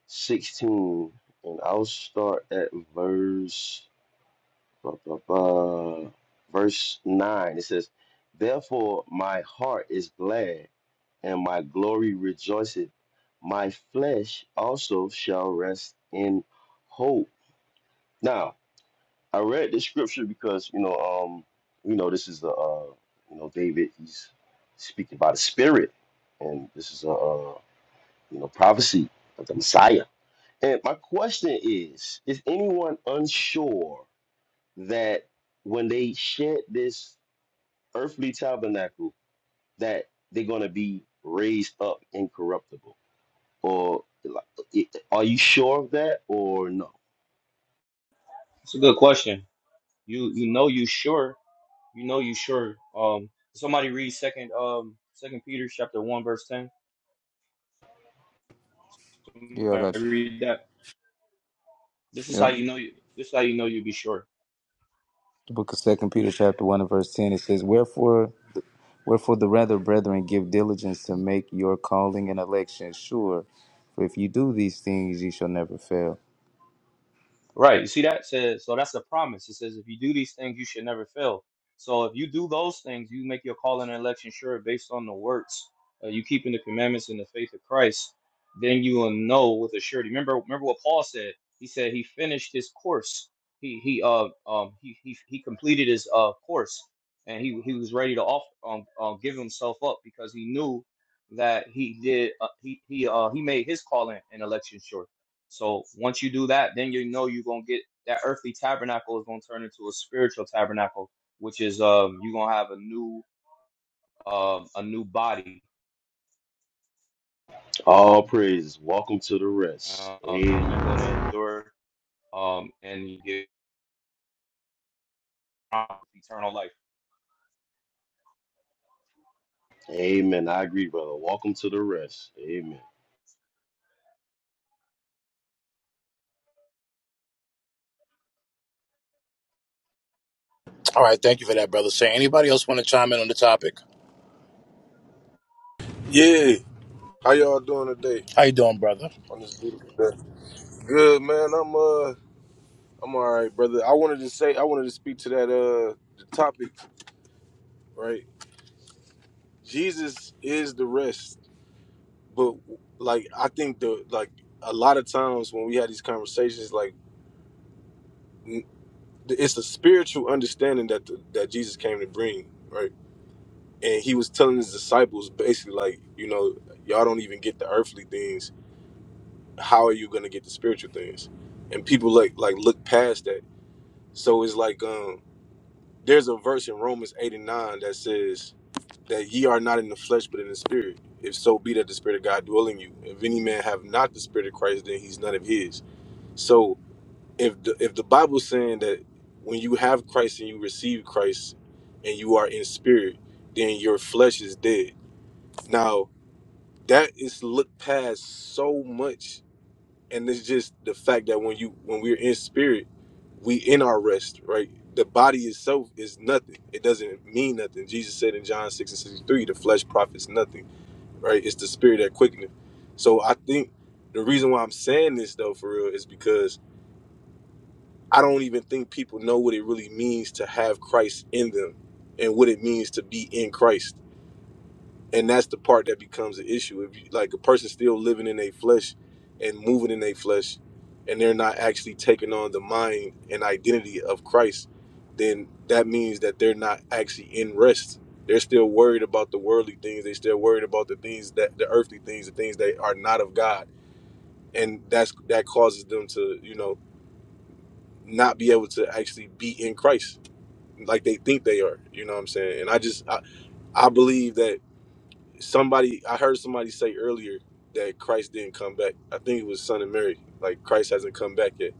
16, and I'll start at verse ba, ba, ba, verse nine. It says, "Therefore my heart is glad, and my glory rejoiceth. My flesh also shall rest in hope." Now, I read this scripture because you know, um, you know, this is the uh, you know, David. He's speaking by the Spirit, and this is a uh, you know prophecy of the Messiah. And my question is: Is anyone unsure that when they shed this earthly tabernacle, that they're going to be raised up incorruptible, or like, it- are you sure of that, or no? It's a good question. You you know you sure. You know you sure. Um somebody read second um second Peter chapter one verse ten. Yeah, I Somebody got you. read that. This is Yeah. how you know you this is how you know you be sure. The book of Second Peter, chapter one and verse ten, it says, "Wherefore, wherefore the rather, brethren, give diligence to make your calling and election sure. For if you do these things, you shall never fail." Right. You see that says so that's a promise. It says if you do these things, you should never fail. So if you do those things, you make your call and election sure based on the works. Uh, you keeping the commandments and the faith of Christ, then you will know with a surety. Remember, remember what Paul said. He said he finished his course. He he uh um he he, he completed his uh course, and he he was ready to off um, uh, give himself up because he knew that he did uh, he he uh he made his calling and election sure. So once you do that, then you know you're gonna get that earthly tabernacle is gonna turn into a spiritual tabernacle, which is um you're gonna have a new um a new body, All praises. Welcome to the rest. um and you're gonna endure um and you get eternal life. Amen. I agree, brother. Welcome to the rest. Amen. All right. Thank you for that, brother. Say anybody else want to chime in on the topic? Yeah. How y'all doing today How you doing, brother? on this beautiful day? Good man. I'm uh I'm all right, brother. I wanted to say I wanted to speak to that uh the topic, right? Jesus is the rest. But like I think the like a lot of times when we had these conversations like n- it's a spiritual understanding that the, that Jesus came to bring, right? And he was telling his disciples basically like, you know, y'all don't even get the earthly things. How are you going to get the spiritual things? And people like like look past that So it's like um there's a verse in Romans 8 and 9 that says that ye are not in the flesh but in the spirit, if so be that the spirit of God dwell in you. If any man have not the spirit of Christ, then he's none of his. So if the if the Bible's saying that when you have Christ and you receive Christ and you are in spirit, then your flesh is dead. Now that is looked past so much and it's just the fact that when you when we're in spirit we in our rest right the body itself is nothing it doesn't mean nothing jesus said in john 6 and 63 the flesh profits nothing right it's the spirit that quickeneth so i think the reason why i'm saying this though for real is because i don't even think people know what it really means to have christ in them and what it means to be in christ and that's the part that becomes an issue if you like a person still living in their flesh and moving in their flesh and they're not actually taking on the mind and identity of christ then that means that they're not actually in rest they're still worried about the worldly things they're still worried about the things that the earthly things the things that are not of god and that's that causes them to you know not be able to actually be in christ like they think they are you know what i'm saying and i just i, I believe that somebody I heard somebody say earlier that Christ didn't come back. I think it was Son of Mary. Like Christ hasn't come back yet.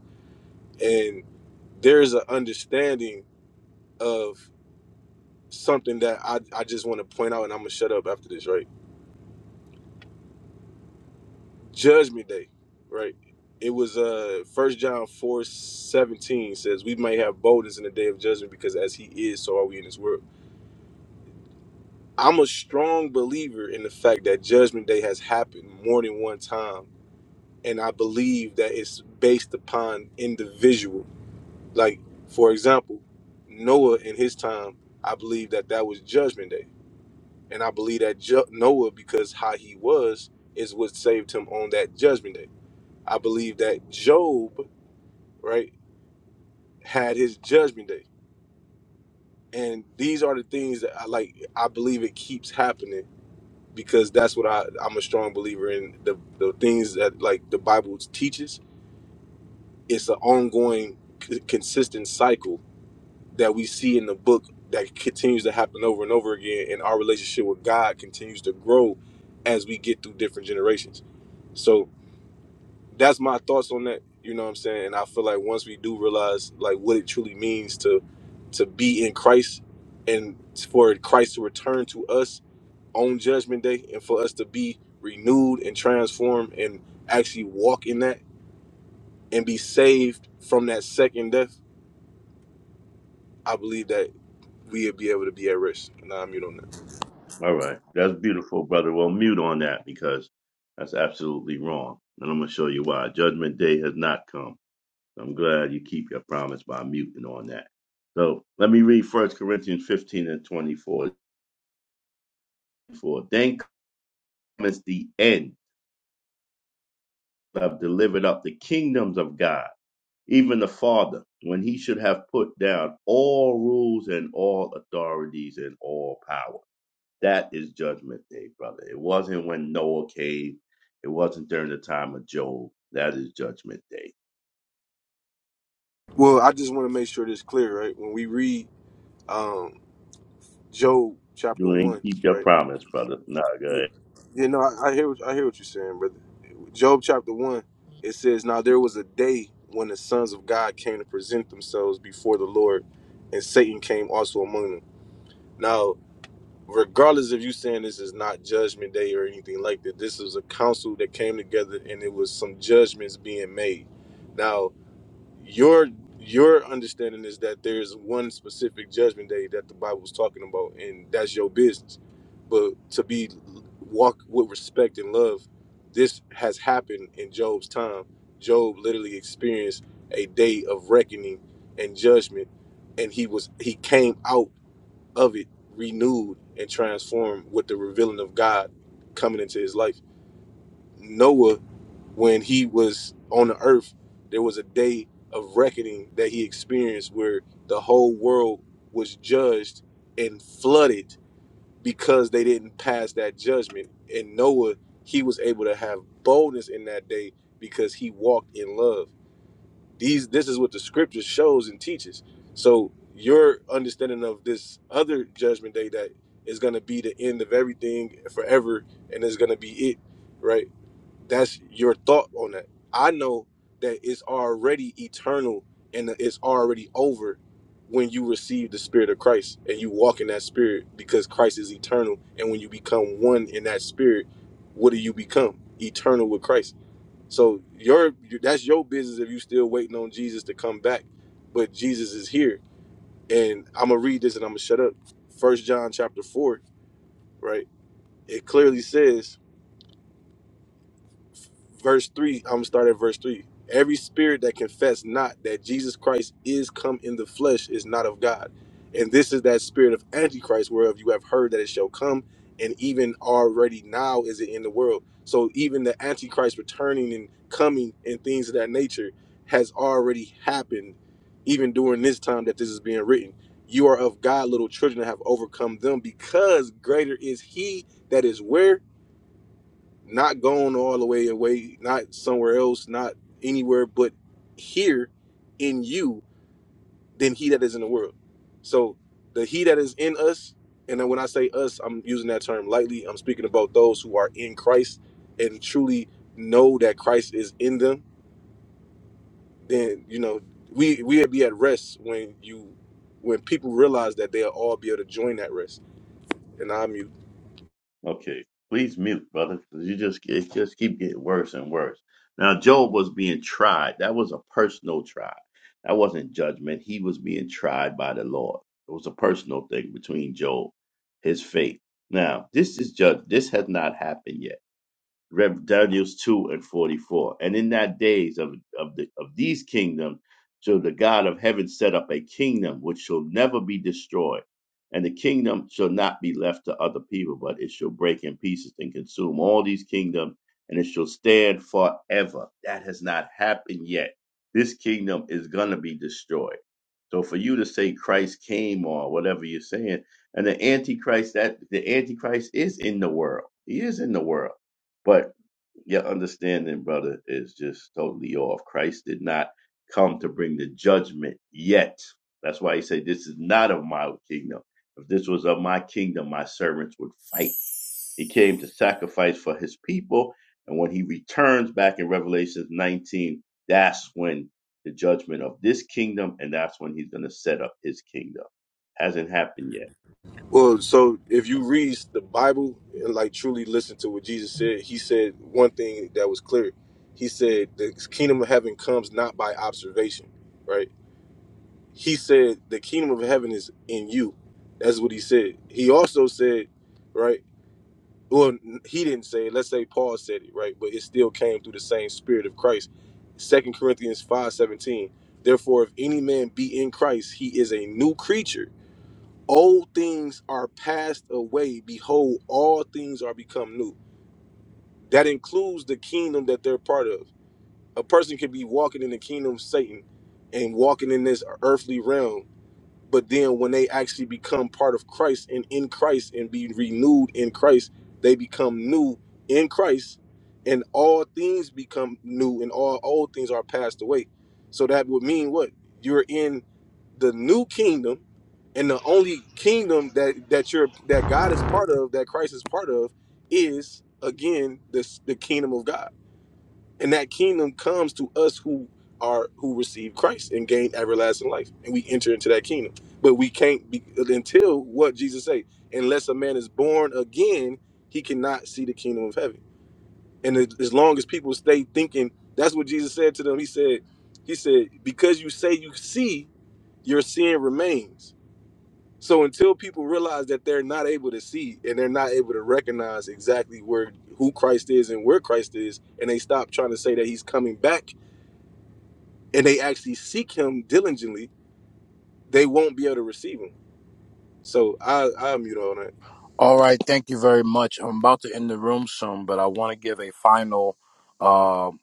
And there's an understanding of something that I, I just want to point out and I'm gonna shut up after this, right? Judgment day, right? It was uh first John four seventeen says we may have boldness in the day of judgment because as he is, so are we in this world. I'm a strong believer in the fact that judgment day has happened more than one time and I believe that it's based upon individual. Like for example, Noah in his time, I believe that that was Judgment Day, and I believe that ju- Noah, because how he was, is what saved him on that Judgment Day. I believe that Job, right, had his Judgment Day, and these are the things that I like. I believe it keeps happening because that's what I, I'm a strong believer in. The the things that like the Bible teaches, it's an ongoing, c- consistent cycle that we see in the book that continues to happen over and over again and our relationship with god continues to grow as we get through different generations so that's my thoughts on that you know what i'm saying and i feel like once we do realize like what it truly means to to be in christ and for christ to return to us on judgment day and for us to be renewed and transformed and actually walk in that and be saved from that second death i believe that we'll be able to be at rest and i'm you on that All right. That's beautiful, brother. Well, mute on that because that's absolutely wrong. And I'm going to show you why. Judgment day has not come. I'm glad you keep your promise by muting on that. So let me read First Corinthians 15 and 24. For Then comes the end. have delivered up the kingdoms of God, even the Father, when he should have put down all rules and all authorities and all power. That is judgment day, brother. It wasn't when Noah came. It wasn't during the time of Job. That is judgment day. Well, I just want to make sure this clear, right? When we read um, Job chapter You ain't one, keep your right? promise, brother. Nah, go ahead. You know, I, I hear what, I hear what you're saying, brother. Job chapter one, it says, "Now there was a day when the sons of God came to present themselves before the Lord, and Satan came also among them." Now, regardless of you saying this is not Judgment Day or anything like that, this is a council that came together, and it was some judgments being made. Now, your your understanding is that there's one specific judgment day that the Bible Bible's talking about, and that's your business. But to be walk with respect and love, this has happened in Job's time. Job literally experienced a day of reckoning and judgment, and he was he came out of it renewed and transformed with the revealing of God coming into his life. Noah when he was on the earth, there was a day of reckoning that he experienced where the whole world was judged and flooded because they didn't pass that judgment. And Noah, he was able to have boldness in that day because he walked in love. These this is what the scripture shows and teaches. So your understanding of this other judgment day that is going to be the end of everything forever and is going to be it, right? that's your thought on that. I know that it's already eternal and that it's already over when you receive the spirit of Christ and you walk in that spirit because Christ is eternal. And when you become one in that spirit, what do you become? Eternal with Christ so your that's your business if you still waiting on Jesus to come back, but Jesus is here. And I'm gonna read this and I'm gonna shut up. First John chapter four, right? It clearly says verse 3 i'm gonna start at verse 3 every spirit that confess not that jesus christ is come in the flesh is not of god and this is that spirit of antichrist whereof you have heard that it shall come and even already now is it in the world so even the antichrist returning and coming and things of that nature has already happened even during this time that this is being written you are of god little children and have overcome them because greater is he that is where not going all the way away, not somewhere else, not anywhere but here in you than he that is in the world. So the he that is in us, and then when I say us, I'm using that term lightly. I'm speaking about those who are in Christ and truly know that Christ is in them, then you know, we we'd be at rest when you when people realize that they'll all be able to join that rest. And I'm you. Okay. Please mute, brother, 'cause you just it just keep getting worse and worse. Now Job was being tried. That was a personal trial. That wasn't judgment. He was being tried by the Lord. It was a personal thing between Job, his fate. Now, this is judge this has not happened yet. Rev Daniel's two and forty four. And in that days of of the of these kingdoms shall the God of heaven set up a kingdom which shall never be destroyed. And the kingdom shall not be left to other people, but it shall break in pieces and consume all these kingdoms, and it shall stand forever. That has not happened yet. This kingdom is gonna be destroyed. So for you to say Christ came or whatever you're saying, and the Antichrist that the Antichrist is in the world. He is in the world but your understanding, brother, is just totally off. Christ did not come to bring the judgment yet. That's why he said, This is not of my kingdom. If this was of my kingdom, my servants would fight. He came to sacrifice for his people. And when he returns back in Revelation 19, that's when the judgment of this kingdom, and that's when he's going to set up his kingdom. Hasn't happened yet. Well, so if you read the Bible and like truly listen to what Jesus said, he said one thing that was clear. He said the kingdom of heaven comes not by observation, right? He said the kingdom of heaven is in you. That's what he said. He also said, right? Well, he didn't say it. Let's say Paul said it, right? But it still came through the same spirit of Christ. Second Corinthians five seventeen. Therefore, if any man be in Christ, he is a new creature old things are passed away behold all things are become new that includes the kingdom that they're part of a person could be walking in the kingdom of satan and walking in this earthly realm but then when they actually become part of Christ and in Christ and be renewed in Christ, they become new in Christ, and all things become new, and all old things are passed away. So that would mean what? You're in the new kingdom, and the only kingdom that that you're that God is part of, that Christ is part of, is again this the kingdom of God and that kingdom comes to us who are who receive Christ and gain everlasting life, and we enter into that kingdom. But we can't be until what Jesus said: unless a man is born again, he cannot see the kingdom of heaven. And as as long as people stay thinking, that's what Jesus said to them. He said, He said, because you say you see, your sin remains. So until people realize that they're not able to see and they're not able to recognize exactly where who Christ is and where Christ is, and they stop trying to say that He's coming back and they actually seek him diligently, they won't be able to receive him. So I I mute all that. All right. Thank you very much. I'm about to end the room soon, but I want to give a final. Um,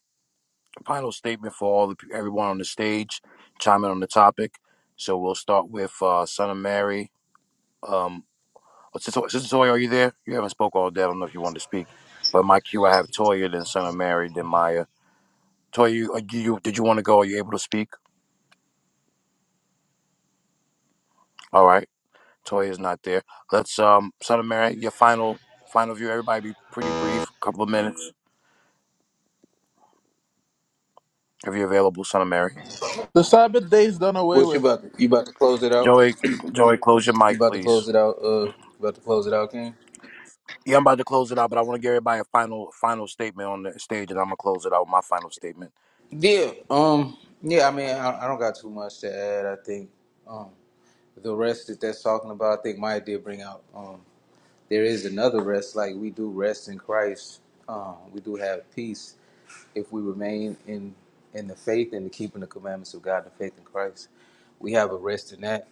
final statement for all the everyone on the stage, chime in on the topic. So we'll start with uh, Son of Mary. Um, oh, Sister Sister Toya, are you there? You haven't spoke all day. I don't know if you want to speak, but my cue I have Toya, then Son of Mary, then Maya. Toya, you, uh, you you- did you want to go? Are you able to speak? All right, Toya is not there. Let's um, Son of Mary, your final final view. Everybody, be pretty brief, couple of minutes if you're available. Son of Mary, The Sabbath day is done away What you with. about? To, you about to close it out? Joey, Joey, close your You mic, about to please. close it out? Uh, about to close it out, King? Yeah, I'm about to close it out, but I want to give everybody a final final statement on the stage, and I'm gonna close it out with my final statement. Yeah, um, yeah. I mean, I, I don't got too much to add. I think um, the rest that that's talking about, I think Maya did bring out. Um, there is another rest, like we do rest in Christ. Um, we do have peace if we remain in in the faith and the keeping the commandments of God, the faith in Christ. We have a rest in that.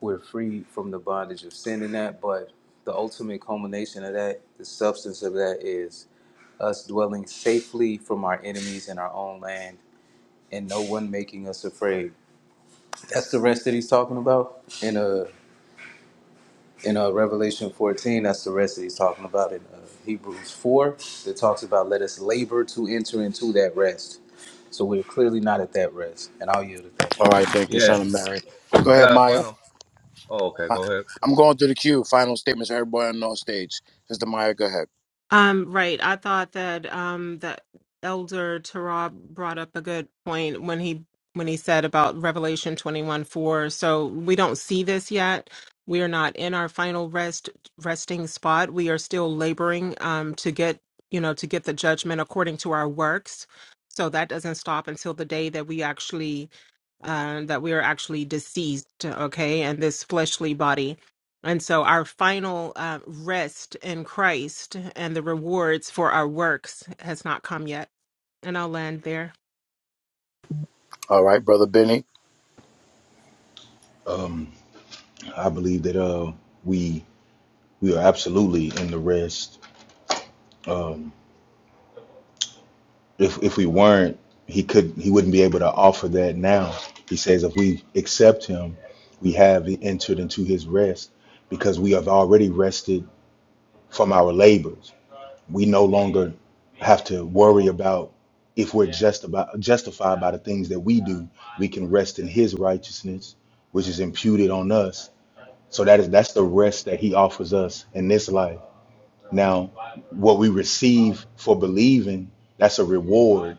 We're free from the bondage of sin in that. But the ultimate culmination of that, the substance of that, is us dwelling safely from our enemies in our own land and no one making us afraid. That's the rest that he's talking about in uh in uh, Revelation 14. That's the rest that he's talking about in uh, Hebrews 4. That talks about let us labor to enter into that rest. So we're clearly not at that rest, and I'll yield it. back. All right, thank you, Yeah, son of Mary. Go I ahead, got a Maya. final. Oh, okay, I, go ahead. I'm going through the queue. Final statements, everybody on the stage. Sister Maya, go ahead. Um, right. I thought that um that Elder Tarab brought up a good point when he when he said about Revelation 21 4. So we don't see this yet. We are not in our final rest resting spot. We are still laboring um to get you know to get the judgment according to our works. So that doesn't stop until the day that we actually uh, that we are actually deceased, okay, and this fleshly body. And so our final uh, rest in Christ and the rewards for our works has not come yet. And I'll land there. All right, brother Benny. Um, I believe that uh we we are absolutely in the rest. If if we weren't, he could he wouldn't be able to offer that now. He says if we accept him, we have entered into his rest because we have already rested from our labors. We no longer have to worry about if we're just about justified by the things that we do. We can rest in his righteousness, which is imputed on us. So that is that's the rest that he offers us in this life Now, what we receive for believing, that's a reward,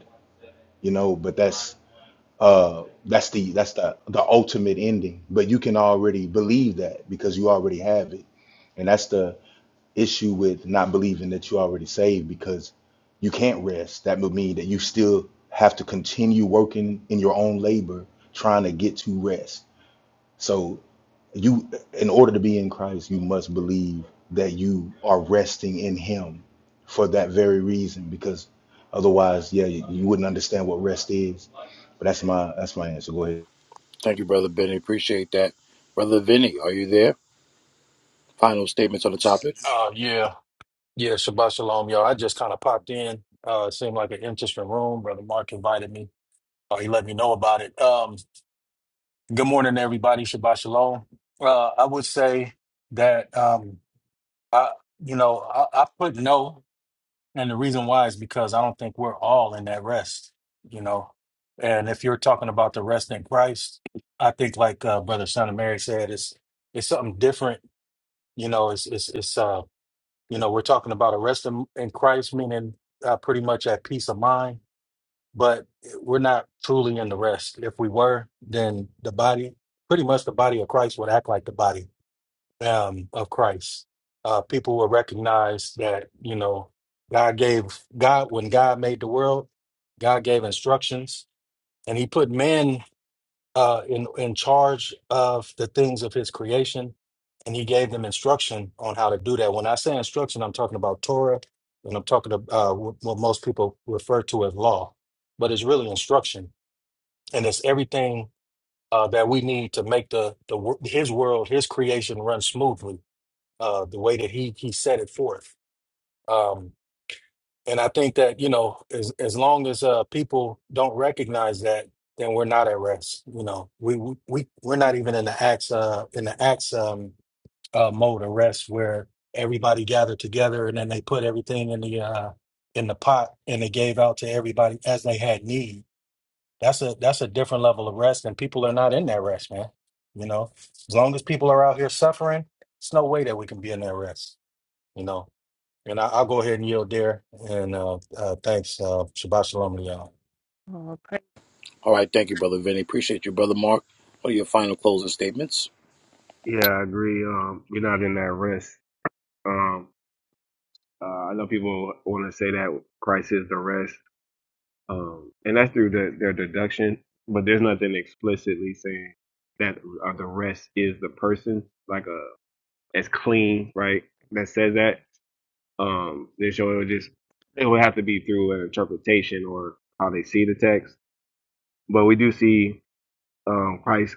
you know, but that's uh that's the that's the the ultimate ending. But you can already believe that because you already have it. And that's the issue with not believing that you already saved because you can't rest. That would mean that you still have to continue working in your own labor trying to get to rest. So you, in order to be in Christ, you must believe that you are resting in Him for that very reason. Because otherwise, yeah, you, you wouldn't understand what rest is. But that's my that's my answer. Go ahead. Thank you, brother Benny. Appreciate that, brother Vinny. Are you there? Final statements on the topic. Oh, yeah. Yeah, Shabbat Shalom, y'all. I just kind of popped in. Uh, it seemed like an interesting room. Brother Mark invited me. Uh, he let me know about it. Um, good morning, everybody. Shabbat Shalom. Uh, I would say that, um, I, you know, I, I put no, and the reason why is because I don't think we're all in that rest, you know. And if you're talking about the rest in Christ, I think like uh, Brother Son of Mary said, it's it's something different, you know. It's it's it's uh You know, we're talking about a rest in, in Christ, meaning uh, pretty much at peace of mind, but we're not truly in the rest. If we were, then the body, pretty much the body of Christ would act like the body um, of Christ. Uh, people will recognize that, you know, God gave God, when God made the world, God gave instructions and he put man uh, in in charge of the things of his creation, and he gave them instruction on how to do that. When I say instruction, I'm talking about Torah, and I'm talking about uh, wh- what most people refer to as law, but it's really instruction, and it's everything uh, that we need to make the the wor- his world, his creation, run smoothly uh, the way that he he set it forth. Um, and I think that, you know, as as long as uh people don't recognize that, then we're not at rest. You know, we we we- are not even in the acts uh in the acts um uh mode of rest where everybody gathered together and then they put everything in the uh in the pot and they gave out to everybody as they had need. That's a that's a different level of rest and people are not in that rest, man. You know, as long as people are out here suffering, it's no way that we can be in that rest, you know. And I, I'll go ahead and yield there. And uh, uh, thanks. Uh, Shabbat Shalom to y'all. Oh, praise- All right, thank you, brother Vinny. Appreciate you, brother Mark. What are your final closing statements? Yeah, I agree. Um, you're not in that rest. Um, uh, I know people want to say that Christ is the rest, um, and that's through the, their deduction. But there's nothing explicitly saying that uh, the rest is the person, like a as clean, right? That says that. Um, they show it would just it would have to be through an interpretation or how they see the text. But we do see um, Christ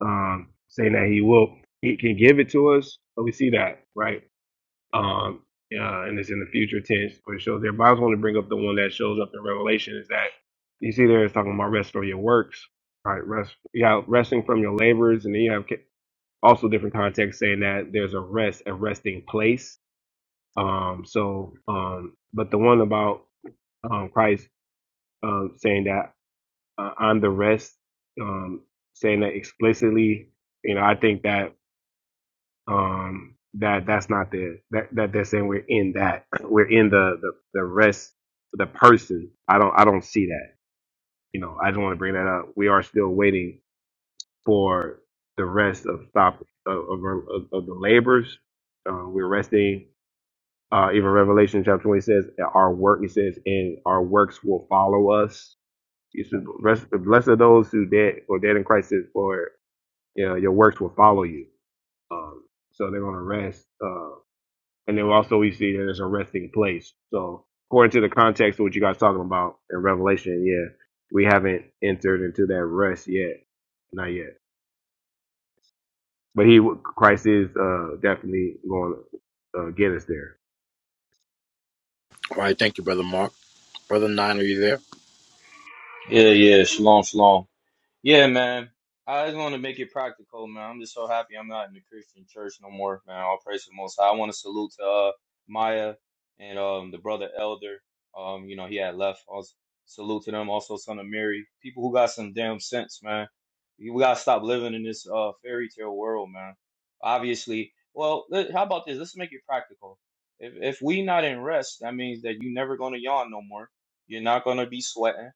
um, saying that He will, He can give it to us. But we see that, right? um, uh, and it's in the future tense, but it shows there. But I was going to bring up the one that shows up in Revelation is that you see there it's talking about rest from your works, right? Rest, yeah, resting from your labors, and then you have ca- also different contexts saying that there's a rest, a resting place. Um, so, um, but the one about um, Christ um, saying that uh, I'm the rest, um, saying that explicitly, you know, I think that um that that's not the that that they're saying we're in that we're in the the, the rest of the person i don't i don't see that you know i just want to bring that up we are still waiting for the rest of stop of of, of, of the labors uh, we're resting uh even revelation chapter 20 says that our work it says and our works will follow us you should rest blessed are those who dead or dead in christ says for you know, your works will follow you um so they're going to rest Uh, And then also we see that it's a resting place. So according to the context of what you guys talking about in Revelation, yeah, we haven't entered into that rest yet, not yet. But he, Christ is uh, definitely going to uh, get us there. All right, thank you, brother Mark. Brother Nine, are you there? Yeah, yeah, shalom, shalom. Yeah, man. I just want to make it practical, man. I'm just so happy I'm not in the Christian church no more, man. I'll praise the most. High. I want to salute to uh, Maya and um the brother Elder. Um, you know, he had left. Also, salute to them. Also, son of Mary. People who got some damn sense, man. We gotta stop living in this uh fairy tale world, man. Obviously, well, let- how about this? Let's make it practical. If if we not in rest, that means that you never gonna yawn no more. You're not gonna be sweating.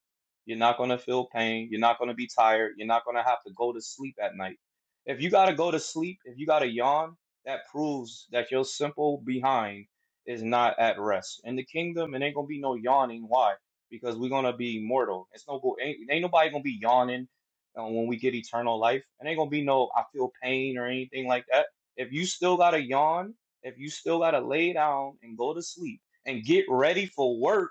You're not going to feel pain. You're not going to be tired. You're not going to have to go to sleep at night. If you got to go to sleep, if you got to yawn, that proves that your simple behind is not at rest. In the kingdom, it ain't going to be no yawning. Why? Because we're going to be mortal. It's no go. Ain't, ain't nobody going to be yawning uh, when we get eternal life. It ain't going to be no I feel pain or anything like that. If you still got to yawn, if you still got to lay down and go to sleep and get ready for work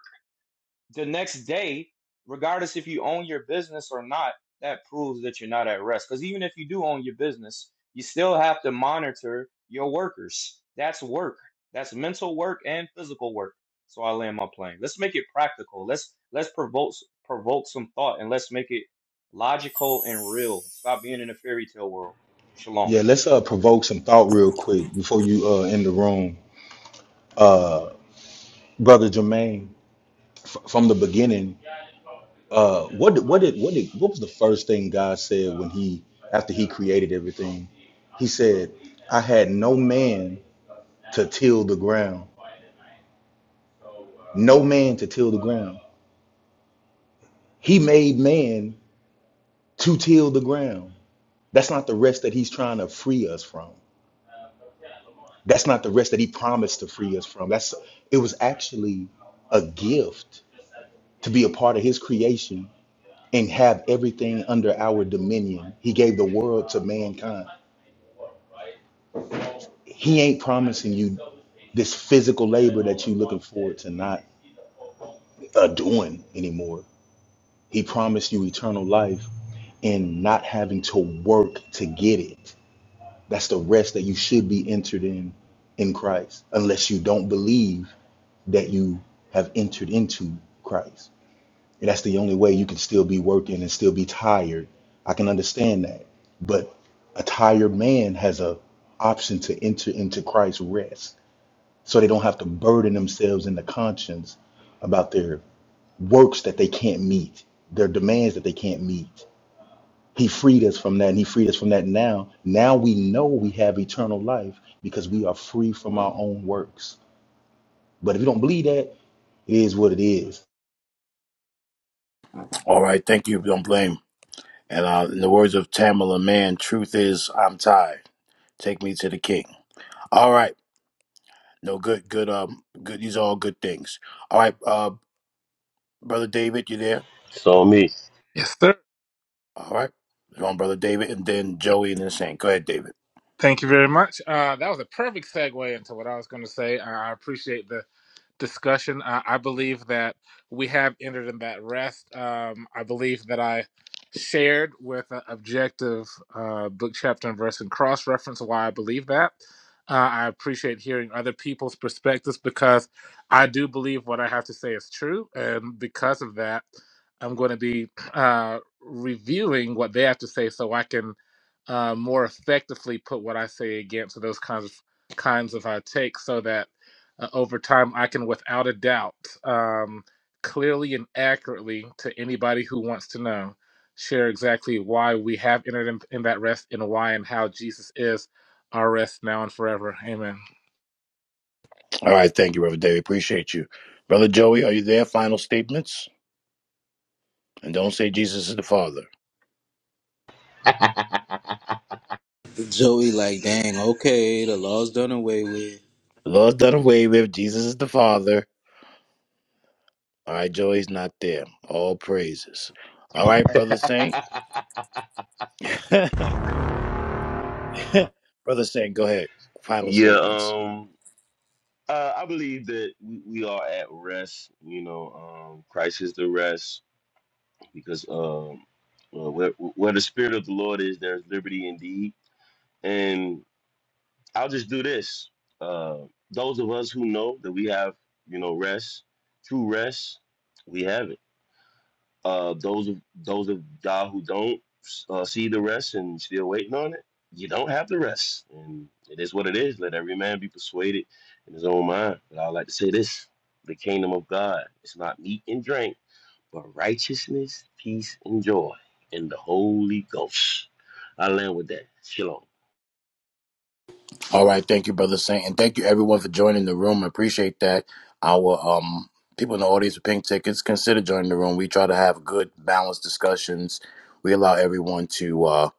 the next day, regardless if you own your business or not, that proves that you're not at rest. Because even if you do own your business, you still have to monitor your workers. That's work. That's mental work and physical work. So I land my plane. Let's make it practical. Let's let's provoke provoke some thought and let's make it logical and real. Stop being in a fairy tale world. Shalom. Yeah, let's uh, provoke some thought real quick before you uh, end the room, brother Jermaine. F- from the beginning, uh, what did, what did what did what was the first thing God said when He after He created everything? He said, "I had no man to till the ground, no man to till the ground." He made man to till the ground. That's not the rest that he's trying to free us from. That's not the rest that he promised to free us from. That's it was actually a gift to be a part of his creation and have everything under our dominion. He gave the world to mankind. He ain't promising you this physical labor that you looking forward to not uh, doing anymore. He promised you eternal life and not having to work to get it. That's the rest that you should be entered in in Christ, unless you don't believe that you have entered into Christ. And that's the only way you can still be working and still be tired. I can understand that. But a tired man has a option to enter into Christ's rest. So they don't have to burden themselves in the conscience about their works that they can't meet, their demands that they can't meet. He freed us from that and he freed us from that now. Now we know we have eternal life because we are free from our own works. But if you don't believe that, it is what it is. All right, thank you. Don't blame. And uh, in the words of Tamala Mann, truth is, I'm tired. Take me to the king. All right. No, good, good, um, good. These are all good things. All right, uh, Brother David, you there? It's on me. Yes, sir. All right. Wrong, Brother David, and then Joey and then Saint. Go ahead, David. Thank you very much. Uh, that was a perfect segue into what I was going to say. I I appreciate the discussion. Uh, I believe that we have entered in that rest. Um, I believe that I shared with an objective uh, book, chapter, and verse and cross reference why I believe that. Uh, I appreciate hearing other people's perspectives because I do believe what I have to say is true. And because of that, I'm going to be uh, reviewing what they have to say so I can uh, more effectively put what I say against those kinds of kinds of uh, takes so that uh, over time, I can without a doubt, um, clearly and accurately to anybody who wants to know, share exactly why we have entered in, in that rest and why and how Jesus is our rest now and forever. Amen. All right. Thank you, Brother David. Appreciate you. Brother Joey, are you there? Final statements? And don't say Jesus is the Father. Joey, like, dang, okay, the law's done away with. The Lord's done away with. Jesus is the Father. All right, Joey's not there. All praises. All right, Brother Saint. Brother Saint, go ahead. Final Yeah, statements. um, uh, I believe that we, we are at rest. You know, um, Christ is the rest because um, uh, where, where the Spirit of the Lord is, there's liberty indeed. And I'll just do this. Uh, those of us who know that we have, you know, rest, true rest, we have it. Uh, those of those of y'all who don't uh, see the rest and still waiting on it, you don't have the rest, and it is what it is. Let every man be persuaded in his own mind. But I like to say this: the kingdom of God is not meat and drink, but righteousness, peace, and joy in the Holy Ghost. I land with that. Shalom. All right, thank you, brother Saint, and thank you everyone for joining the room. I appreciate that. Our um people in the audience with pink tickets consider joining the room. We try to have good, balanced discussions. We allow everyone to uh,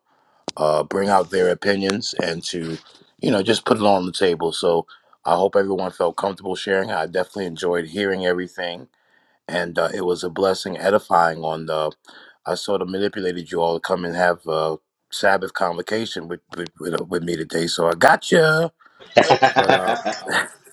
uh, bring out their opinions and to, you know, just put it on the table. So I hope everyone felt comfortable sharing. I definitely enjoyed hearing everything, and uh, it was a blessing, edifying on the I sort of manipulated you all to come and have a Sabbath convocation with with, with, uh, with me today. So I got you. But uh,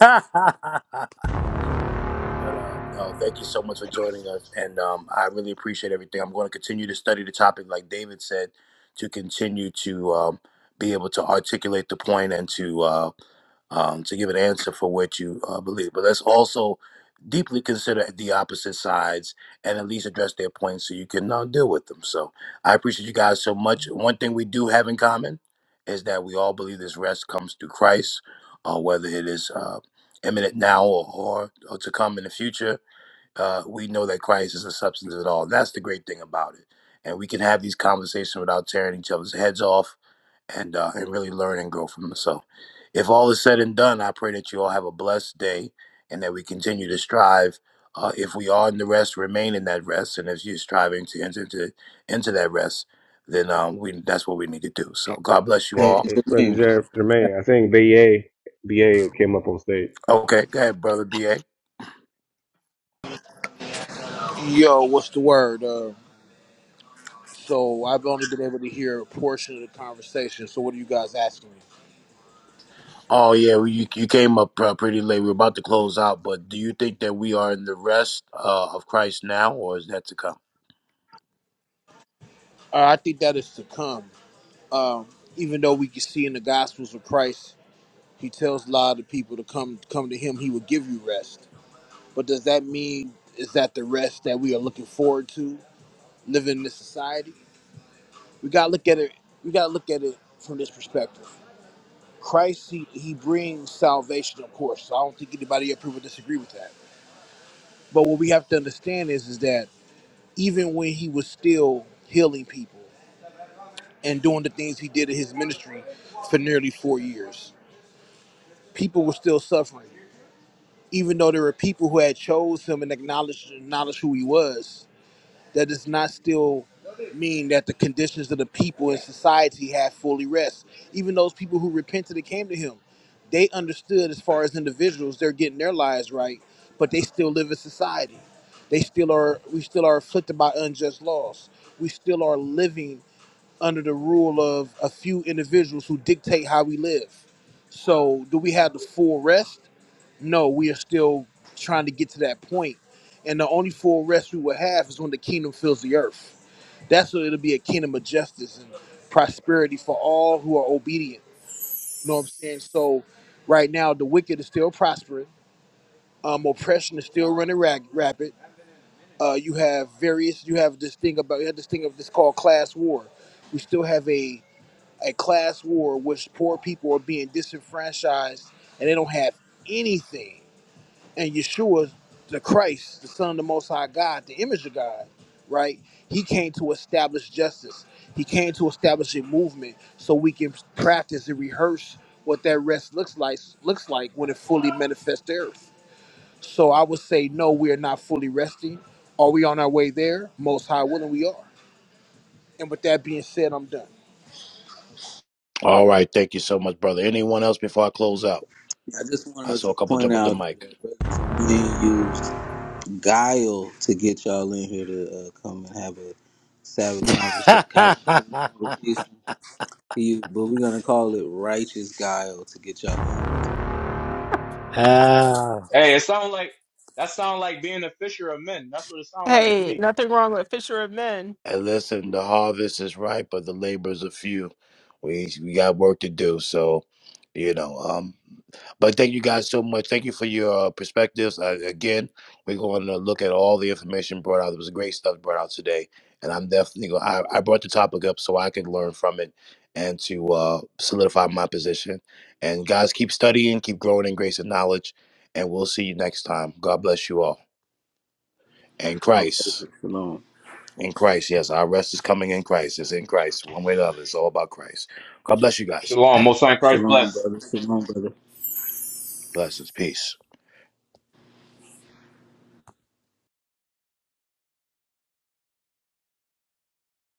but uh, no, thank you so much for joining us, and um, I really appreciate everything. I'm going to continue to study the topic, like David said, to continue to um, be able to articulate the point and to. uh, um, to give an answer for what you uh, believe. But let's also deeply consider the opposite sides and at least address their points so you can uh, deal with them. So I appreciate you guys so much. One thing we do have in common is that we all believe this rest comes through Christ, uh, whether it is uh, imminent now or, or, or to come in the future. Uh, we know that Christ is the substance of it all. That's the great thing about it. And we can have these conversations without tearing each other's heads off and uh, and really learn and grow from them. So, if all is said and done, I pray that you all have a blessed day and that we continue to strive. Uh, if we are in the rest, remain in that rest, and if you're striving to enter into into that rest, then um, we that's what we need to do. So, God bless you Hey, And all. hey, brother Jermaine, Jermaine, I think BA BA came up on stage. Okay, go ahead, brother BA. Yo, what's the word? Uh, so I've only been able to hear a portion of the conversation. So what are you guys asking me? Oh yeah, well, you you came up uh, pretty late. We are about to close out, but do you think that we are in the rest uh, of Christ now, or is that to come? Uh, I think that is to come. Even though we can see in the Gospels of Christ, He tells a lot of people to come come to Him. He will give you rest. But does that mean is that the rest that we are looking forward to living in this society? We gotta look at it. We gotta look at it from this perspective. Christ, he, he brings salvation, of course. So I don't think anybody up here would disagree with that. But what we have to understand is, is that even when he was still healing people and doing the things he did in his ministry for nearly four years. People were still suffering, even though there were people who had chose him and acknowledged acknowledged who he was. That does not still mean that the conditions of the people in society had fully rest. Even those people who repented and came to him, they understood as far as individuals, they're getting their lives right, but they still live in society. They still are. We still are afflicted by unjust laws. We still are living under the rule of a few individuals who dictate how we live. So, do we have the full rest? No, we are still trying to get to that point. And the only full rest we will have is when the kingdom fills the earth. That's when it'll be a kingdom of justice and prosperity for all who are obedient. You know what I'm saying? So, right now, the wicked is still prospering. Um, oppression is still running rag- rapid. Uh, you have various. You have this thing about. You have this thing of this called class war. We still have a a class war which poor people are being disenfranchised and they don't have anything. And Yeshua, the Christ, the Son of the Most High God, the image of God, right? He came to establish justice. He came to establish a movement so we can practice and rehearse what that rest looks like looks like when it fully manifests the earth. So I would say no, we are not fully resting. Are we on our way there? Most high willing we are. And with that being said, I'm done. All right, thank you so much, brother. Anyone else before I close out? I just I wanted saw to a couple point jump up the out that mic. uh, Brother Jermaine used guile to get y'all in here to uh, come and have a savage conversa- ah, conversation you, but we're gonna call it righteous guile to get y'all. and Hey, it sounds like that sounds like being a fisher of men. That's what it sounds like to Hey, me. nothing wrong with Fisher of Men. listen, the harvest is ripe, but the laborers are few. We we got work to do. So, you know, um, but thank you guys so much. Thank you for your uh, perspectives. Uh, again, we're going to look at all the information brought out. It was great stuff brought out today, and I'm definitely going. I I brought the topic up so I can learn from it and to uh, solidify my position. And guys, keep studying, keep growing in grace and knowledge, and we'll see you next time. God bless you all. In Christ. Shalom, In Christ, yes. Our rest is coming in Christ. It's in Christ. One way or the other. It's all about Christ. God bless you guys. Shalom. Most High in Christ shalom, bless. brother. Shalom, brother. Blessings. Peace.